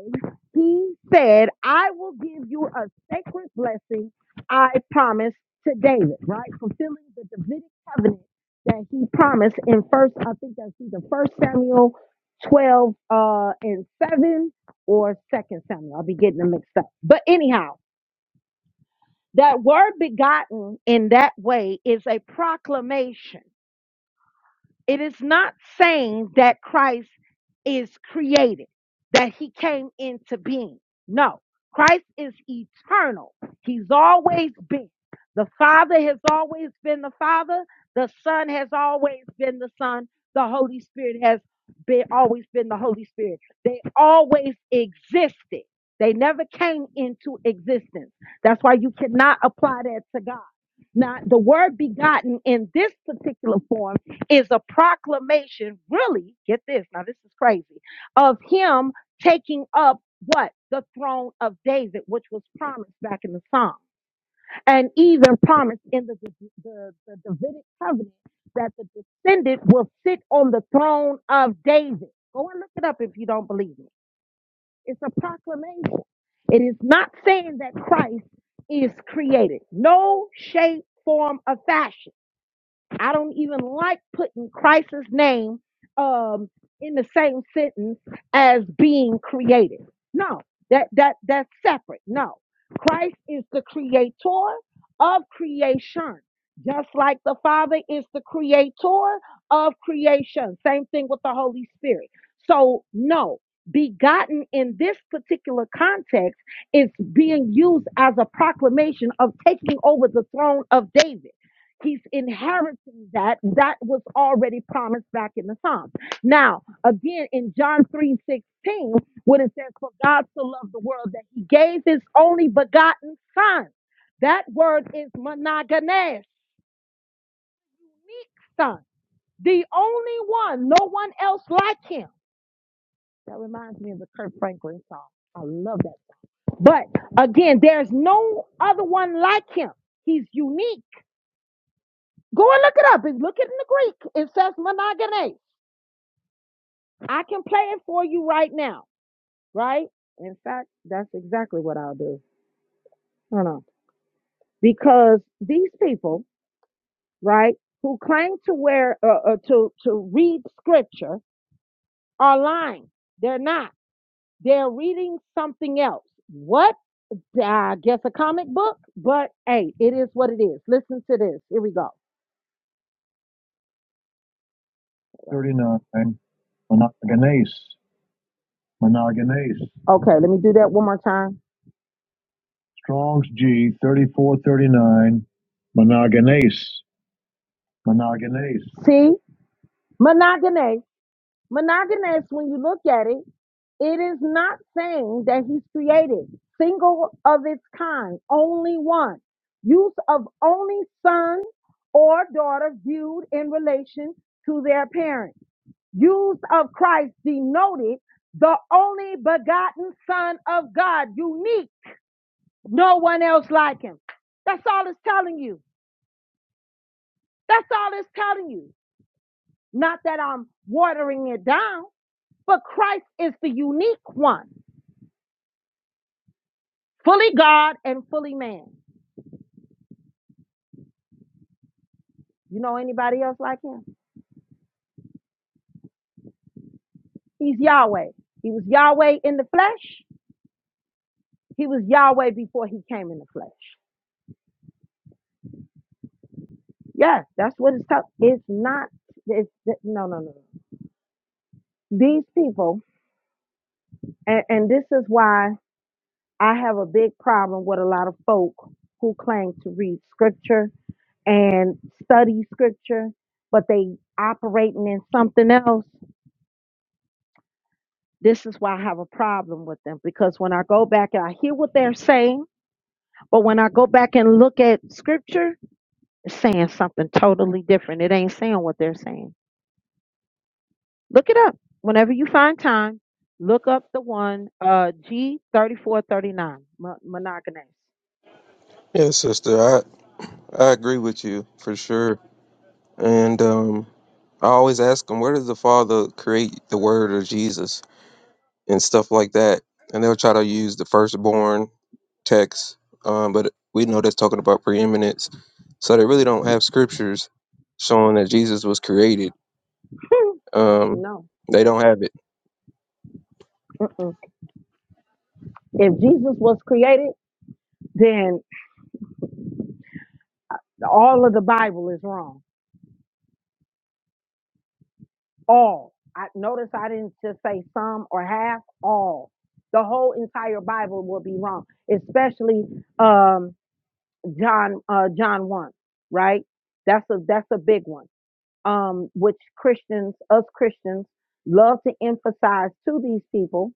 He said, I will give you a sacred blessing I promised to David, right? Fulfilling the Davidic covenant that he promised in first, I think that's either first Samuel 12 uh, and 7 or second Samuel. I'll be getting them mixed up. But anyhow, that word begotten in that way is a proclamation it is not saying that Christ is created, that he came into being. No, Christ is eternal. He's always been. The Father has always been the Father. The Son has always been the Son. The Holy Spirit has been always been the Holy Spirit. They always existed. They never came into existence. That's why you cannot apply that to God. Now, the word begotten in this particular form is a proclamation, really, get this, now this is crazy, of him taking up what? The throne of David, which was promised back in the Psalm, and even promised in the, the, the, the Davidic covenant that the descendant will sit on the throne of David. Go and look it up if you don't believe me. It's a proclamation. It is not saying that Christ is created. No shape, form, or fashion. I don't even like putting Christ's name um, in the same sentence as being created. No, that that that's separate. No, Christ is the creator of creation, just like the Father is the creator of creation. Same thing with the Holy Spirit. So no. Begotten in this particular context is being used as a proclamation of taking over the throne of David. He's inheriting that. That was already promised back in the Psalms. Now, again, in John 3 16, when it says, For God so loved the world that he gave his only begotten son. That word is monogenes, unique son, the only one, no one else like him. That reminds me of the Kurt Franklin song. I love that. But again, there's no other one like him. He's unique. Go and look it up. Look it in the Greek. It says monogenes. I can play it for you right now, right? In fact, that's exactly what I'll do. Hold on. Because these people, right, who claim to wear uh, uh, to to read scripture are lying. They're not. They're reading something else. What? I guess a comic book, but hey, it is what it is. Listen to this. Here we go. 39. Monogenes. Monogenes. Okay, let me do that one more time. Strong's G thirty-four thirty-nine, monogenes, monogenes. See, monogamous, monogamous. When you look at it, it is not saying that he's created single of its kind, only one. Use of only son or daughter viewed in relation to their parent. Use of Christ denoted the only begotten Son of God, unique no one else like him. That's all it's telling you. That's all it's telling you. Not that I'm watering it down, but Christ is the unique one, fully God and fully man. You know anybody else like him? He's Yahweh. He was Yahweh in the flesh. He was Yahweh before he came in the flesh. Yes, that's what it's telling. It's not, it's, no, no, no. These people, and, and this is why I have a big problem with a lot of folk who claim to read scripture and study scripture, but they operating in something else, this is why I have a problem with them. Because when I go back and I hear what they're saying, but when I go back and look at scripture, it's saying something totally different. It ain't saying what they're saying. Look it up. Whenever you find time, look up the one uh G thirty four thirty nine monogamous. yeah, sister, I I agree with you for sure. And um, I always ask them, where does the Father create the Word or Jesus and stuff like that? And they'll try to use the firstborn text, um, but we know that's talking about preeminence. So they really don't have scriptures showing that Jesus was created. Um, No. they don't have it. Mm-mm. If Jesus was created, then all of the Bible is wrong all. I notice I didn't just say some or half, all. The whole entire Bible will be wrong, especially um John uh John 1, right? That's a that's a big one. Um which Christians, us Christians love to emphasize to these people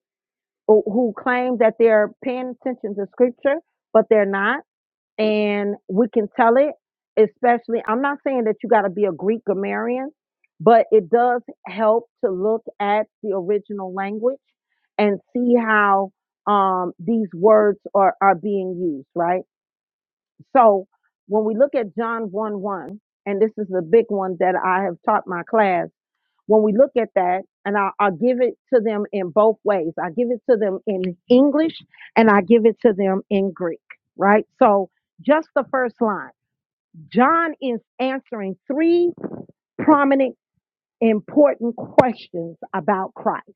who, who claim that they're paying attention to scripture, but they're not and we can tell it especially i'm not saying that you got to be a greek grammarian but it does help to look at the original language and see how um, these words are, are being used right so when we look at john 1 1 and this is the big one that i have taught my class when we look at that, and I, I give it to them in both ways. I give it to them in English and I give it to them in Greek, right? So just the first line John is answering three prominent, important questions about Christ,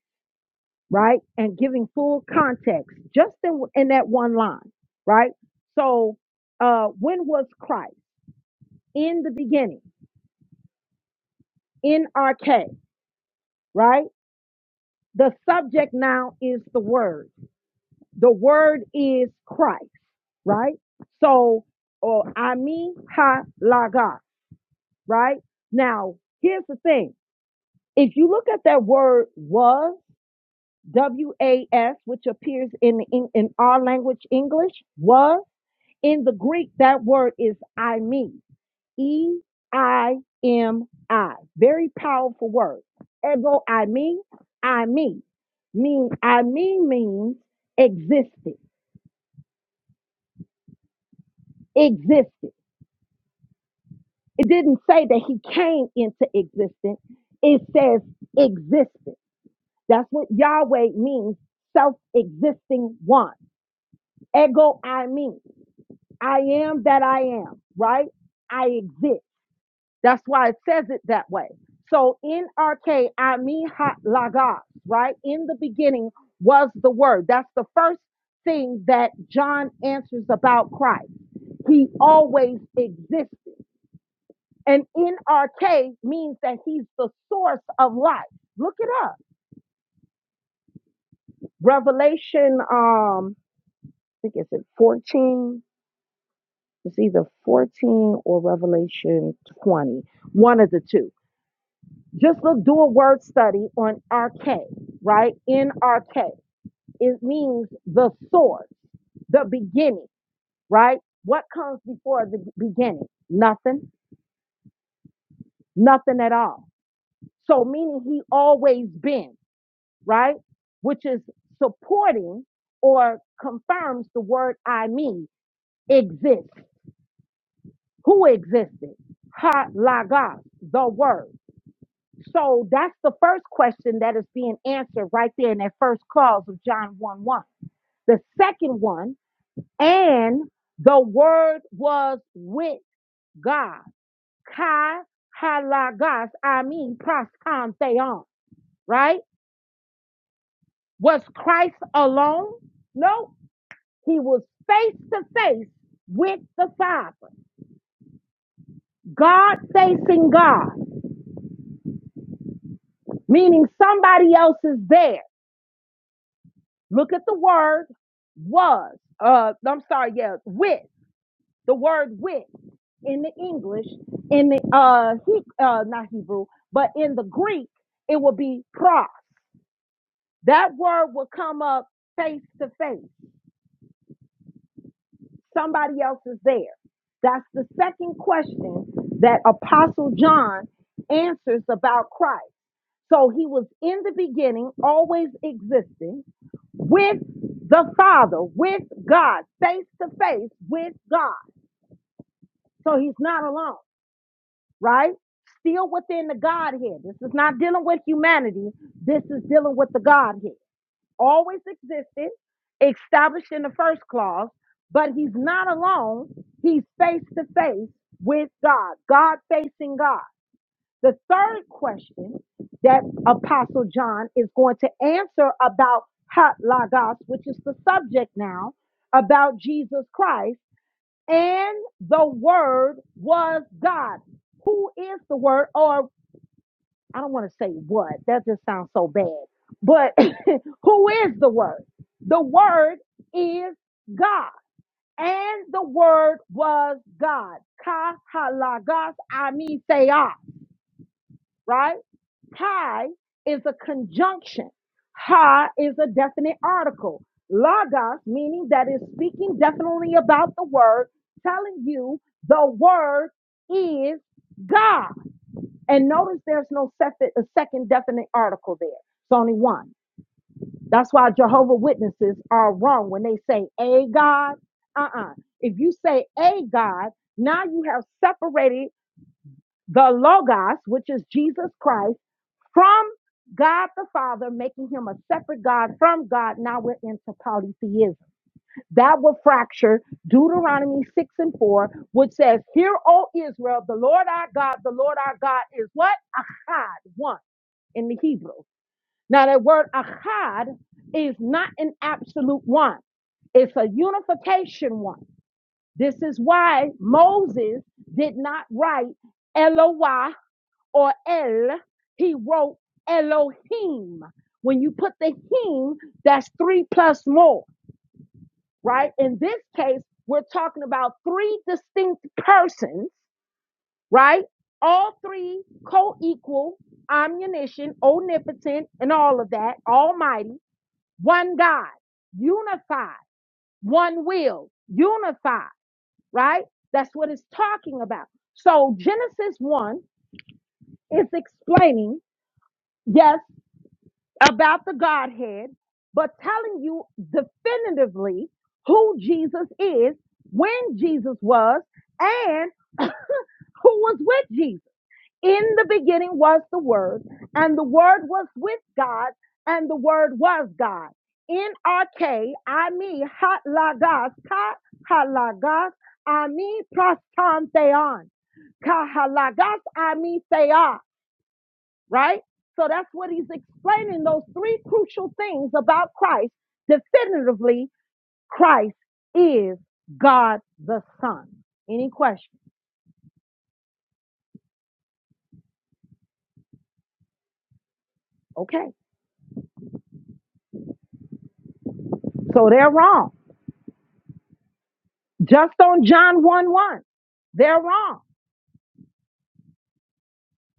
right? And giving full context just in, in that one line, right? So uh, when was Christ? In the beginning, in arche, right? The subject now is the word The word is Christ, right? So, or Ami Ha Laga, right? Now, here's the thing. If you look at that word was, W A S, which appears in, in, in our language, English, was, in the Greek, that word is I me, E I M I. Very powerful word. Ego I me, I me. Mean, I me means existed, existed. It didn't say that he came into existence. It says existed. That's what Yahweh means, self-existing one. Ego I mean. I am that I am, right? I exist. That's why it says it that way. So in RK, mean ha- lagos, right? In the beginning was the word. That's the first thing that John answers about Christ. He always existed. And NRK means that he's the source of life. Look it up. Revelation, um, I think it's in 14. It's either 14 or Revelation 20. One of the two. Just look, do a word study on RK, right? NRK. It means the source, the beginning, right? What comes before the beginning? Nothing. Nothing at all. So meaning he always been. right? Which is supporting or confirms the word I mean exists. Who existed? Ha lagos, the word. So that's the first question that is being answered right there in that first clause of John 1 1. The second one, and the word was with God. Kai ha I mean, proston theon, right? Was Christ alone? No, He was face to face with the Father, God facing God, meaning somebody else is there. Look at the word was, uh, I'm sorry, yeah, with, the word with in the English, in the, uh, he, uh, not Hebrew, but in the Greek, it will be pros. That word will come up face to face. Somebody else is there. That's the second question that Apostle John answers about Christ. So he was in the beginning, always existing with the Father, with God, face to face with God. So he's not alone, right? Still within the Godhead. This is not dealing with humanity. This is dealing with the Godhead. Always existed, established in the first clause, but he's not alone. He's face to face with God, God facing God. The third question that Apostle John is going to answer about hot logos, which is the subject now, about Jesus Christ, and the word was God. Who is the word? Or I don't want to say what, that just sounds so bad. But who is the word? The word is God. And the word was God. Ka halagos ami theos, right? Pi is a conjunction. Ha is a definite article. Logos, meaning that is speaking definitely about the word, telling you the word is God. And notice there's no second, a second definite article there. It's only one. That's why Jehovah Witnesses are wrong when they say a God. Uh-uh. If you say a God, now you have separated the Logos, which is Jesus Christ from God the Father, making him a separate God from God. Now we're into polytheism. That will fracture Deuteronomy 6 and 4, which says, Hear, O Israel, the Lord our God, the Lord our God is what? Achad, one in the Hebrew. Now that word achad is not an absolute one. It's a unification one. This is why Moses did not write Eloi or El, he wrote Elohim. When you put the him, that's three plus more, right? In this case, we're talking about three distinct persons, right? All three co equal, omniscient, omnipotent, and all of that, almighty, one God, unified, one will, unified, right? That's what it's talking about. So Genesis 1 is explaining, yes, about the Godhead, but telling you definitively who Jesus is, when Jesus was, and who was with Jesus. In the beginning was the Word, and the Word was with God, and the Word was God. In RK, I mean, lagas, ka halagas, I mean, prostan theon, ka halagas, I mean, right? So that's what he's explaining those three crucial things about Christ. Definitively, Christ is God the Son. Any questions? Okay. So they're wrong. Just on John 1 1, they're wrong.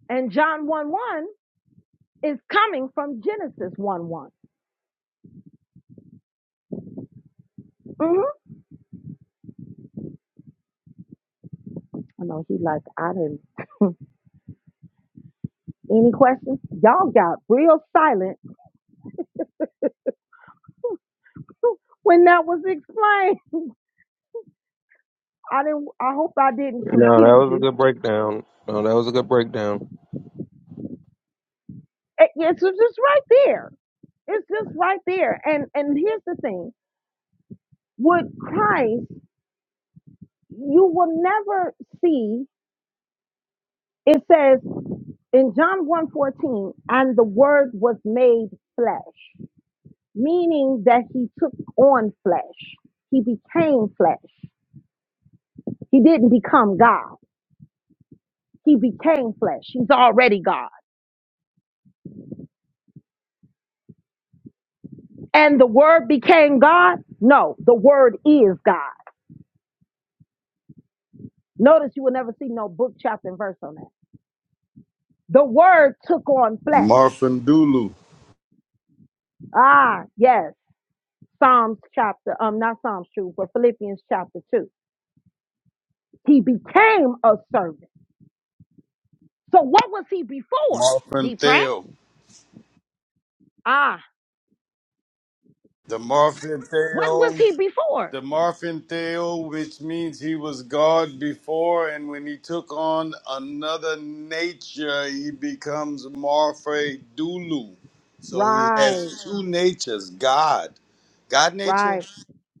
And John 1 1 is coming from Genesis 1 one Mm-hmm. I know he like, I didn't. Any questions? Y'all got real silent when that was explained. I didn't. I hope I didn't No, that confuse was a you. good breakdown. No, that was a good breakdown. It- It's just right there. It's just right there. And and here's the thing: with Christ, you will never see. It says in John one fourteen, and the word was made flesh, meaning that he took on flesh. He became flesh. He didn't become God. He became flesh. He's already God. And the word became God? No, the word is God. Notice you will never see no book, chapter, and verse on that. The word took on flesh. Marfin Dulu, Ah, yes. Psalms chapter, um, not Psalms 2, but Philippians chapter 2. He became a servant. So what was he before? Marfin D. Pratt? Theo, Ah, the Marfin what was Theo, he before? the Marfin Theo, which means he was God before, and when he took on another nature, he becomes Marfe Dulu. So he Right, has two natures God, God nature right,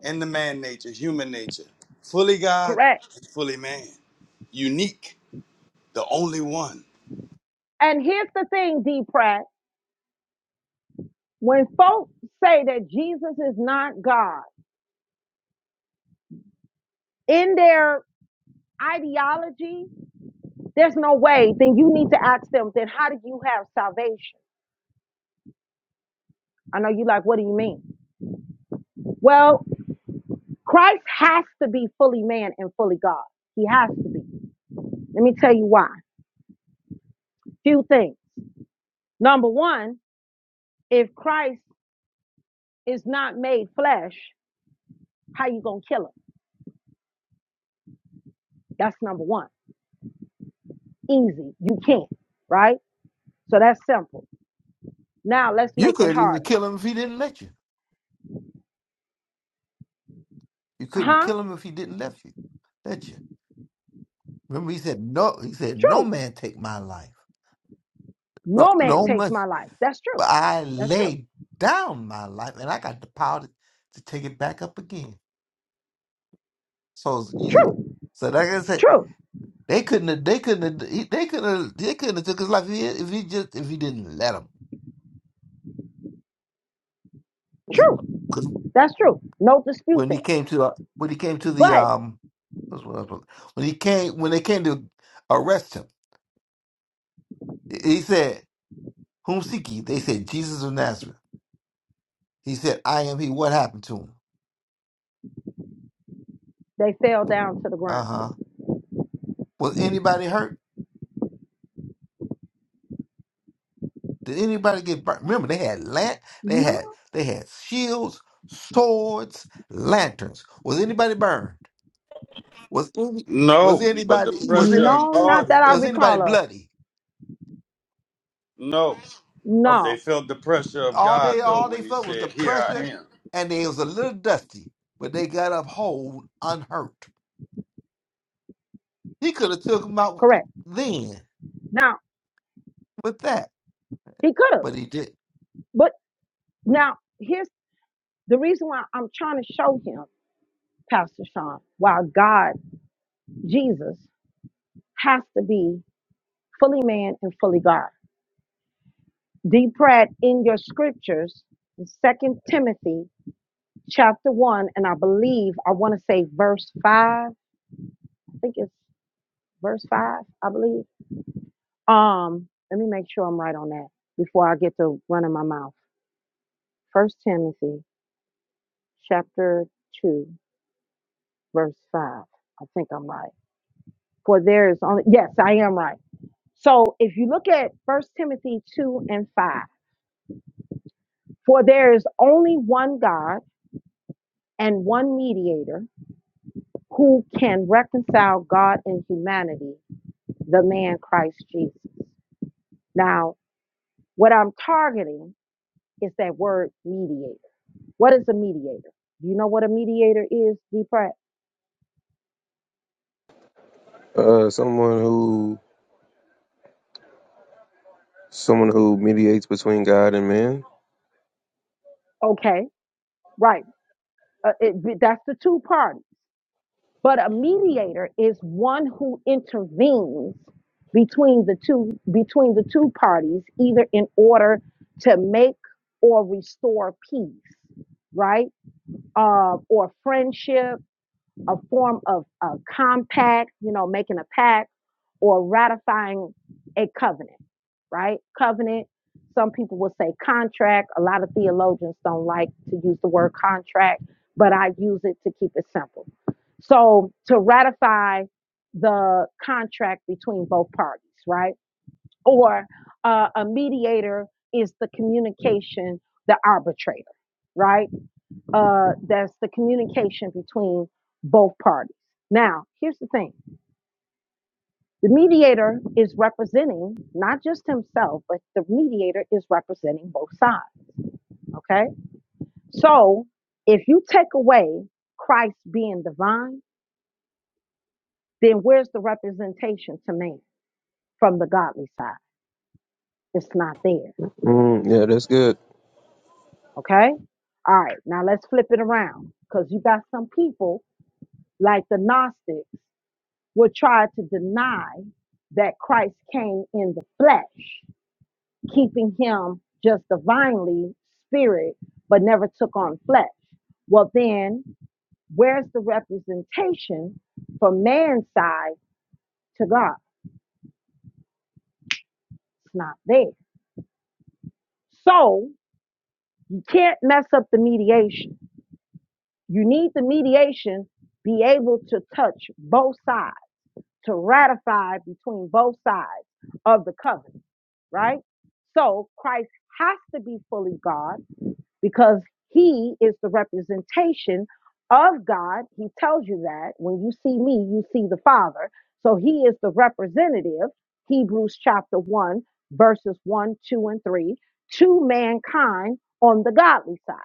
and the man nature, human nature, fully God, correct. fully man, unique, the only one. And here's the thing, D. Pratt. When folks say that Jesus is not God, in their ideology, there's no way, then you need to ask them, then how do you have salvation? I know you like, what do you mean? Well, Christ has to be fully man and fully God. He has to be. Let me tell you why. Few things. Number one, if Christ is not made flesh, how you gonna kill him? That's number one. Easy. You can't, right? So that's simple. Now let's You make it couldn't even harder. kill him if he didn't let you. You couldn't Huh? kill him if he didn't let you. Let you. Remember, he said no. He said no True. man take my life. No, No man no takes man. my life. That's true. But I That's true. laid down my life, and I got the power to, to take it back up again. So, it's easy. True. so like I said, True. they couldn't. Have, they couldn't. Have, he- they couldn't. Have, they couldn't have took his life if he, if he just if he didn't let him. True. Because That's true. No dispute when he there. came to uh, when he came to the But um, what's what I was- when he came when they came to arrest him, he said. Whom seek ye? They said, Jesus of Nazareth. He said, I am he. What happened to him? they fell down to the Uh ground. huh. Was anybody hurt? Did anybody get burnt? Remember, they had lan- they No, had they had shields, swords, lanterns. Was anybody burned? Was any was No, but the anybody was pressure any of no, not God that I here. was anybody recall of. bloody? No, Of- they No, felt the pressure of All they God though all when they He felt was said, the "Here I pressure, am." and they was a little dusty, but they got up whole, unhurt. He could have took them out correct. then Now, with that, he could have. but he did. But now, here's the reason why I'm trying to show him, Pastor Sean, why God, Jesus, has to be fully man and fully God. D. Pratt, in your scriptures, in 2 Timothy chapter 1, and I believe, I want to say verse 5, I think it's verse 5, I believe. Um, Let me make sure I'm right on that before I get to running my mouth. First Timothy chapter 2. verse 5. I think I'm right. For there is only, yes, I am right. So if you look at First Timothy 2 and 5, for there is only one God and one mediator who can reconcile God and humanity, the man Christ Jesus. Now, what I'm targeting is that word mediator. What is a mediator? Do you know what a mediator is, D. Pratt? Uh, someone who someone who mediates between God and man. Okay, right. Uh, it, that's the two parties. But a mediator is one who intervenes between the two between the two parties either in order to make or restore peace, right? Uh, or friendship a form of a compact, you know, making a pact or ratifying a covenant, right? Covenant. Some people will say contract. A lot of theologians don't like to use the word contract, but I use it to keep it simple. So to ratify the contract between both parties, right? Or uh, a mediator is the communication, the arbitrator, right? uh, that's the communication between both parties. Now, here's the thing the mediator is representing not just himself, but the mediator is representing both sides. Okay. So if you take away Christ being divine, then where's the representation to man from the godly side? It's not there. Mm, yeah, that's good. Okay. All right. Now let's flip it around because you got some people like the Gnostics would try to deny that Christ came in the flesh, keeping him just divinely spirit, but never took on flesh. Well, then, where's the representation from man's side to God? It's not there. So you can't mess up the mediation. You need the mediation be able to touch both sides to ratify between both sides of the covenant, right? So Christ has to be fully God because he is the representation of God. He tells you that when you see me, you see the Father. So he is the representative, Hebrews chapter 1, verses 1, 2, and 3, to mankind on the godly side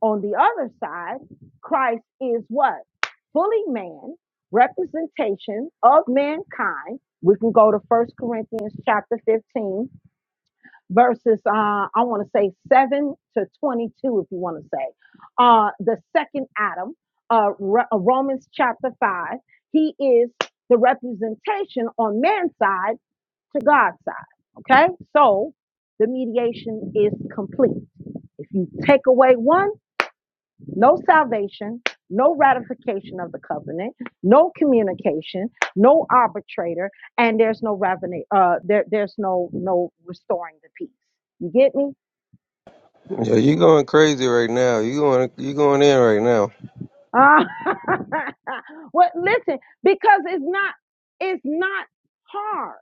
on the other side, Christ is what? Fully man, representation of mankind. We can go to First Corinthians chapter 15, verses, uh, I want to say 7 to 22, if you want to say. Uh, the second Adam, uh, Ro- uh, Romans chapter 5, he is the representation on man's side to God's side. Okay? So the mediation is complete. If you take away one, no salvation, no ratification of the covenant, no communication, no arbitrator, and there's no revenue. Uh, there, there's no no restoring the peace. You get me? Yeah, you going crazy right now. You going you going in right now. Ah, well, listen, because it's not it's not hard.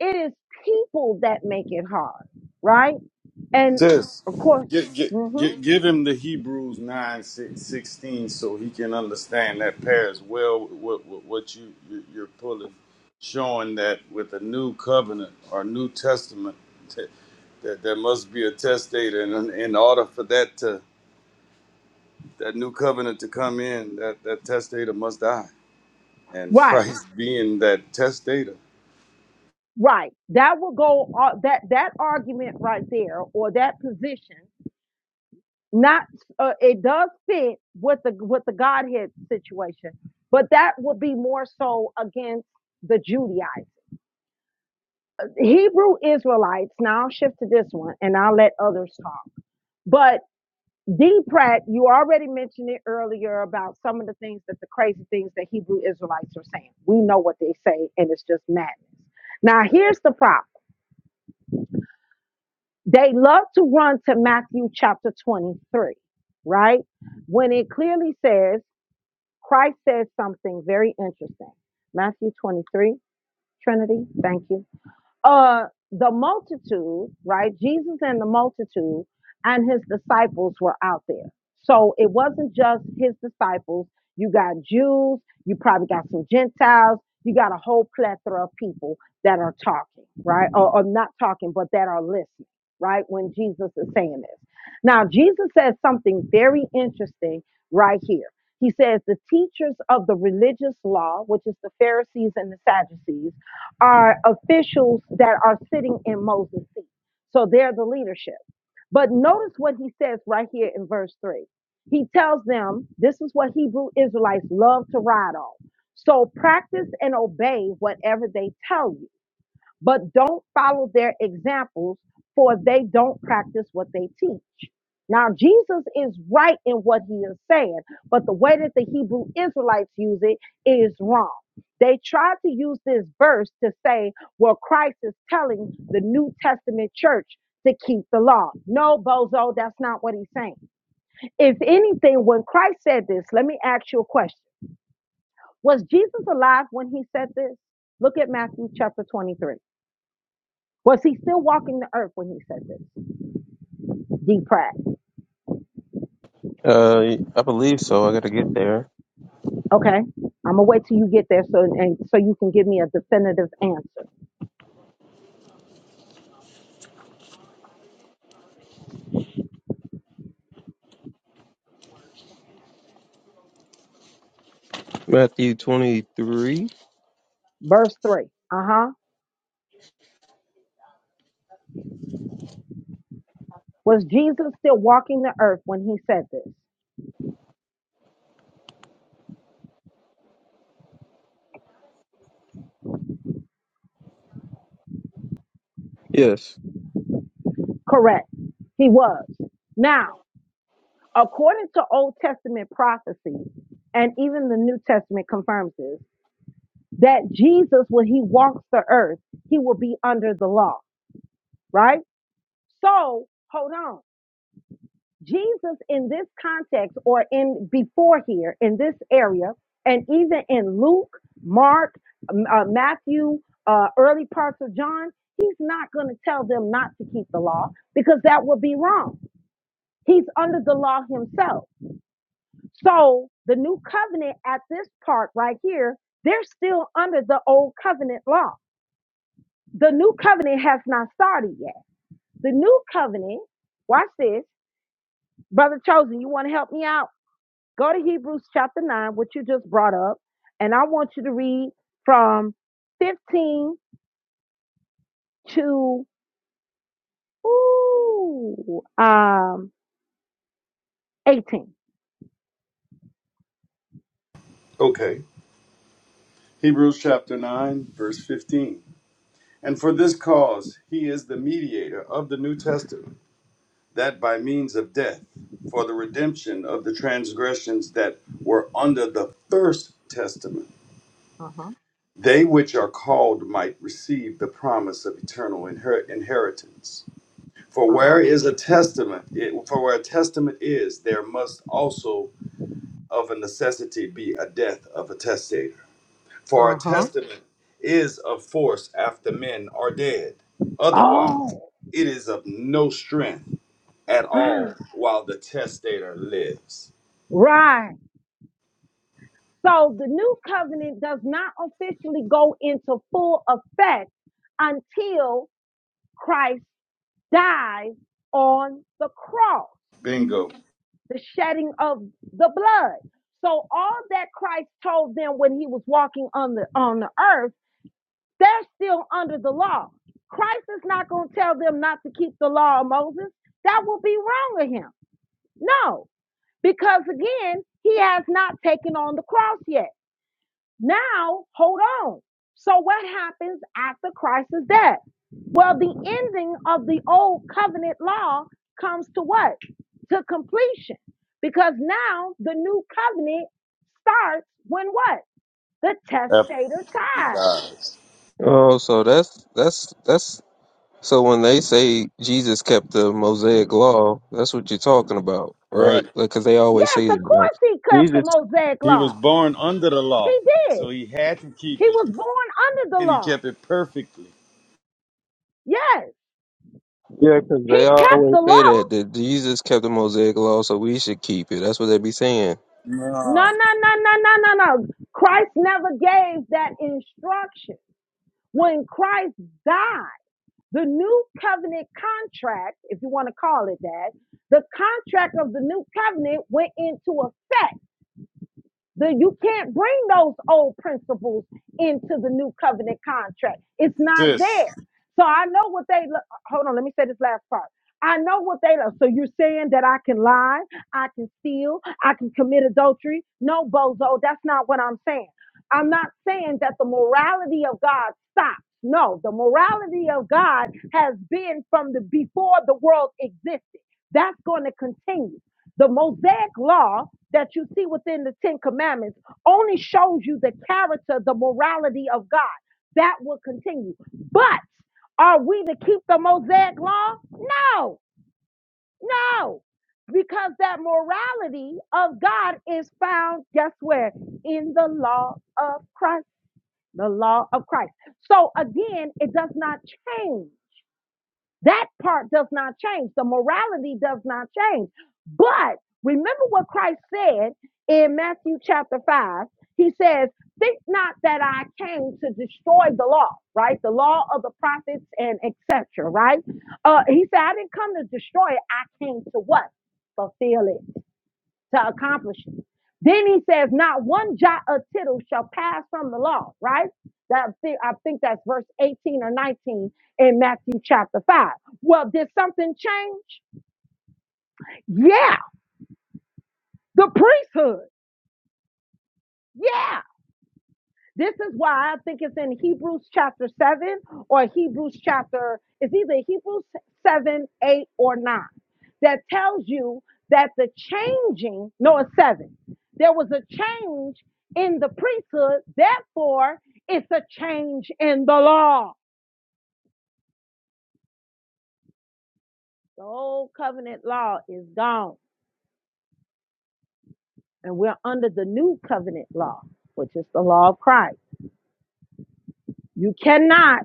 It is people that make it hard, right? And Sis, of course, get, get, hmm get, give him the Hebrews 9 six- sixteen so he can understand that pairs well with what, what, what you, you, you're pulling, showing that with a new covenant or new testament, that, that there must be a testator. And in in order for that to that new covenant to come in, that, that testator must die. And right, Christ being that testator. right. That will go. Uh, that that argument right there, or that position not uh, it does fit with the with the Godhead situation, but that would be more so against the Judaites. Hebrew Israelites. Now I'll shift to this one, and I'll let others talk. But D. Pratt, you already mentioned it earlier about some of the things that the crazy things that Hebrew Israelites are saying. We know what they say, and it's just madness. Now here's the problem: they love to run to Matthew chapter twenty-three, right? When it clearly says. Christ says something very interesting. Matthew 23, Trinity, thank you uh the multitude right jesus and the multitude and his disciples were out there so it wasn't just his disciples you got jews you probably got some gentiles you got a whole plethora of people that are talking right or, or not talking but that are listening right when jesus is saying this now jesus says something very interesting right here he says the teachers of the religious law which is the pharisees and the sadducees are officials that are sitting in Moses' seat. So they're the leadership. But notice what he says right here in verse 3. He tells them this is what Hebrew Israelites love to ride on. So practice and obey whatever they tell you but don't follow their examples, for they don't practice what they teach. Now, Jesus is right in what he is saying, but the way that the Hebrew Israelites use it is wrong. They tried to use this verse to say, well, Christ is telling the New Testament church to keep the law. No, bozo, that's not what he's saying. If anything, when Christ said this, let me ask you a question Was Jesus alive when he said this? Look at Matthew chapter 23. Was he still walking the earth when he said this? D. Pratt. Uh, I believe so. I got to get there. Okay. I'm gonna wait till you get there so and so you can give me a definitive answer. Matthew twenty three. Verse three. Uh-huh. Was Jesus still walking the earth when he said this? Yes. Correct. He was. Now, according to Old Testament prophecy, and even the New Testament confirms this, that Jesus, when he walks the earth, he will be under the law, right? So hold on Jesus in this context or in before here in this area, and even in Luke, Mark, um, uh, Matthew, uh, early parts of John, he's not going to tell them not to keep the law because that would be wrong. He's under the law himself. So the new covenant at this part right here, they're still under the old covenant law. The new covenant has not started yet. The new covenant, watch this, brother chosen. You want to help me out? Go to Hebrews chapter 9, which you just brought up, and I want you to read from 15 to ooh, um, 18. Okay. Hebrews chapter 9, verse 15. And for this cause he is the mediator of the New Testament, that by means of death, for the redemption of the transgressions that were under the first testament, Uh huh, they which are called might receive the promise of eternal inher- inheritance. For uh huh, where is a testament, it, for where a testament is, there must also of a necessity be a death of a testator. For our uh huh. testament is of force after men are dead. Otherwise, Oh, it is of no strength at all while the testator lives. right. So the new covenant does not officially go into full effect until Christ dies on the cross. Bingo. the shedding of the blood. So all that Christ told them when he was walking on the on the earth, they're still under the law. Christ is not going to tell them not to keep the law of Moses. That will be wrong of him. No, because again, he has not taken on the cross yet. Now, hold on. So what happens after Christ's death? Well, the ending of the old covenant law comes to what? To completion. Because now the new covenant starts when what? The After testator he tithes. dies. Oh, so that's that's that's so when they say Jesus kept the Mosaic law, that's what you're talking about, Right. right? Because they always Yes, say of that. Like, course he cut the Jesus. Mosaic He was law. born under the law, He did. so he had to keep He it, was born under the and he law. kept it perfectly. Yes, Yeah, because he they kept always the say law. that that Jesus kept the Mosaic law, so we should keep it. That's what they be saying. No, no, Nah. no, no, no, no, no. Christ never gave that instruction. When Christ died, the new covenant contract, if you want to call it that, the contract of the new covenant went into effect the, you can't bring those old principles into the new covenant contract. It's not Sis. there. So I know what they lo- hold on, let me say this last part. I know what they love. So you're saying that I can lie, I can steal, I can commit adultery. No, bozo, that's not what I'm saying. I'm not saying that the morality of God stops. No, the morality of God has been from the before the world existed. That's going to continue. The Mosaic law that you see within the Ten Commandments only shows you the character, the morality of God. That will continue. But are we to keep the Mosaic law? No, no, because that morality of God is found, guess where? In the law of Christ, the law of Christ. So again, it does not change that part does not change. The morality does not change. But remember what Christ said in Matthew chapter 5. He says, Think not that I came to destroy the law, right? The law of the prophets and etc. Right? Uh, he said, I didn't come to destroy it. I came to what? Fulfill it to accomplish it. Then he says, not one jot or tittle shall pass from the law, right? That I think that's verse 18 or 19 in Matthew chapter 5. Well, did something change? Yeah, the priesthood. Yeah. This is why I think it's in Hebrews chapter 7 or Hebrews chapter, it's either Hebrews 7, 8, or 9 that tells you that the changing, no, it's 7. There was a change in the priesthood, therefore, it's a change in the law. The old covenant law is gone, and we're under the new covenant law, which is the law of Christ. You cannot,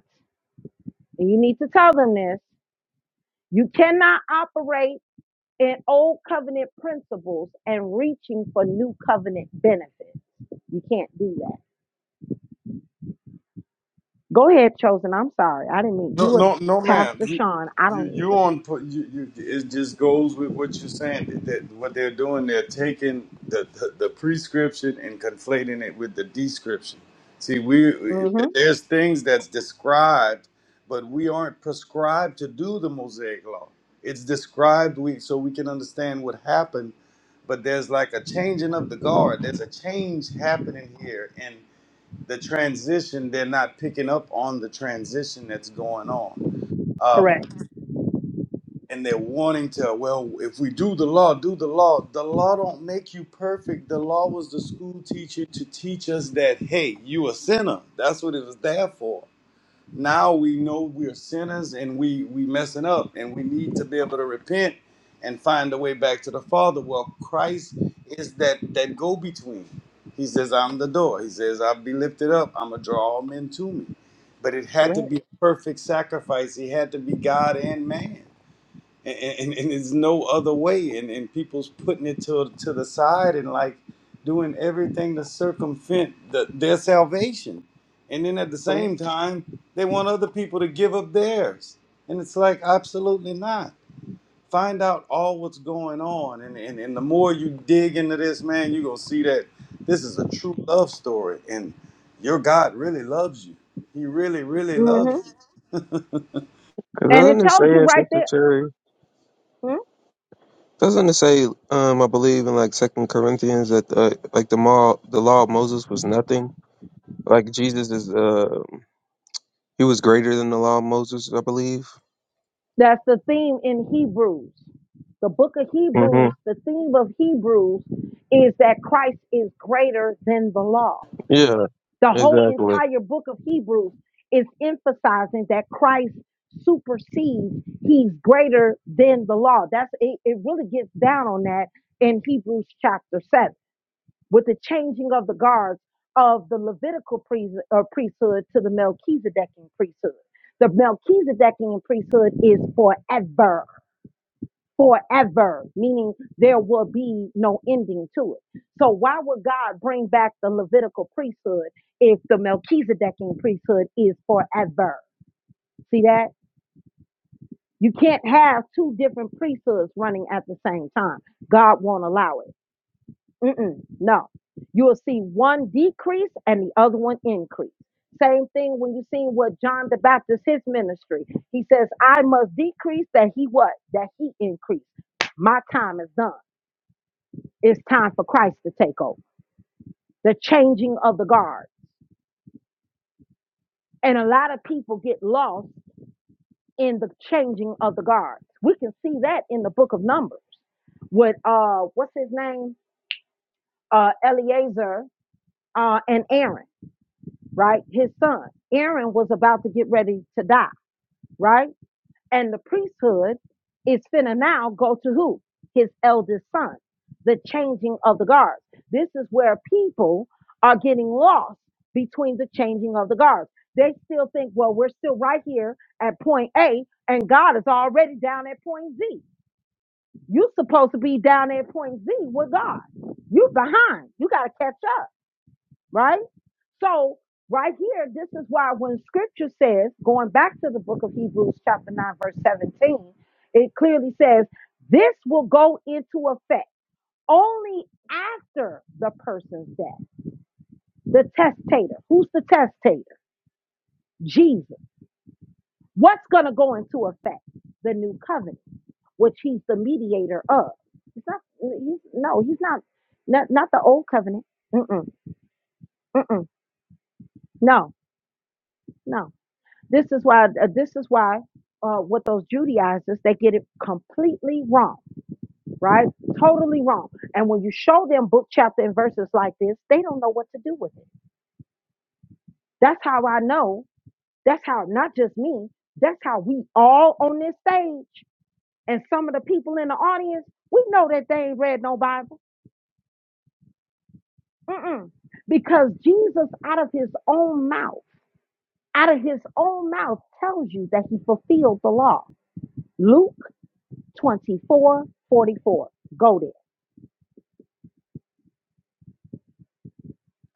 and you need to tell them this, you cannot operate and old covenant principles and reaching for new covenant benefits. You can't do that. Go ahead, chosen. I'm sorry. I didn't mean you No, were no, no, ma'am. Pastor You, Sean. I you, don't need to. you on? pu- You, you, it just goes with what you're saying. That, that what they're doing, they're taking the, the the prescription and conflating it with the description. See, we we- Mm-hmm. there's things that's described, but we aren't prescribed to do the Mosaic Law. It's described we so we can understand what happened, but there's like a changing of the guard. There's a change happening here, the transition they're not picking up on the transition that's going on um, Correct. and they're wanting to well if we do the law do the law the law don't make you perfect the law was the school teacher to teach us that hey you a sinner that's what it was there for now we know we're sinners and we we messing up and we need to be able to repent and find a way back to the father well christ is that that go between he says i'm the door he says i'll be lifted up i'm gonna draw all men to me but it had to Correct. be a perfect sacrifice he had to be god and man and, and, and there's no other way and, and people's putting it to, to the side and like doing everything to circumvent the, their salvation and then at the Correct. same time they want other people to give up theirs and it's like absolutely not find out all what's going on and, and, and the more you dig into this man you're going to see that this is a true love story and your god really loves you he really really loves Mm-hmm. you Because And it doesn't it say tells you in right Sister there. Cherry? Hmm? Doesn't it say? Um, I believe in like Second Corinthians that uh, like the law, the law of Moses was nothing. Like Jesus is, uh, he was greater than the law of Moses, I believe. That's the theme in Hebrews. The book of hmm Hebrews, the theme of Hebrews is that Christ is greater than the law. Yeah, The whole exactly. entire book of Hebrews is emphasizing that Christ supersedes, he's greater than the law. That's it, it really gets down on that in Hebrews chapter 7 with the changing of the guards of the Levitical priest, uh, priesthood to the Melchizedekian priesthood. The Melchizedekian priesthood is forever forever, meaning there will be no ending to it. So why would God bring back the Levitical priesthood if the Melchizedekian priesthood is forever? See that? You can't have two different priesthoods running at the same time. God won't allow it. Mm-mm, no. You will see one decrease and the other one increase. Same thing when you see what John the Baptist, his ministry. He says, I must decrease that he what? That he increase. My time is done. It's time for Christ to take over. The changing of the guard. And a lot of people get lost in the changing of the guard. We can see that in the book of Numbers with uh what's his name? Uh Eleazar uh and Aaron, right? His son. Aaron was about to get ready to die, right? And the priesthood is finna now go to who? His eldest son. The changing of the guards. This is where people are getting lost between the changing of the guards. They still think, well, we're still right here at point A, and God is already down at point Z. You're supposed to be down at point Z with God. You're behind. You got to catch up right? So, right here, this is why when scripture says, going back to the book of Hebrews, chapter 9, verse 17, it clearly says, This will go into effect only after the person's death. The testator. Who's the testator? Jesus. What's going to go into effect? The new covenant, which he's the mediator of. He's not, he's, no, he's not, not, not the old covenant. Mm-mm, mm-mm, no, no. This is why. Uh, this is why. Uh, with those Judaizers, they get it completely wrong, right? Totally wrong. And when you show them book, chapter, and verses like this, they don't know what to do with it. That's how I know. That's how not just me. That's how we all on this stage and some of the people in the audience. We know that they ain't read no Bible, Mm-mm. because Jesus, out of his own mouth, out of his own mouth, tells you that he fulfilled the law. Luke. 24 44. Go there.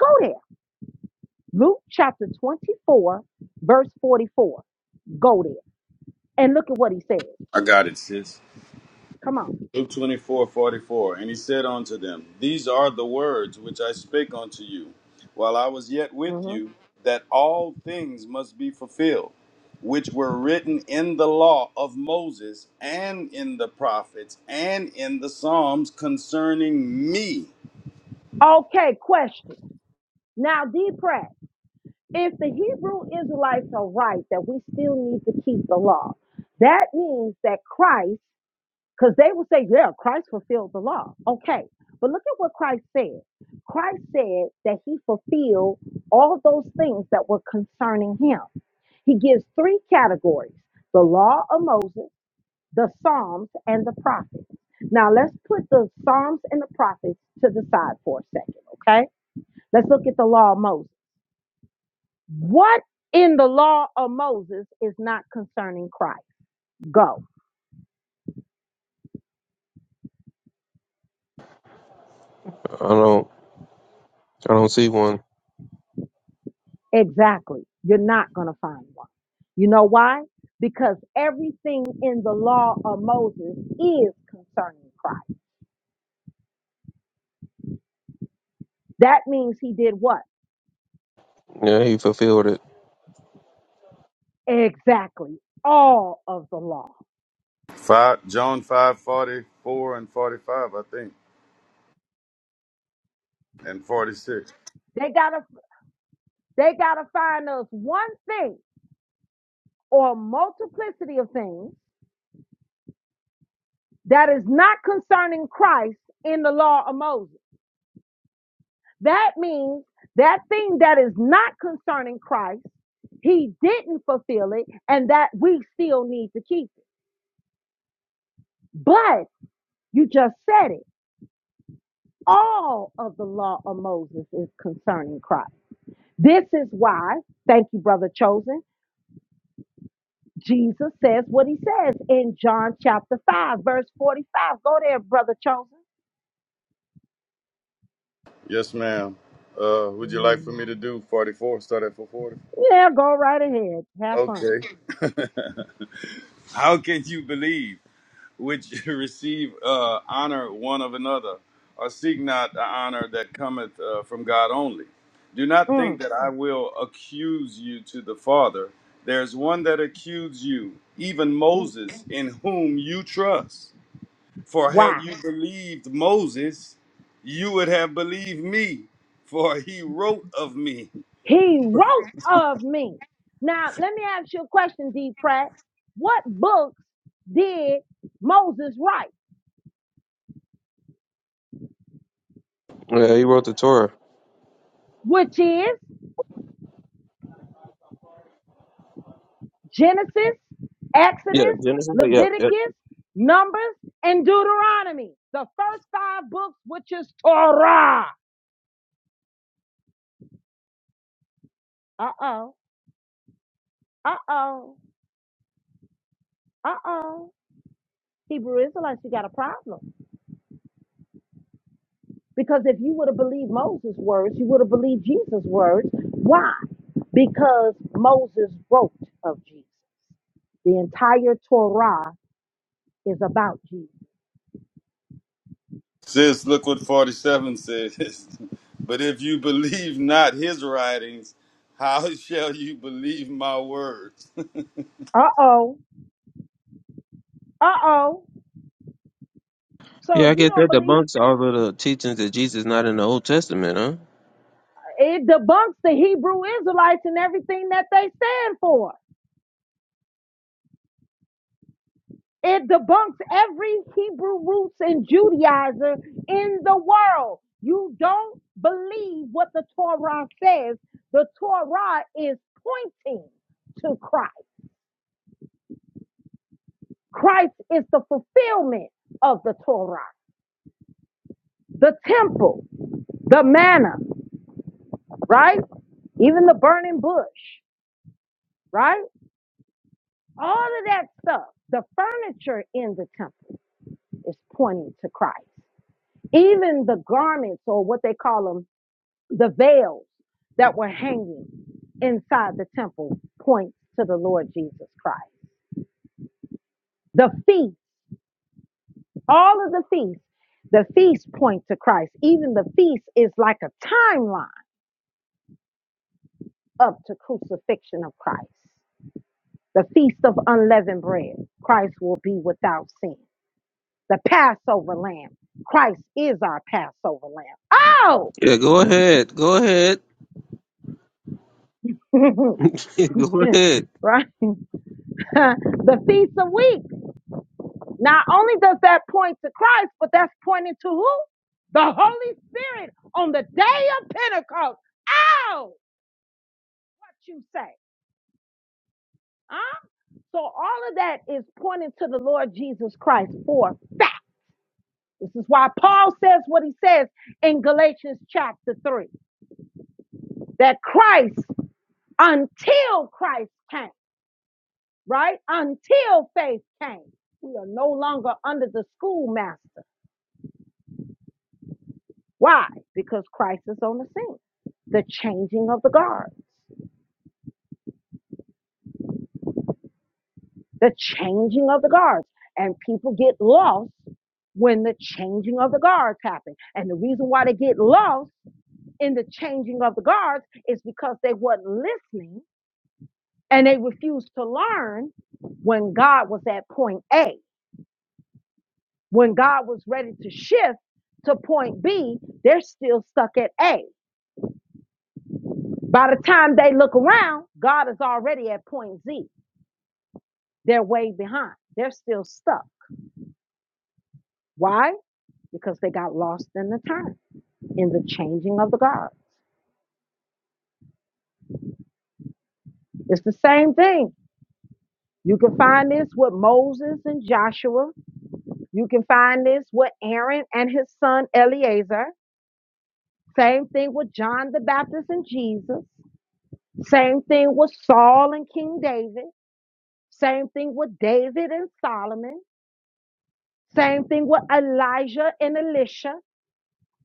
Go there. Luke chapter 24, verse 44. Go there. And look at what he says. I got it, sis. Come on. Luke twenty four forty four, And he said unto them, These are the words which I spake unto you while I was yet with Mhm. you, that all things must be fulfilled, which were written in the law of Moses, and in the prophets, and in the Psalms concerning me. Okay, question. Now, D. Pratt, if the Hebrew Israelites are right that we still need to keep the law, that means that Christ, because they will say, yeah, Christ fulfilled the law. Okay. But look at what Christ said. Christ said that he fulfilled all those things that were concerning him. He gives three categories the law of Moses, the Psalms, and the prophets. Now let's put the Psalms and the prophets to the side for a second, okay? Let's look at the law of Moses. What in the law of Moses is not concerning Christ? Go. I don't, I don't see one. Exactly. You're not going to find one. You know why? Because everything in the law of Moses is concerning Christ. That means he did what? Yeah, he fulfilled it. Exactly. All of the law. Five, John five forty four and 45, I think, and 46. They got to They got to find us one thing or a multiplicity of things that is not concerning Christ in the law of Moses. That means that thing that is not concerning Christ, he didn't fulfill it, and that we still need to keep it. But you just said it. All of the law of Moses is concerning Christ. This is why, thank you, brother chosen. Jesus says what he says in John chapter 5, verse 45. Go there, brother chosen. Yes, ma'am. Uh, would you like for Mm. me to do 44? Start at 40. Yeah, go right ahead. Have fun. Okay. How can you believe? which receive uh, honor one of another, or seek not the honor that cometh uh, from God only. Do not think Mm. that I will accuse you to the Father. There is one that accuses you, even Moses, in whom you trust. For had Why? you believed Moses, you would have believed me, for he wrote of me. He wrote of me. Now, let me ask you a question, D. Pratt. What books did Moses write? Yeah, he wrote the Torah. Which is Genesis, Yeah, Exodus, Genesis. Yep, yep. Leviticus, Numbers, and Deuteronomy. The first five books, which is Torah. Uh oh. Uh oh. Uh oh. Hebrew Israelites, you got a problem. Because if you would have believed Moses' words, you would have believed Jesus' words. Why? Because Moses wrote of Jesus. The entire Torah is about Jesus. Sis, look what 47 says. but if you believe not his writings, how shall you believe my words? Uh oh. Uh oh. So Yeah, if I you guess don't that believe, debunks all of the teachings that Jesus is not in the Old Testament, huh? it debunks the Hebrew Israelites and everything that they stand for. It debunks every Hebrew roots and Judaizer in the world. You don't believe what the Torah says. The Torah is pointing to Christ. Christ is the fulfillment of the Torah, the temple, the manna, right? Even the burning bush, right? All of that stuff, the furniture in the temple is pointing to Christ. Even the garments or what they call them the veils that were hanging inside the temple point to the Lord Jesus Christ. The feast, all of the feasts, the feasts point to Christ. Even the feast is like a timeline up to crucifixion of Christ. The feast of unleavened bread, Christ will be without sin. The Passover lamb, Christ is our Passover lamb. Oh, Yeah, go ahead. Go ahead. go ahead. right? the feast of weeks. Not only does that point to Christ, but that's pointing to who? The Holy Spirit on the day of Pentecost. Ow! What you say? Huh? So all of that is pointing to the Lord Jesus Christ for fact. This is why Paul says what he says in Galatians chapter 3 that Christ, until Christ came, right? Until faith came, we are no longer under the schoolmaster. Why? Because Christ is on the scene. The changing of the guards. The changing of the guards. And people get lost when the changing of the guards happen. And the reason why they get lost in the changing of the guards is because they weren't listening and they refused to learn when God was at point A. When God was ready to shift to point B, they're still stuck at A. By the time they look around, God is already at point Z. They're way behind. They're still stuck. Why? Because they got lost in the time, in the changing of the guard. It's the same thing. You can find this with Moses and Joshua. You can find this with Aaron and his son Eleazar. Same thing with John the Baptist and Jesus. Same thing with Saul and King David. Same thing with David and Solomon. Same thing with Elijah and Elisha.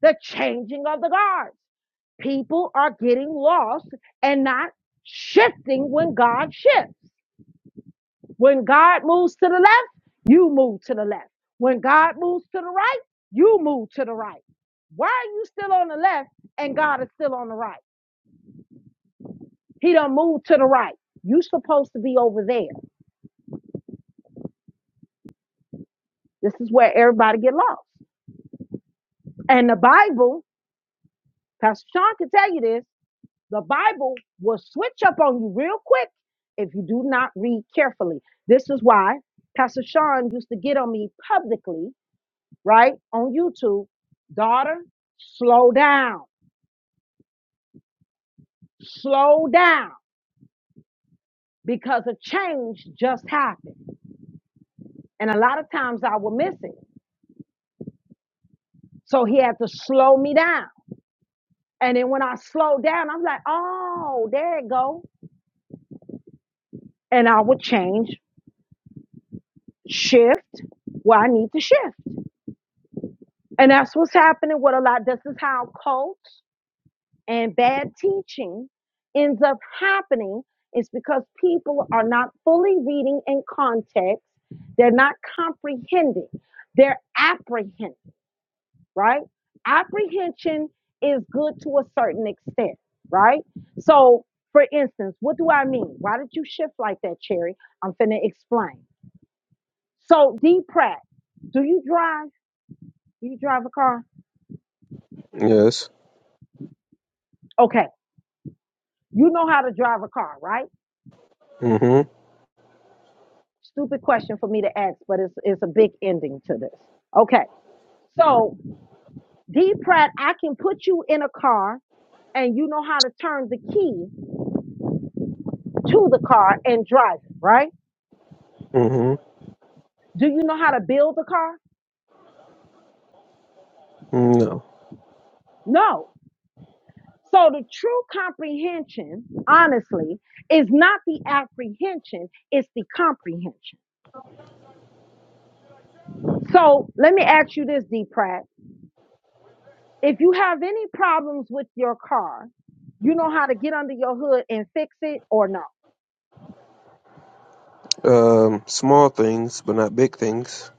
the changing of the guards. People are getting lost and not shifting when God shifts. When God moves to the left, you move to the left. When God moves to the right, you move to the right. Why are you still on the left and God is still on the right? He done moved to the right. You supposed to be over there. This is where everybody get lost. And the Bible, Pastor Sean can tell you this, The Bible will switch up on you real quick if you do not read carefully. This is why Pastor Sean used to get on me publicly, right, on YouTube. Daughter, slow down, slow down, because a change just happened. And a lot of times I would miss it. So he had to slow me down. And then when I slowed down, I'm like, oh, there it go. And I would change, shift where I need to shift. And that's what's happening with a lot. This is how cults and bad teaching ends up happening. It's because people are not fully reading in context. They're not comprehending. They're apprehending, right? Apprehension is good to a certain extent, right? So, for instance, what do I mean? Why did you shift like that, Cherry? I'm finna explain. So, D Pratt, do you drive? Do you drive a car? Yes. Okay You know how to drive a car, right? Mm-hmm. Stupid question for me to ask, but it's it's a big ending to this. Okay. So D Pratt, I can put you in a car and you know how to turn the key to the car and drive it, right? Mm-hmm. Do you know how to build a car? Mm, No. No. So the true comprehension, honestly, is not the apprehension, it's the comprehension. So let me ask you this, D Pratt. If you have any problems with your car, you know how to get under your hood and fix it or not. Um, small things, but not big things.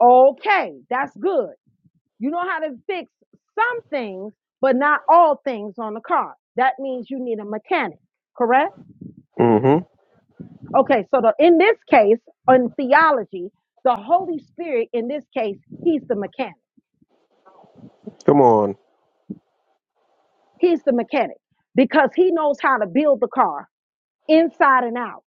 Okay, that's good. You know how to fix some things, but not all things on the car. That means you need a mechanic, correct? Mm-hmm. Okay, so the, in this case, in theology, the Holy Spirit, in this case, he's the mechanic. Come on. He's the mechanic because he knows how to build the car inside and out.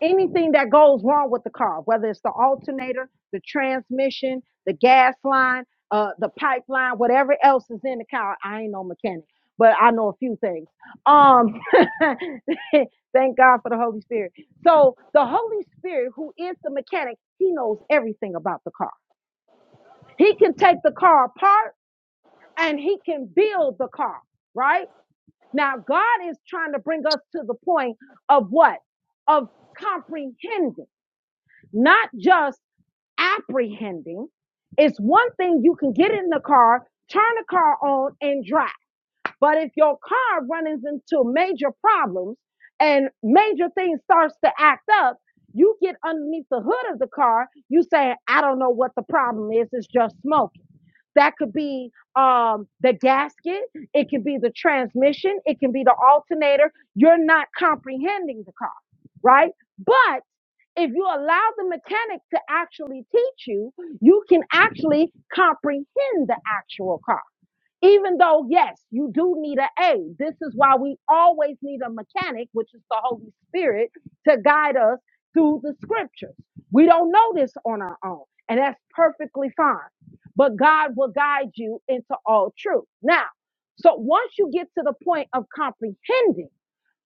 anything that goes wrong with the car, whether it's the alternator, the transmission, the gas line, uh, the pipeline, whatever else is in the car. I ain't no mechanic, but I know a few things. Um, thank God for the Holy Spirit. So the Holy Spirit, who is the mechanic, he knows everything about the car. He can take the car apart and he can build the car, right? Now, God is trying to bring us to the point of what? Of comprehending not just apprehending. It's one thing you can get in the car, turn the car on, and drive. But if your car runs into major problems and major things starts to act up, you get underneath the hood of the car, you say, I don't know what the problem is, it's just smoke. That could be um, the gasket. It could be the transmission. It can be the alternator. You're not comprehending the car, right? But if you allow the mechanic to actually teach you, you can actually comprehend the actual car. Even though, yes, you do need an A. This is why we always need a mechanic, which is the Holy Spirit, to guide us through the scriptures. We don't know this on our own, and that's perfectly fine. But God will guide you into all truth. Now, so once you get to the point of comprehending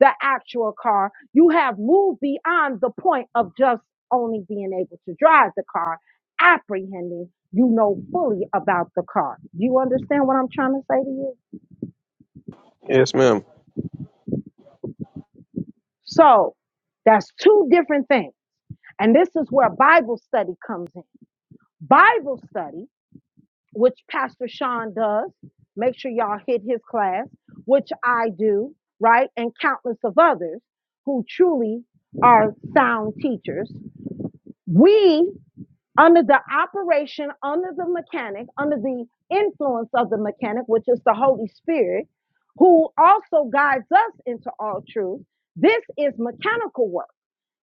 the actual car, you have moved beyond the point of just only being able to drive the car apprehending, you know fully about the car. Do You understand what I'm trying to say to you? Yes, ma'am. So that's two different things. And this is where Bible study comes in. Bible study, which Pastor Sean does, make sure y'all hit his class, which I do, right? And countless of others who truly are sound teachers. We under the operation, under the mechanic, under the influence of the mechanic, which is the Holy Spirit, who also guides us into all truth. This is mechanical work.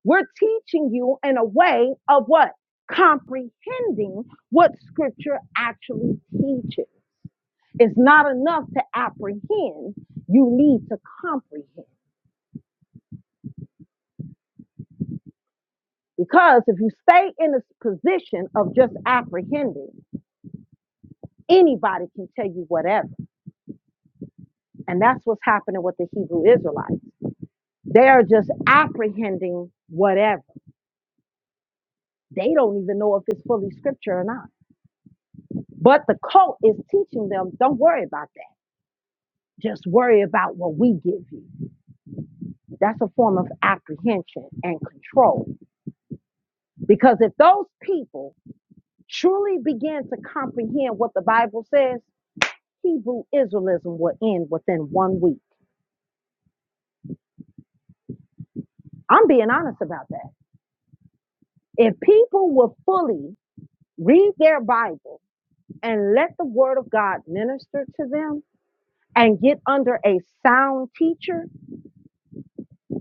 We're teaching you in a way of what? Comprehending what scripture actually teaches. It's not enough to apprehend, you need to comprehend. Because if you stay in a position of just apprehending, anybody can tell you whatever And that's what's happening with the Hebrew Israelites. They are just apprehending whatever. They don't even know if it's fully scripture or not. But the cult is teaching them don't worry about that. Just worry about what we give you. That's a form of apprehension and control. Because if those people truly begin to comprehend what the Bible says, Hebrew Israelism will end within one week. I'm being honest about that. If people will fully read their Bible and let the word of God minister to them and get under a sound teacher,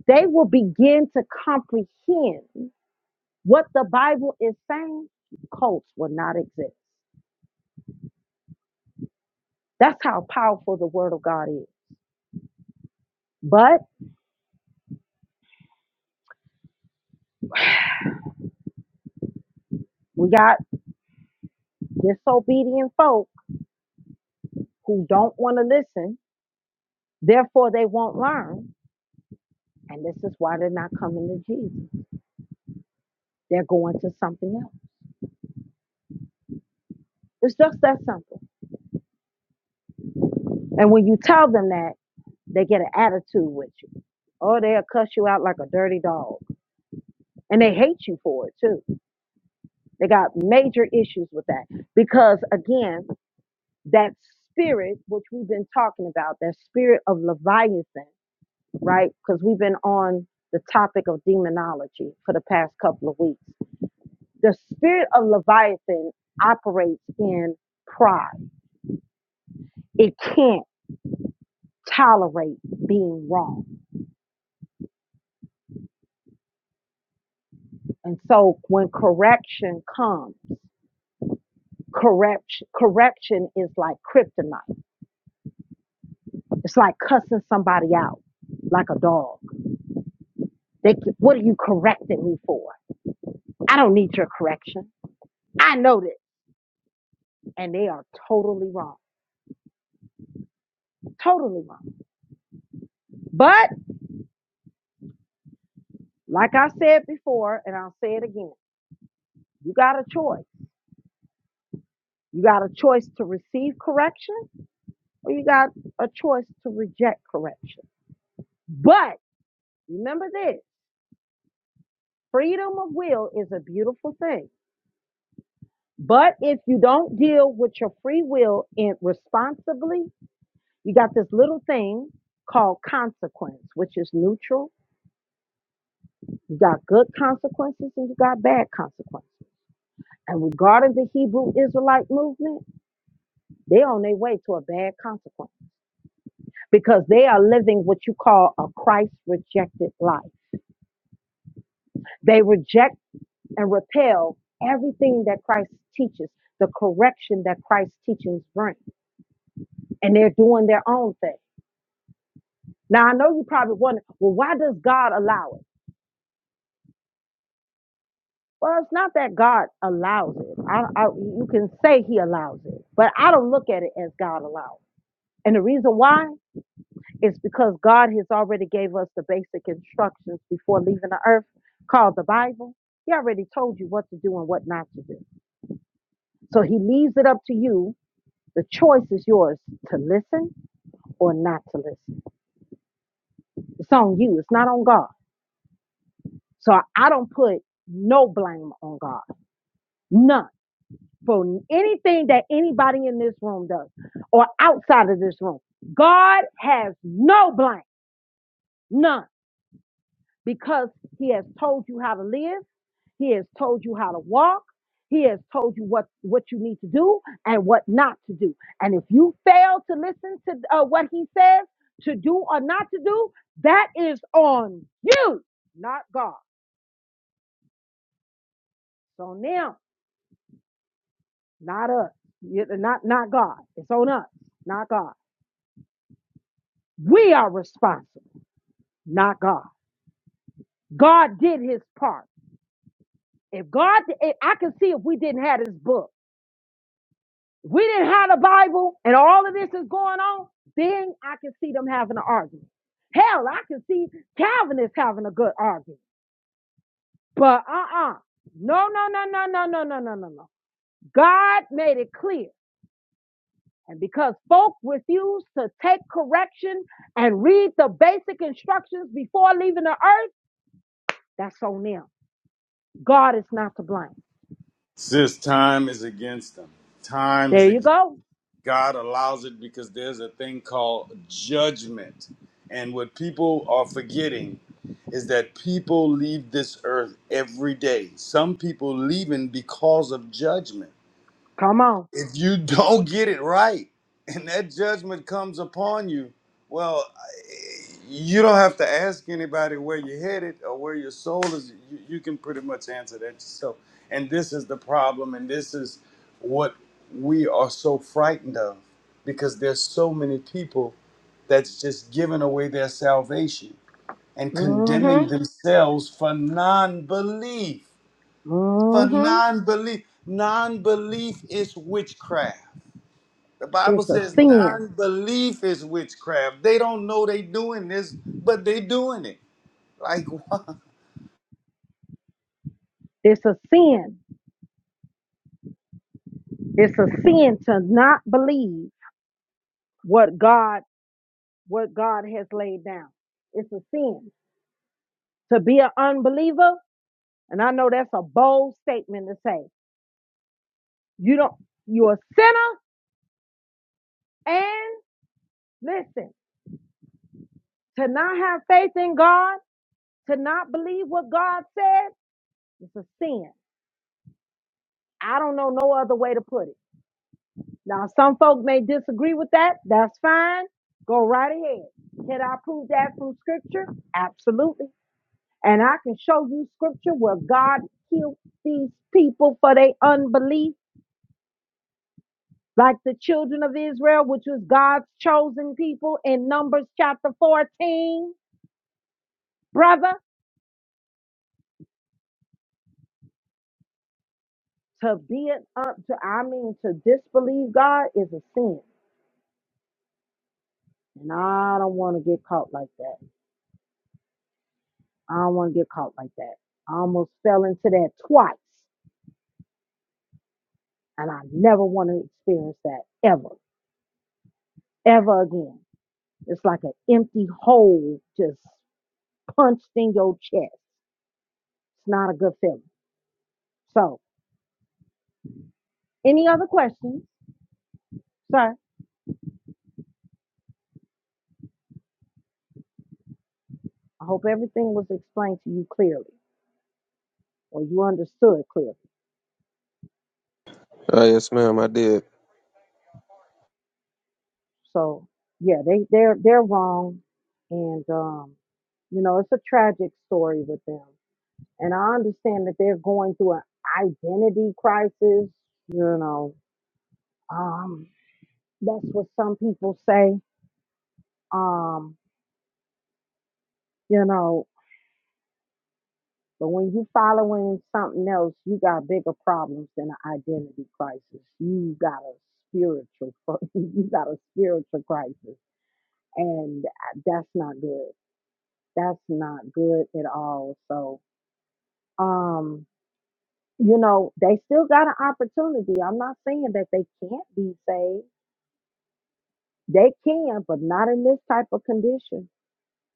they will begin to comprehend what the Bible is saying. Cults will not exist. That's how powerful the word of God is. But we got disobedient folk who don't want to listen, therefore they won't learn. And this is why they're not coming to Jesus. They're going to something else. It's just that simple. And when you tell them that, They get an attitude with you. Or they'll cuss you out like a dirty dog. And they hate you for it too. They got major issues with that. Because again, that spirit, which we've been talking about, that spirit of Leviathan, right? Because we've been on the topic of demonology for the past couple of weeks. The spirit of Leviathan operates in pride, it can't tolerate being wrong. And so when correction comes, Corruption, corruption is like kryptonite. It's like cussing somebody out, like a dog. They, what are you correcting me for? I don't need your correction. I know this, and they are totally wrong, totally wrong. But like I said before, and I'll say it again, you got a choice. You got a choice to receive correction, or you got a choice to reject correction. But remember this: freedom of will is a beautiful thing. But if you don't deal with your free will in responsibly, you got this little thing called consequence, which is neutral. You got good consequences and you got bad consequences. And regarding the Hebrew Israelite movement, they're on their way to a bad consequence because they are living what you call a Christ rejected life. They reject and repel everything that Christ teaches, the correction that Christ's teachings bring, and they're doing their own thing. Now I know you probably wonder, well, why does God allow it? Well, it's not that God allows it. I, I, you can say He allows it, but I don't look at it as God allows. And the reason why is because God has already gave us the basic instructions before leaving the earth, called the Bible. He already told you what to do and what not to do. So He leaves it up to you. The choice is yours to listen or not to listen. It's on you. It's not on God. So I I don't put no blame on God. None for anything that anybody in this room does or outside of this room. God has no blame, none, because He has told you how to live, He has told you how to walk, He has told you what, what you need to do and what not to do. And if you fail to listen to uh, what He says to do or not to do, that is on you, not God. It's on them, not us. Not, not God. It's on us, not God. We are responsible. not God. God did his part. If God, if I can see if we didn't have this book, if we didn't have the Bible and all of this is going on, then I can see them having an argument. Hell, I can see Calvinists having a good argument. But uh-uh. No, no, no, no, no, no, no, no, no, no. God made it clear. And because folk refuse to take correction and read the basic instructions before leaving the earth, that's on them. God is not to blame. Sis, time is against them. Time is There you against go. God allows it because there's a thing called judgment. And what people are forgetting is that people leave this earth every day. Some people leaving because of judgment. Come on. if you don't get it right and that judgment comes upon you, well, you don't have to ask anybody where you're headed or where your soul is. You, you can pretty much answer that yourself. And this is the problem, and this is what we are so frightened of because there's so many people that's just giving away their salvation and condemning hmm themselves for non belief. For hmm non belief. Non belief is witchcraft the Bible It's a says sin. non-belief is witchcraft. They don't know they doing this, but they doing it. Like what? It's a sin. It's a sin to not believe what God what God has laid down. It's a sin to be an unbeliever. And I know that's a bold statement to say. You don't. You're a sinner. And listen, to not have faith in God, to not believe what God said, it's a sin. I don't know no other way to put it. Now, some folk may disagree with that. That's fine. Go right ahead. Can I prove that from scripture? Absolutely. And I can show you scripture where God healed these people for their unbelief, like the children of Israel, which was God's chosen people in Numbers chapter 14. Brother, to be an up to, I mean, to disbelieve God is a sin. And I don't want to get caught like that. I don't want to get caught like that. I almost fell into that twice And I never want to experience that ever, ever again. It's like an empty hole just punched in your chest. It's not a good feeling. So, any other questions, sir? I hope everything was explained to you clearly or you understood clearly. Uh, yes, ma'am, I did. So, yeah, they, they're, they're wrong. And, um, you know, it's a tragic story with them. And I understand that they're going through an identity crisis, you know. Um, That's what some people say. Um, you know, but when you following something else, you got bigger problems than an identity crisis. You got a spiritual, you got a spiritual crisis, and that's not good. That's not good at all. So, um, you know, they still got an opportunity. I'm not saying that they can't be saved. They can, but not in this type of condition.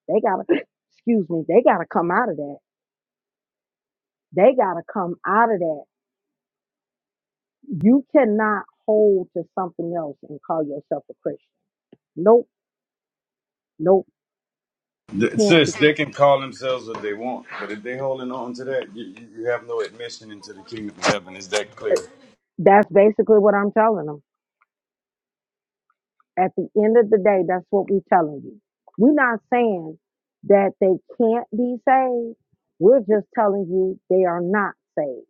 They gotta, excuse me, they gotta come out of that They got to come out of that. You cannot hold to something else and call yourself a Christian. Nope, nope, you Th- can't Sis, do they it. can call themselves what they want, but if they holding on to that, you, you you have no admission into the kingdom of heaven. Is that clear? That's basically what I'm telling them. At the end of the day, that's what we're telling you. We're not saying that they can't be saved. We're just telling you they are not saved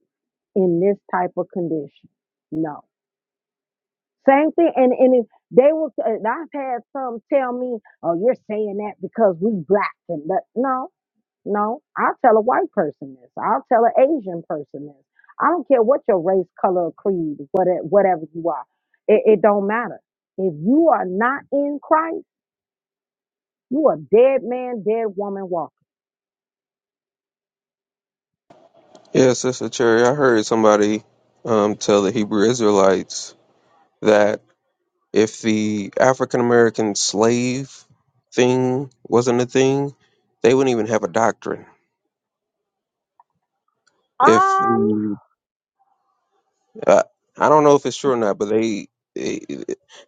in this type of condition. No. Same thing. And, and if they will, and I've had some tell me, oh, you're saying that because we black and that. No, No, I'll tell a white person this. I'll tell an Asian person this. I don't care what your race, color, or creed, what it- whatever you are. It, it don't matter. If you are not in Christ, you a dead man, dead woman walking. Yeah, Sister Cherry, I heard somebody um tell the Hebrew Israelites that if the African American slave thing wasn't a thing, they wouldn't even have a doctrine. If Um, the I, I don't know if it's true or not, but they they,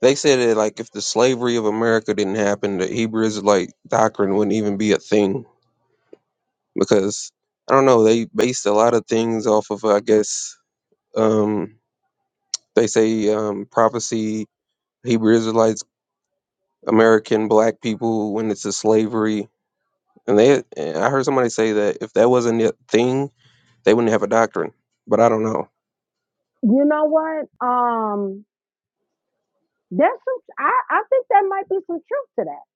they said that like if the slavery of America didn't happen, the Hebrew Israelite doctrine wouldn't even be a thing because I don't know they based a lot of things off of I guess um, they say um, prophecy Hebrew Israelites American black people when it's a slavery and they and I heard somebody say that if that wasn't a thing they wouldn't have a doctrine, but I don't know. you know what? Um, there's some. I I think there might be some truth to that.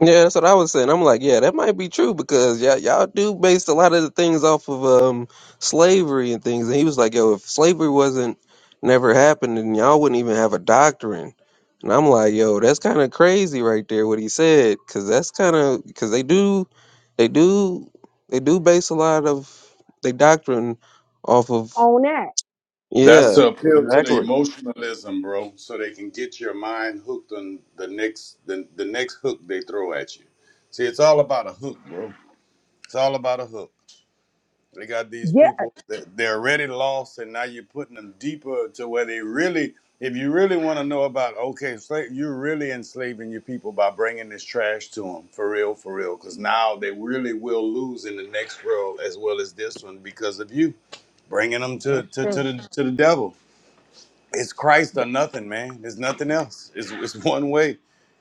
Yeah, that's what I was saying. I'm like, yeah, that might be true because y'all, y'all do base a lot of the things off of um slavery and things. And he was like, yo, if slavery wasn't never happened, then y'all wouldn't even have a doctrine. And I'm like, yo, that's kind of crazy right there what he said because that's kind of because they do, they do, they do base a lot of their doctrine off of. On that, That's Yeah, to appeal to the exactly. emotionalism, bro, so they can get your mind hooked on the next the, the next hook they throw at you. See, it's all about a hook, bro. It's all about a hook. They got these yeah, people that they're already lost, and now you're putting them deeper to where they really, if you really want to know about, okay, sla- you're really enslaving your people by bringing this trash to them, for real, for real, because now they really will lose in the next world as well as this one because of you bringing them to that's to, to true. the to the devil it's Christ or nothing, man. There's nothing else. It's, it's one way.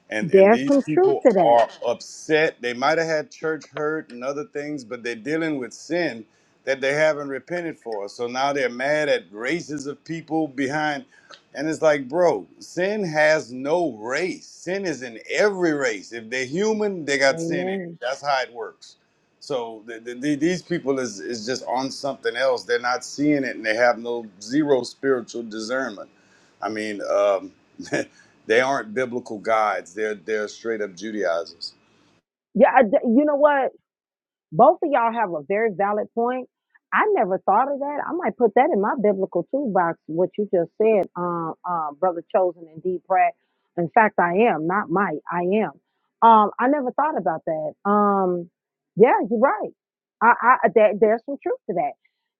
And and There's these some truth people to that. are upset. They might have had church hurt and other things, but they're dealing with sin that they haven't repented for. So now they're mad at races of people behind. And it's like, bro, sin has no race. Sin is in every race. If they're human, they got sin in it. Amen. That's how it works. So the, the, the- these people is is just on something else. They're not seeing it, and they have no zero spiritual discernment. I mean, um, they aren't biblical guides. They're they're straight up Judaizers. Yeah, I d you know what? Both of y'all have a very valid point. I never thought of that. I might put that in my biblical toolbox, what you just said, uh, uh, Brother Chosen and D. Pratt. In fact, I am, not might, I am. Um, I never thought about that. Um, yeah, you're right. I, I there, There's some truth to that.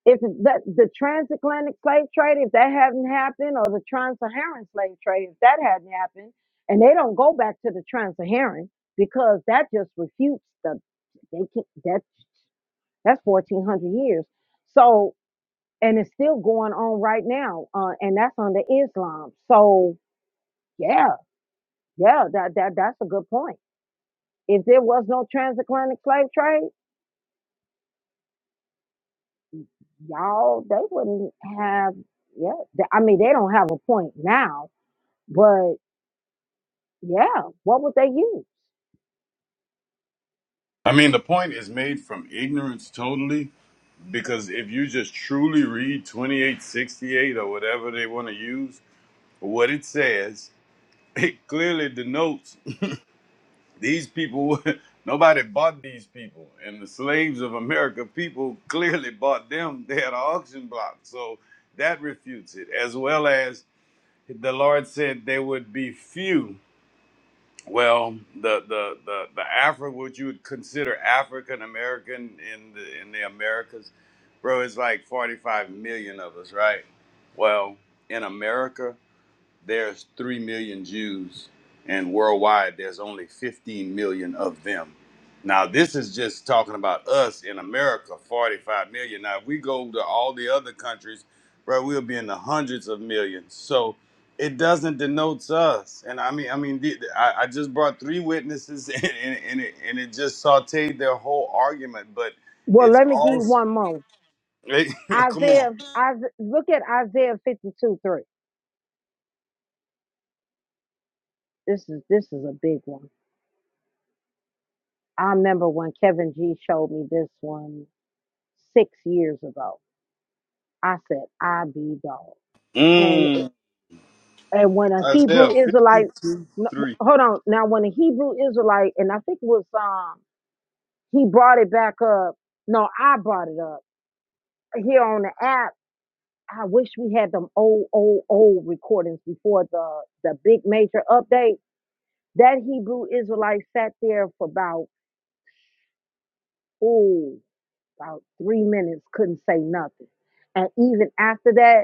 If that, the transatlantic slave trade, if that hadn't happened, or the trans-Saharan slave trade, if that hadn't happened, and they don't go back to the trans-Saharan because that just refutes the they can, that. That's 1400 years. So, and it's still going on right now. Uh, and that's under Islam. So, yeah, yeah, that, that, that's a good point. If there was no transatlantic slave trade, y'all, they wouldn't have, yeah, th- I mean, they don't have a point now, but yeah, what would they use? I mean, the point is made from ignorance totally. Because if you just truly read twenty eight sixty eight or whatever they want to use, what it says, it clearly denotes These people, nobody bought these people. And the slaves of America, people clearly bought them. They had an auction block. So that refutes it, as well as the Lord said there would be few. Well, the the the, the Afro, what you would consider African American in the in the Americas, bro, it's like 45 million of us, right? Well, in America there's 3 million Jews, and worldwide, there's only 15 million of them. Now, this is just talking about us in America, 45 million. Now, if we go to all the other countries, bro, we'll be in the hundreds of millions. So it doesn't denote us. And I mean, I mean, the- the- I, I just brought three witnesses, and, and, and, it, and it just sauteed their whole argument. But Well, it's let me give all, you one more. come on. Isaiah, Isaiah look at Isaiah 52 3. This is, this is a big one. I remember when Kevin G showed me this one six years ago. I said, I be dog. And eh, Mm, and when a Isaiah Hebrew Israelite, fifty-two no, three. hold on, now when a Hebrew Israelite, and I think it was um, he brought it back up. No, I brought it up here on the app. I wish we had them old, old, old recordings before the the big major update. That Hebrew Israelite sat there for about oh about three minutes, couldn't say nothing. And even after that,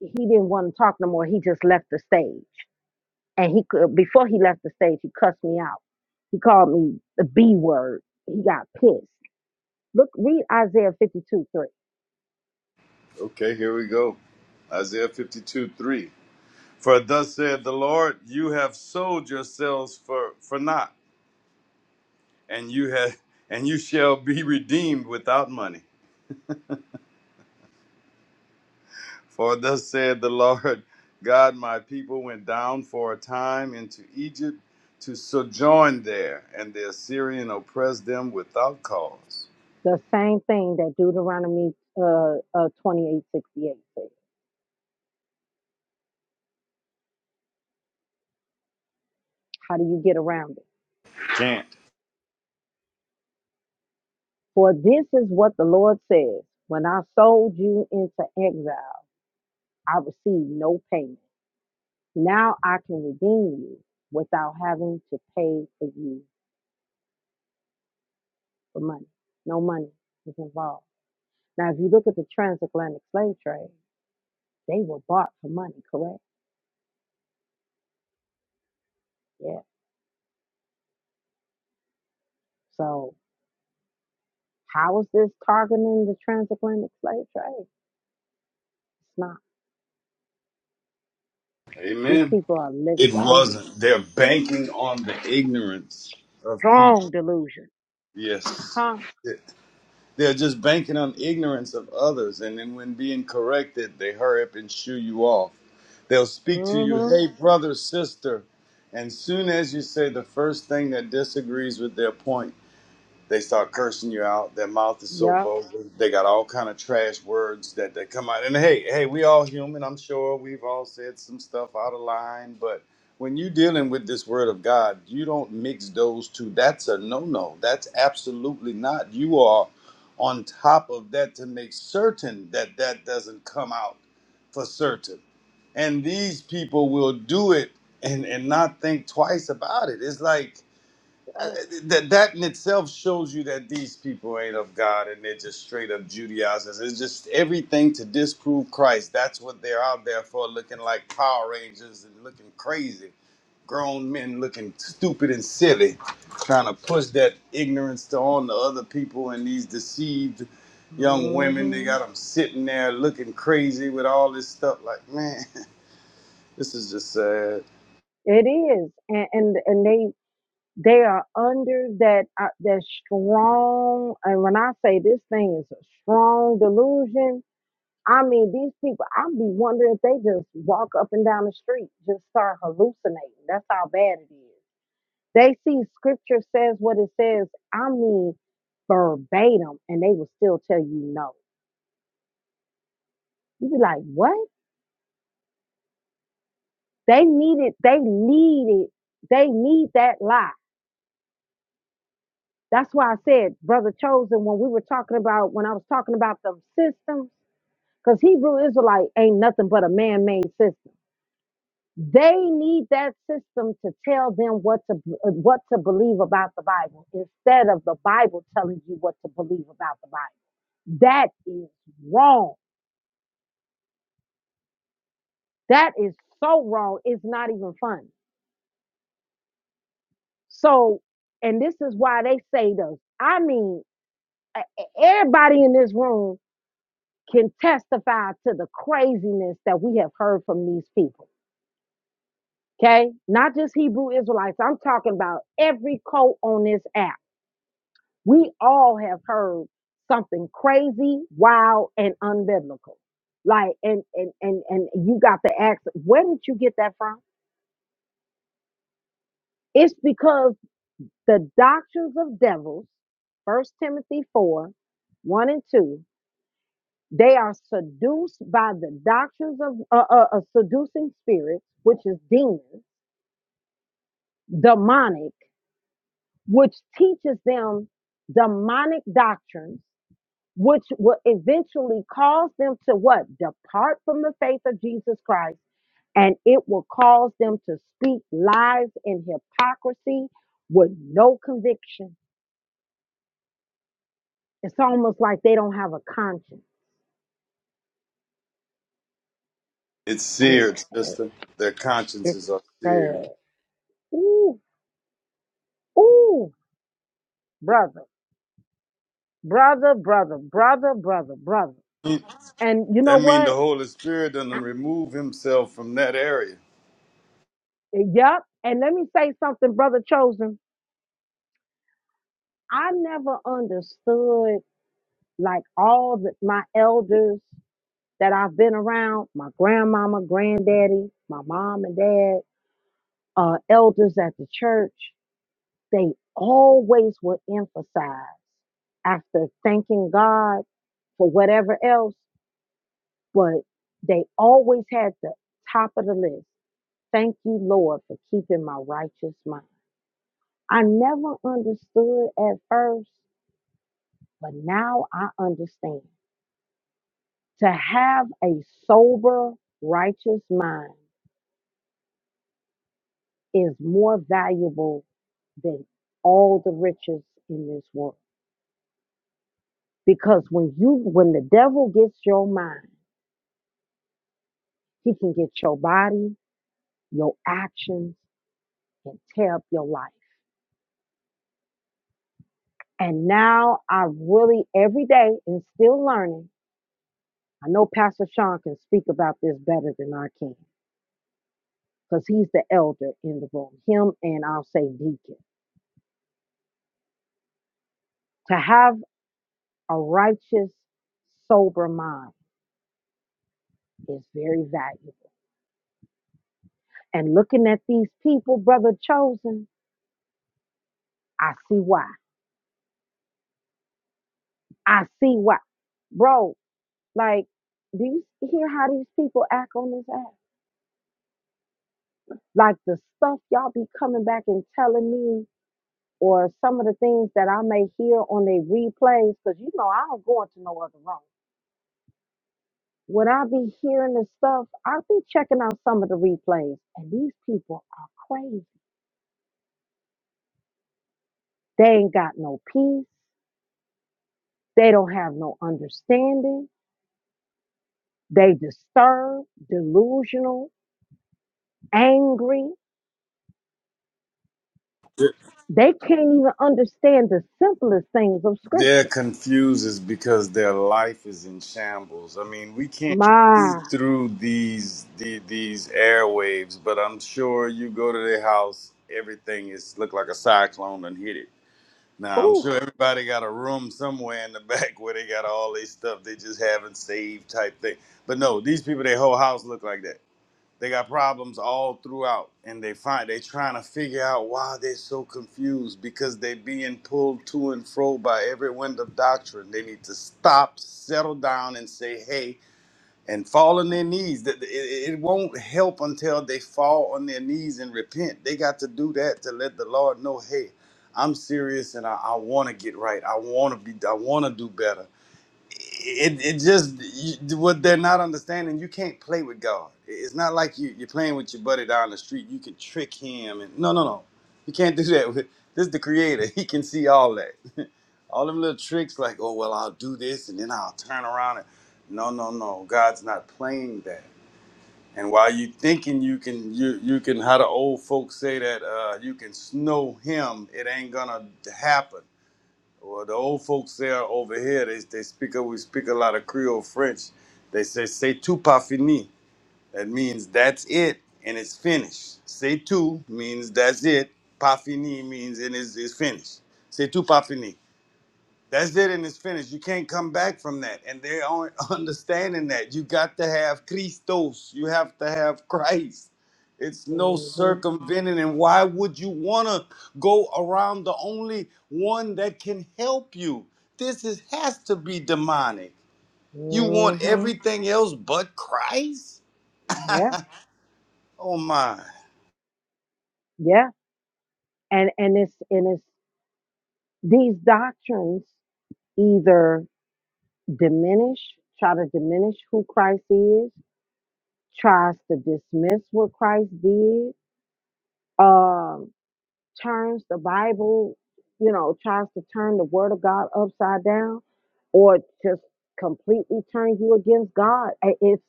he didn't want to talk no more. He just left the stage. And he could before he left the stage, he cussed me out. He called me the B word. He got pissed. Look, read Isaiah 52, 3. Okay, here we go. Isaiah 52 3. For thus saith the Lord, you have sold yourselves for, for naught, and you have and you shall be redeemed without money. For thus saith the Lord God, my people went down for a time into Egypt to sojourn there, and the Assyrian oppressed them without cause. The same thing that Deuteronomy uh, uh, twenty-eight sixty-eight says. How do you get around it? Can't. For this is what the Lord says. When I sold you into exile, I received no payment. Now I can redeem you without having to pay for you for money. No money is involved. Now, if you look at the transatlantic slave trade, they were bought for money, correct? Yeah. So, how is this targeting the transatlantic slave trade? It's not. These Amen. people are living, It I mean, wasn't. They're banking on the ignorance of people. strong delusion. Yes. Huh? They're just banking on ignorance of others, and then when being corrected, they hurry up and shoo you off. They'll speak to you, Mm hmm. hey, brother, sister, and soon as you say the first thing that disagrees with their point, they start cursing you out. Their mouth is so Yep. vulgar. They got all kind of trash words that, they come out. And hey, hey, we all human. I'm sure we've all said some stuff out of line. But when you're dealing with this word of God, you don't mix those two. That's a no-no. That's absolutely not. You are on top of that to make certain that that doesn't come out for certain. And these people will do it and, and not think twice about it. It's like uh, that that in itself shows you that these people ain't of God and they're just straight up Judaizers. It's just everything to disprove Christ. That's what they're out there for, looking like Power Rangers and looking crazy. Grown men looking stupid and silly, trying to push that ignorance to on to other people and these deceived young Mm women. hmm. They got them sitting there looking crazy with all this stuff. Like, man, this is just sad. It is, and and, and they they are under that uh, that strong. And when I say this thing is a strong delusion, I mean these people. I would be wondering if they just walk up and down the street, just start hallucinating. That's how bad it is. They see scripture says what it says. I mean verbatim, and they will still tell you no. You be like, what? They need it. They need it. They need that lie That's why I said, Brother Chosen, when we were talking about, when I was talking about the systems, because Hebrew Israelite ain't nothing but a man made system. They need that system to tell them what to uh, what to believe about the Bible instead of the Bible telling you what to believe about the Bible. That is wrong. That is so wrong. It's not even funny. So, and this is why they say those. I mean, e- e- everybody in this room can testify to the craziness that we have heard from these people. Okay? Not just Hebrew Israelites. I'm talking about every cult on this app. We all have heard something crazy, wild, and unbiblical. Like, and and and and you got to ask, where did you get that from? It's because the doctrines of devils, First Timothy 4, 1 and 2, They are seduced by the doctrines of a uh, uh, uh, seducing spirit, which is demons, demonic, which teaches them demonic doctrines, which will eventually cause them to what? Depart from the faith of Jesus Christ, and it will cause them to speak lies and hypocrisy with no conviction. It's almost like they don't have a conscience, It's and it's seared, sad. sister. Their It's consciences are seared. sad. Ooh, ooh, brother. brother, brother, brother, brother, brother. And you That know means the what? Holy Spirit doesn't remove himself from that area. Yep. And let me say something, brother chosen. I never understood like all the, my elders that I've been around, my grandmama, granddaddy, my mom and dad, uh, elders at the church, they always would emphasize after thanking God for whatever else, but they always had the top of the list. Thank you, Lord, for keeping my righteous mind. I never understood at first, but now I understand. To have a sober, righteous mind is more valuable than all the riches in this world. Because when you when the devil gets your mind, he can get your body, your actions, and tear up your life. And now I really every day and still learning I know Pastor Sean can speak about this better than I can because he's the elder in the room, him and I'll say deacon. To have a righteous, sober mind is very valuable. And looking at these people, brother chosen, I see why. I see why. Bro, like, do you hear how these people act on this app? Like the stuff y'all be coming back and telling me, or some of the things that I may hear on their replays, because you know I don't go into no other room. When I be hearing this stuff, I be checking out some of the replays, and these people are crazy. They ain't got no peace. They don't have no understanding. They disturbed, delusional, angry. They can't even understand the simplest things of They're scripture. confused is because their life is in shambles. I mean, we can't see My, through these the, these airwaves, but I'm sure you go to their house, everything is look like a cyclone and hit it. Now I'm ooh, sure everybody got a room somewhere in the back where they got all their stuff they just haven't saved type thing. But no, these people, their whole house look like that. They got problems all throughout, and they find they trying to figure out why they're so confused because they are being pulled to and fro by every wind of doctrine. They need to stop, settle down, and say, "Hey," and fall on their knees. That- It, it it won't help until they fall on their knees and repent. They got to do that to let the Lord know, "Hey, I'm serious, and I, I want to get right. I want to be. I want to do better." it, it just you, what they're not understanding you can't play with god it's not like you, you're playing with your buddy down the street you can trick him and no no no you can't do that with this is the creator he can see all that all them little tricks like oh well i'll do this and then i'll turn around and no no no god's not playing that and while you thinking you can you you can how the old folks say that uh, you can snow him it ain't gonna happen well, the old folks there over here, they, they speak a, we speak a lot of Creole French. They say "c'est tout pas fini." That means that's it and it's finished. "C'est tout" means that's it. "Pas fini" means it is it's finished. "C'est tout pas fini." That's it and it's finished. You can't come back from that. And they aren't understanding that. You got to have Christos. You have to have Christ. It's no hmm circumventing. And why would you want to go around the only one that can help you? This is, has to be demonic. You want hmm everything else but Christ? yeah, Oh my. yeah. And and it's and it's these doctrines either diminish, try to diminish who Christ is, tries to dismiss what Christ did, um, turns the Bible, you know, tries to turn the Word of God upside down, or just completely turn you against God. I- It's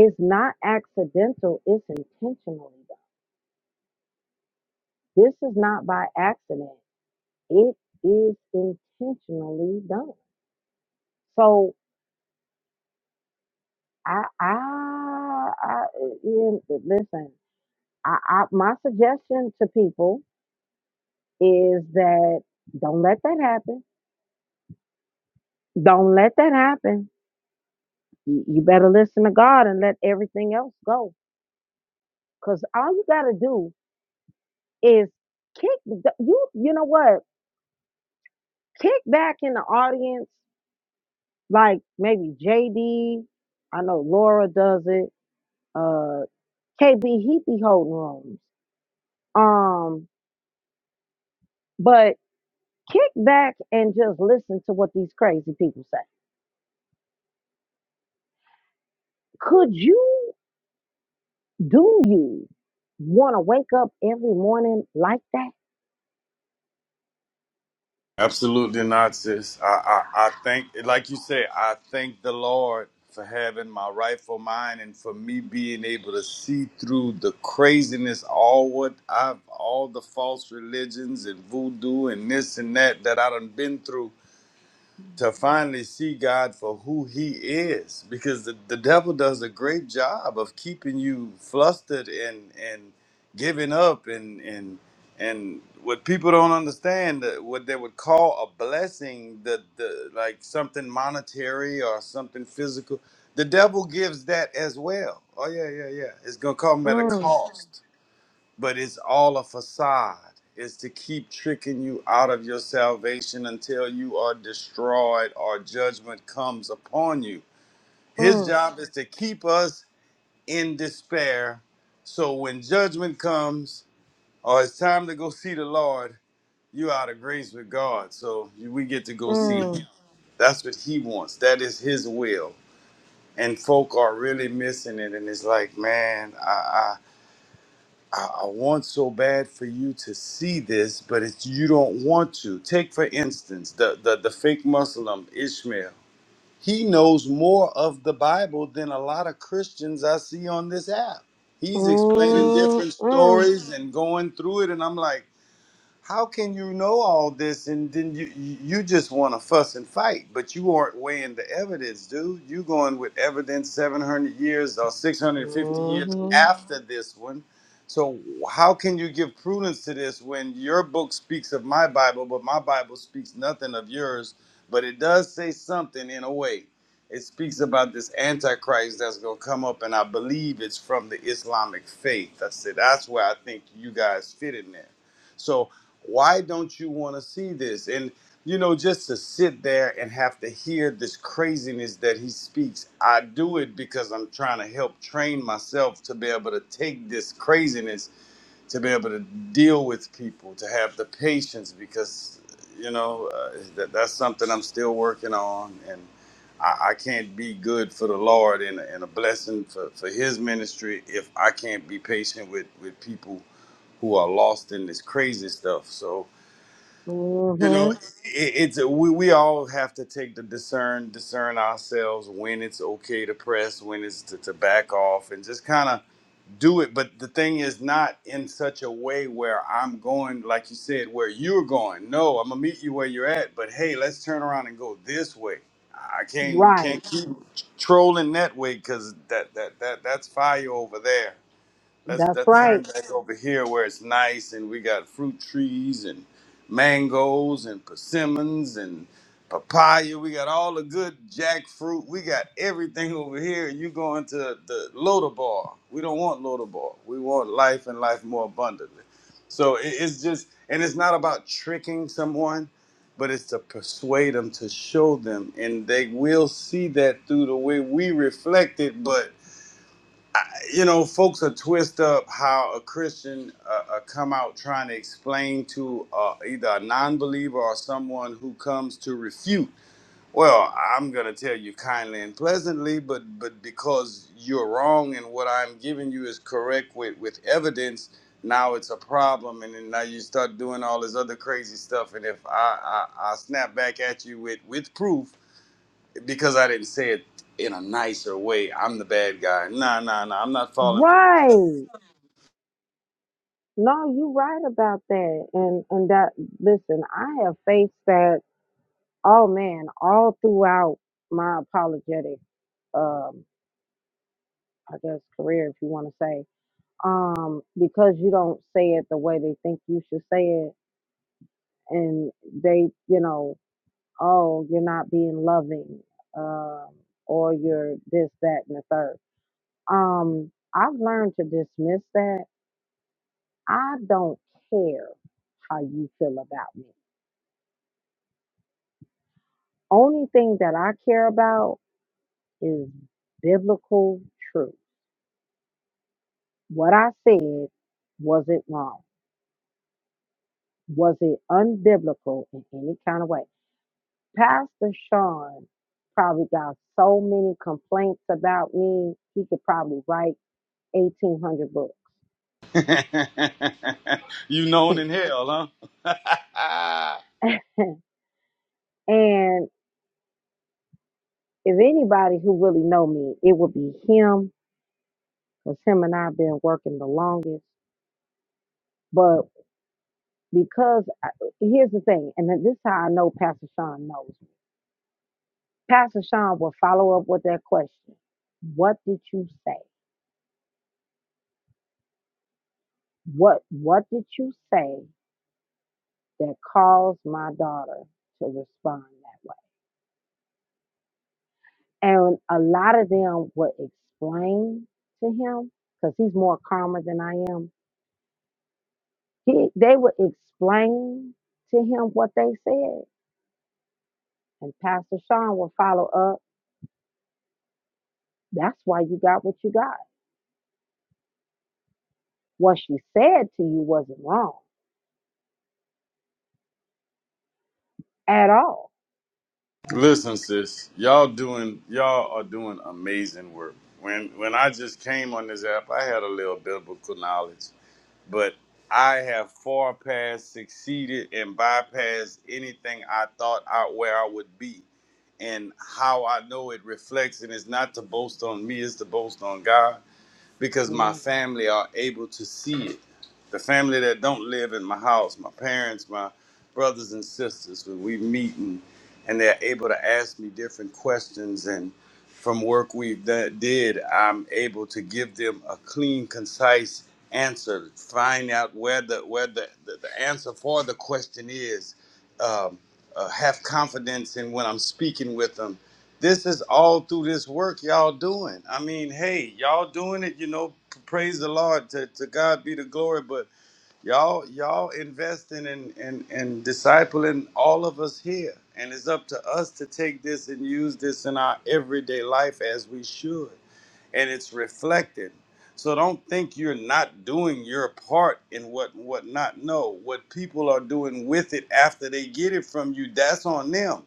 it's not accidental. It's intentionally done. This is not by accident. It is intentionally done. So I I, I you- listen. I, I my suggestion to people is that don't let that happen. Don't let that happen. You, you better listen to God and let everything else go. Cause all you gotta do is kick you. You know what? Kick back in the audience, like maybe J D. I know Laura does it. Uh, KB he be holding rooms. Um, but kick back and just listen to what these crazy people say. Could you? Do you want to wake up every morning like that? Absolutely not, sis. I, I, I thank, like you say, I thank the Lord for having my rightful mind and for me being able to see through the craziness, all what I've, all the false religions and voodoo and this and that that I done been through to finally see God for who He is, because the, the devil does a great job of keeping you flustered and and giving up and and and what people don't understand that what they would call a blessing the the like something monetary or something physical the devil gives that as well oh yeah yeah yeah it's gonna come at a Mm, cost but it's all a facade. It's to keep tricking you out of your salvation until you are destroyed or judgment comes upon you. His mm, job is to keep us in despair. So when judgment comes or it's time to go see the Lord, you out of grace with God. So we get to go see him. mm, That's what he wants. That is his will. And folk are really missing it. And it's like, man, I. I, I want so bad for you to see this, but it's you don't want to. Take for instance the, the the fake Muslim Ishmael. He knows more of the Bible than a lot of Christians I see on this app. He's explaining mm, different mm. stories and going through it, and I'm like how can you know all this and then you you just want to fuss and fight but you aren't weighing the evidence dude you going with evidence 700 years or 650 years mm after this one so how can you give prudence to this when your book speaks of my bible but my bible speaks nothing of yours but it does say something in a way it speaks about this antichrist that's going to come up and i believe it's from the islamic faith i said that's where i think you guys fit in there So why don't you want to see this and you know just to sit there and have to hear this craziness that he speaks i do it because i'm trying to help train myself to be able to take this craziness to be able to deal with people to have the patience because you know uh, that, that's something i'm still working on and I, I can't be good for the lord and, a- and a blessing for, for his ministry if i can't be patient with with people who are lost in this crazy stuff so Mhm, you know mhm. it, it's we, we all have to take the discern discern ourselves when it's okay to press when it's to, to back off and just kind of do it but the thing is not in such a way where i'm going like you said where you're going no i'm gonna meet you where you're at but hey let's turn around and go this way i can't we Right. can't keep trolling that way because that that that that's fire over there Let's That's let's right. turn back over here where it's nice and we got fruit trees and mangoes and persimmons and papaya. We got all the good jackfruit. We got everything over here. And you going to the Lodabar. Bar. We don't want Lodabar. Bar. We want life and life more abundantly. So it- it's just and it's not about tricking someone, but it's to persuade them to show them, and they will see that through the way we reflect it, but you know, folks are twist up how a Christian uh, uh, come out trying to explain to uh, either a non-believer or someone who comes to refute. Well, I'm gonna tell you kindly and pleasantly, but but because you're wrong and what I'm giving you is correct with with evidence, now it's a problem, and then now you start doing all this other crazy stuff. And if I I, I snap back at you with with proof because I didn't say it in a nicer way, I'm the bad guy. Nah, nah, nah. I'm not falling for the Right. No, you're right about that. And and that listen, I have faced that Oh man, all throughout my apologetic, um, I guess career, if you want to say, um, because you don't say it the way they think you should say it, and they, you know, oh, you're not being loving, um, or you're this, that, and the third. Um, I've learned to dismiss that. I don't care how you feel about me. Only thing that I care about is biblical truth What I said, was it wrong? Was it unbiblical in any kind of way? Pastor Sean probably got so many complaints about me, he could probably write 1,800 books. you known in hell, huh? and if anybody who really know me, it would be him, because him and I have been working the longest. But because I, here's the thing, and this is how I know Pastor Sean knows. Pastor Sean will follow up with that question. What did you say? What what did you say that caused my daughter to respond that way? And a lot of them would explain to him because he's more calmer than I am. He, they would explain to him what they said, and Pastor Sean would follow up. That's why you got what you got. What she said to you wasn't wrong at all. Listen, sis, y'all doing y'all are doing amazing work. When when I just came on this app, I had a little biblical knowledge, but I have far past succeeded and bypassed anything I thought out where I would be. And how I know it reflects, and it's not to boast on me, it's to boast on God because my Amen. family are able to see it. The family that don't live in my house, my parents, my brothers and sisters, when we meet and, and they're able to ask me different questions and from work we've done, did, I'm able to give them a clean, concise answer, find out where the where the, the, the answer for the question is, um, uh, have confidence in when I'm speaking with them this is all through this work y'all doing. I mean, hey, y'all doing it, you know, p- praise the Lord. To, to God be the glory, but y'all y'all investing in and and discipling all of us here. And it's up to us to take this and use this in our everyday life as we should. And it's reflected. So don't think you're not doing your part in what what not. No, what people are doing with it after they get it from you, that's on them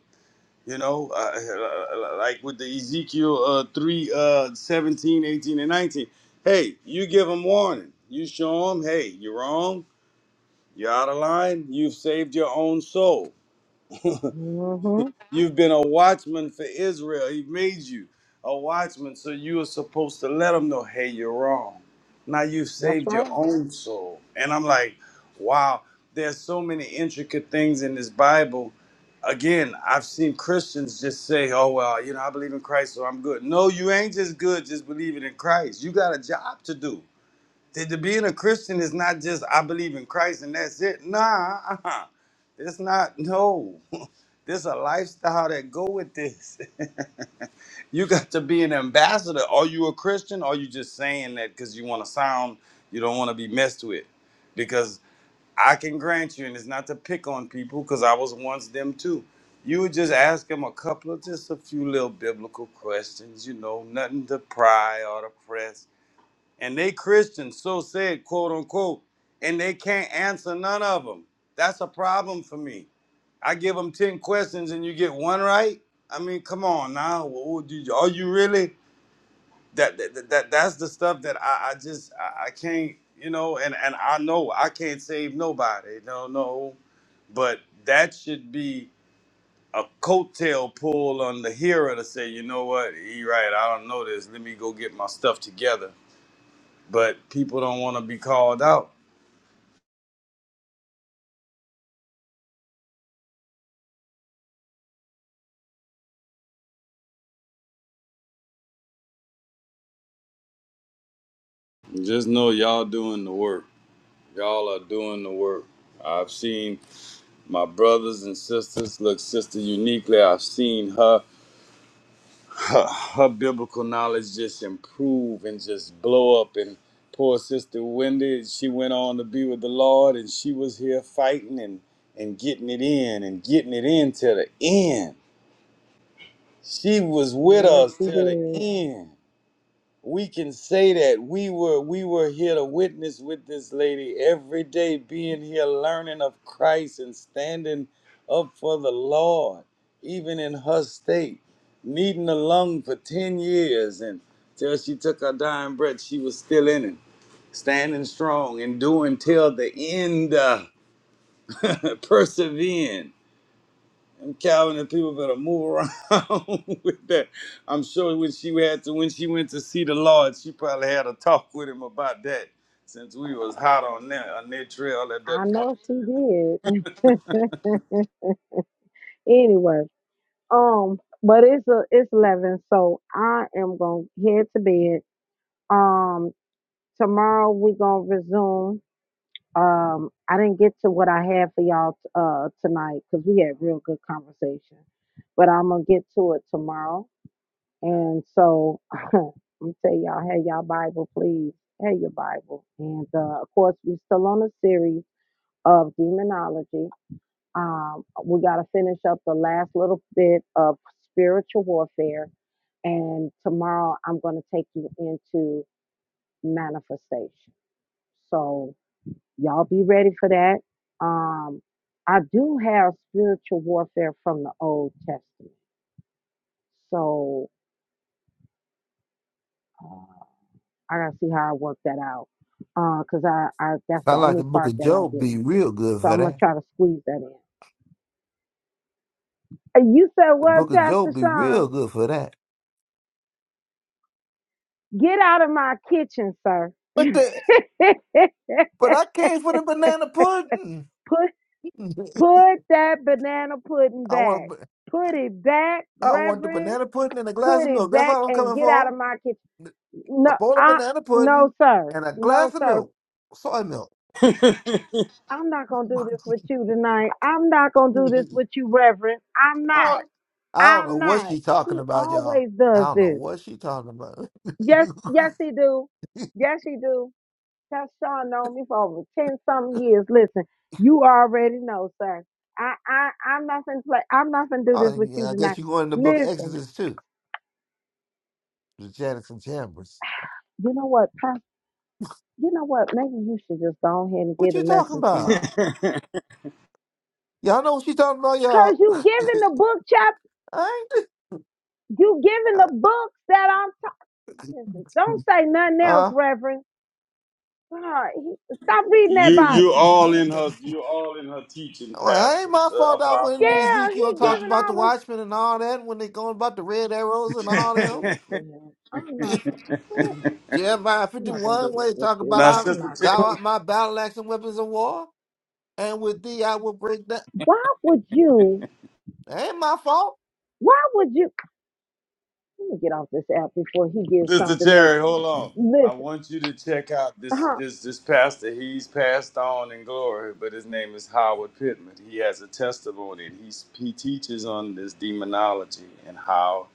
you know, uh, uh, like with the Ezekiel uh, 3, uh, 17, eighteen, and 19. Hey, you give them warning. You show them, hey, you're wrong. You're out of line. You've saved your own soul. hmm You've been a watchman for Israel. He made you a watchman, so you are supposed to let them know, hey, you're wrong. Now you've That's saved your right. own soul. And I'm like, wow, there's so many intricate things in this Bible. Again, I've seen Christians just say, oh, well, you know, I believe in Christ, so I'm good. No, you ain't just good just believing in Christ. You got a job to do. Th- th- being a Christian is not just I believe in Christ and that's it. Nah, uh-uh. it's not. No, there's a lifestyle that go with this. you got to be an ambassador. Are you a Christian? Or are you just saying that because you want to sound you don't want to be messed with? Because I can grant you, and it's not to pick on people, because I was once them too. You would just ask them a couple of just a few little biblical questions, you know, nothing to pry or to press and they Christians, so said, quote unquote, and they can't answer none of them. That's a problem for me. I give them 10 questions and you get one right? I mean, come on now. Wh- wh- do- Are you really? That, that, that that- That's the stuff that I, I just, I, I can't, you know, and, and I know I can't save nobody. No, no. But that should be a coattail pull on the hero to say, you know what, he right, I don't know this. Let me go get my stuff together but people don't want to be called out. Just know y'all doing the work. Y'all are doing the work. I've seen my brothers and sisters look sister uniquely. I've seen her her, her biblical knowledge just improve and just blow up. And poor sister Wendy, she went on to be with the Lord, and she was here fighting and and getting it in and getting it in till the end. She was with Yes, us she till the did. end. we can say that we were we were here to witness with this lady every day being here learning of christ and standing up for the lord even in her state needing a lung for 10 years and till she took her dying breath she was still in it standing strong and doing till the end uh, persevering and Calvin and people better move around with that. I'm sure when she had to when she went to see the Lord, she probably had a talk with him about that. Since we was hot on that on that trail at that I know she point did. anyway, um, but it's a, it's eleven, so I am gonna head to bed. Um, tomorrow we gonna resume. Um, I didn't get to what I had for y'all uh tonight because we had real good conversation, but I'm gonna get to it tomorrow. And so I'm going tell y'all, have y'all Bible, please, have your Bible. And uh, of course, we still on a series of demonology Um, we got to finish up the last little bit of spiritual warfare. And tomorrow I'm going to take you into manifestation. So y'all be ready for that. Um, I do have spiritual warfare from the Old Testament. So uh, I got to see how I work that out. Because I, I that's the Sound like only the Book part of that I Job be didn't do. real good So for I'm going to that. try to squeeze that in. Uh, You said The what, Book of Pastor Job be Sean? real good for that. Get out of my kitchen, sir. But the but I came for the banana pudding. put put that banana pudding I back. want Put it back, I want the Reverend. banana pudding and a glass Put of it milk. That's back all I'm and coming get out for. of my kitchen. A No, bowl of I banana no pudding sir. and a No glass of sir. milk, soy milk. in time. I'm not gonna do this with you tonight. I'm not gonna do this I, with you, Reverend. I'm not. don't, I don't know I'm what not. she talking He about, y'all. always I does don't know this. what she talking about. Yes, yes he do. Yes he do. Pastor Sean known me for over ten something years. Listen, you already know, sir. I I I'm not gonna play. I'm not gonna do this oh, with you yeah, I tonight. guess you going in the Book of Listen, Exodus too, the Janice and Chambers. you know what, Pastor? You know what? Maybe you should just go ahead and What get a you talking lesson about? tomorrow. Y'all know what she talking about, y'all. Cause you giving the book chapter, I ain't, you giving the books that I'm talking. Listen, don't say nothing else, huh? Reverend. God, he- stop reading you that you Bible. all in her Listen, you all in her teaching, Well, it ain't Pastor, my uh, fault I Apostle. went into yeah, Ezekiel he and Now, talked giving about the all the. Watchmen and all that when they going about the red arrows and I'm not gonna do all this with him. I'm them. not gonna. Jeremiah I'm not gonna do 51, this where they with talk about you. now, I, I'm Sister not Cherry. thou gonna. art my battle axe and weapons of war, and with thee I will break that. Why would you? ain't my fault. Why would you? Let me get off this app before he gives Sister something else. Jerry, hold on. I Listen, want you to check out this huh, this this pastor. He's passed on in glory, but his name is Howard Pittman. He has a testimony. and He's he teaches on this demonology and how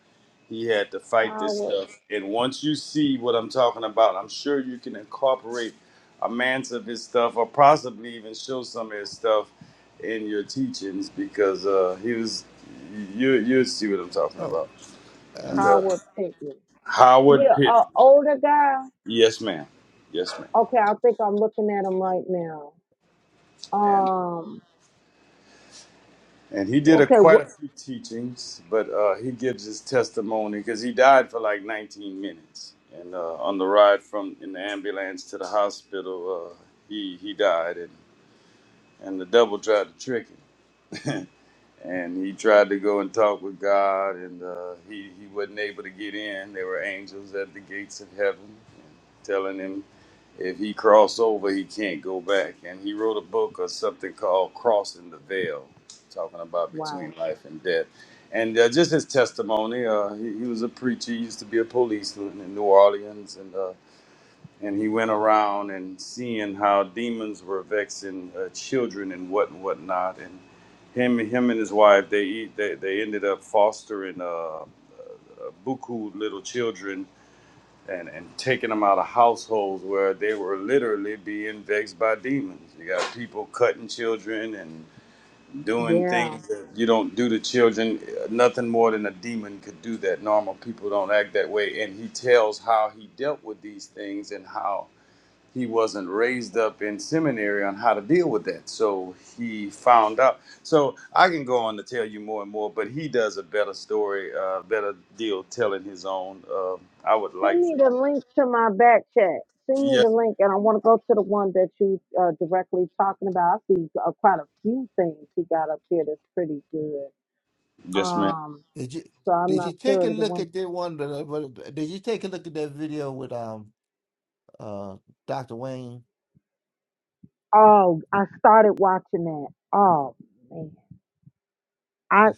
he had to fight this Howard stuff. And once you see what I'm talking about, I'm sure you can incorporate a man's of his stuff, or possibly even show some of his stuff in your teachings, because uh, he was you you you'll see what I'm talking Oh, about. And uh, uh, Howard Pittman. Howard Yeah, Pittman. a older guy. Yes, ma'am. Yes, ma'am. Okay, I think I'm looking at him right now. And uh, Um. and he did a Okay. quite What? a few teachings, but uh, he gives his testimony because he died for like 19 minutes. And uh, on the ride from in the ambulance to the hospital, uh, he he died, and and the devil tried to trick him. and he tried to go and talk with God, and uh, he he wasn't able to get in. There were angels at the gates of heaven telling him If he crossed over, he can't go back. And he wrote a book or something called Crossing the Veil, talking about Wow. between life and death. And uh, just his testimony, uh, he, he was a preacher. He used to be a policeman in New Orleans, and uh, and he went around and seeing how demons were vexing uh, children and what and whatnot. And him, him and his wife, they eat, they, they ended up fostering uh, uh, buku little children and, and taking them out of households where they were literally being vexed by demons. You got people cutting children and doing Yeah. things that you don't do to children. Nothing more than a demon could do that. Normal people don't act that way. And he tells how he dealt with these things and how he wasn't raised up in seminary on how to deal with that. So he found out. So I can go on to tell you more and more, but he does a better story, uh, better deal telling his own. Uh, I would Send like me for the you. link to my back chat. Send me Yes, the link, and I want to go to the one that you uh, directly talking about. I see uh, quite a few things he got up here that's pretty good. ma'am. Yes, ma'am. Um, did you so I'm did not you take sure a of the look one. at that one? that I- Did you take a look at that video with um uh Dr. Wayne? Oh, I started watching that. Oh man, I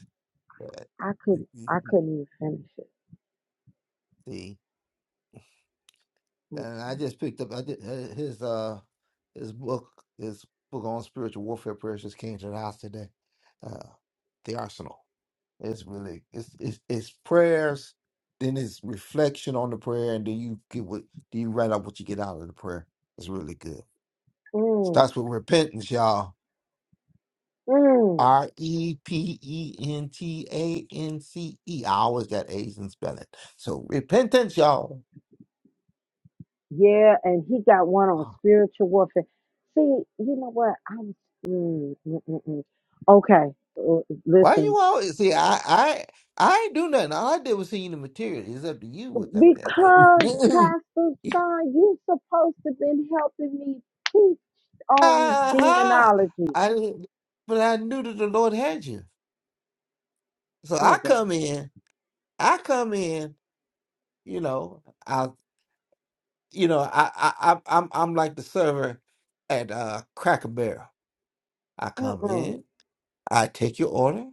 I could Mm, I mm, couldn't even finish it. See, Mm, and I just picked up. I did uh, his uh his book his book on spiritual warfare prayers just came to the house today. Uh, the Arsenal. It's really it's it's it's prayers, then it's reflection on the prayer, and then you get what do you write out what you get out of the prayer. It's really good. mm. Starts with repentance, y'all. mm. R E P E N T A N C E. I always got A's in spelling. So repentance, y'all. Yeah, and he got one on spiritual warfare. See, you know what? I'm mm, mm, mm, mm. okay. l- Why you Listen, always see? I I I ain't do nothing. All I did was send you the material. It's up to you what's up there. because Pastor ha! Sean, you supposed to been helping me teach on ha! demonology. I didn't- but I knew that the Lord had you. So Oh I God. come in. I come in. You know. I you know. I I I- I'm I'm like the server at uh Cracker Barrel. I come Mm-mm. in. I take your order.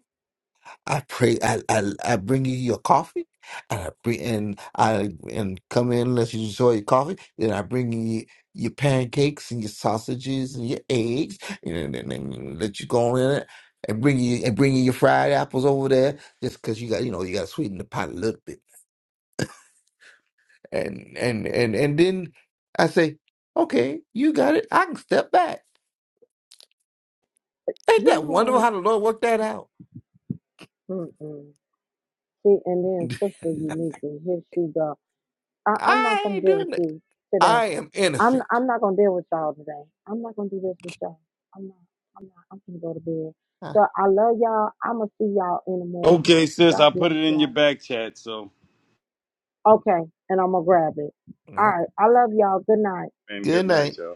I pray. I, I I bring you your coffee, and I bring and I and come in unless you enjoy your coffee. Then I bring you your pancakes and your sausages and your eggs, and then and, and let you go on in it. And bring you and bring you your fried apples over there, just because you got you know you got to sweeten the pot a little bit. And and and and then I say, okay, you got it. I can step back. Ain't You that know what? wonderful how the Lord worked that out? Mm-mm. See, and then Sister Uniquely, here she go. I, I'm not I gonna ain't deal with doing that. you today. I am I'm innocent. I'm not gonna deal with y'all today. I'm not gonna do this with y'all. I'm not. I'm not. I'm gonna go to bed. Huh. So I love y'all. I'ma see y'all in the morning. Okay, sis, God I put bless it in your y'all. back chat. So, Okay, and I'm gonna grab it. All right. I love y'all. Good night. and good Good night. night, y'all.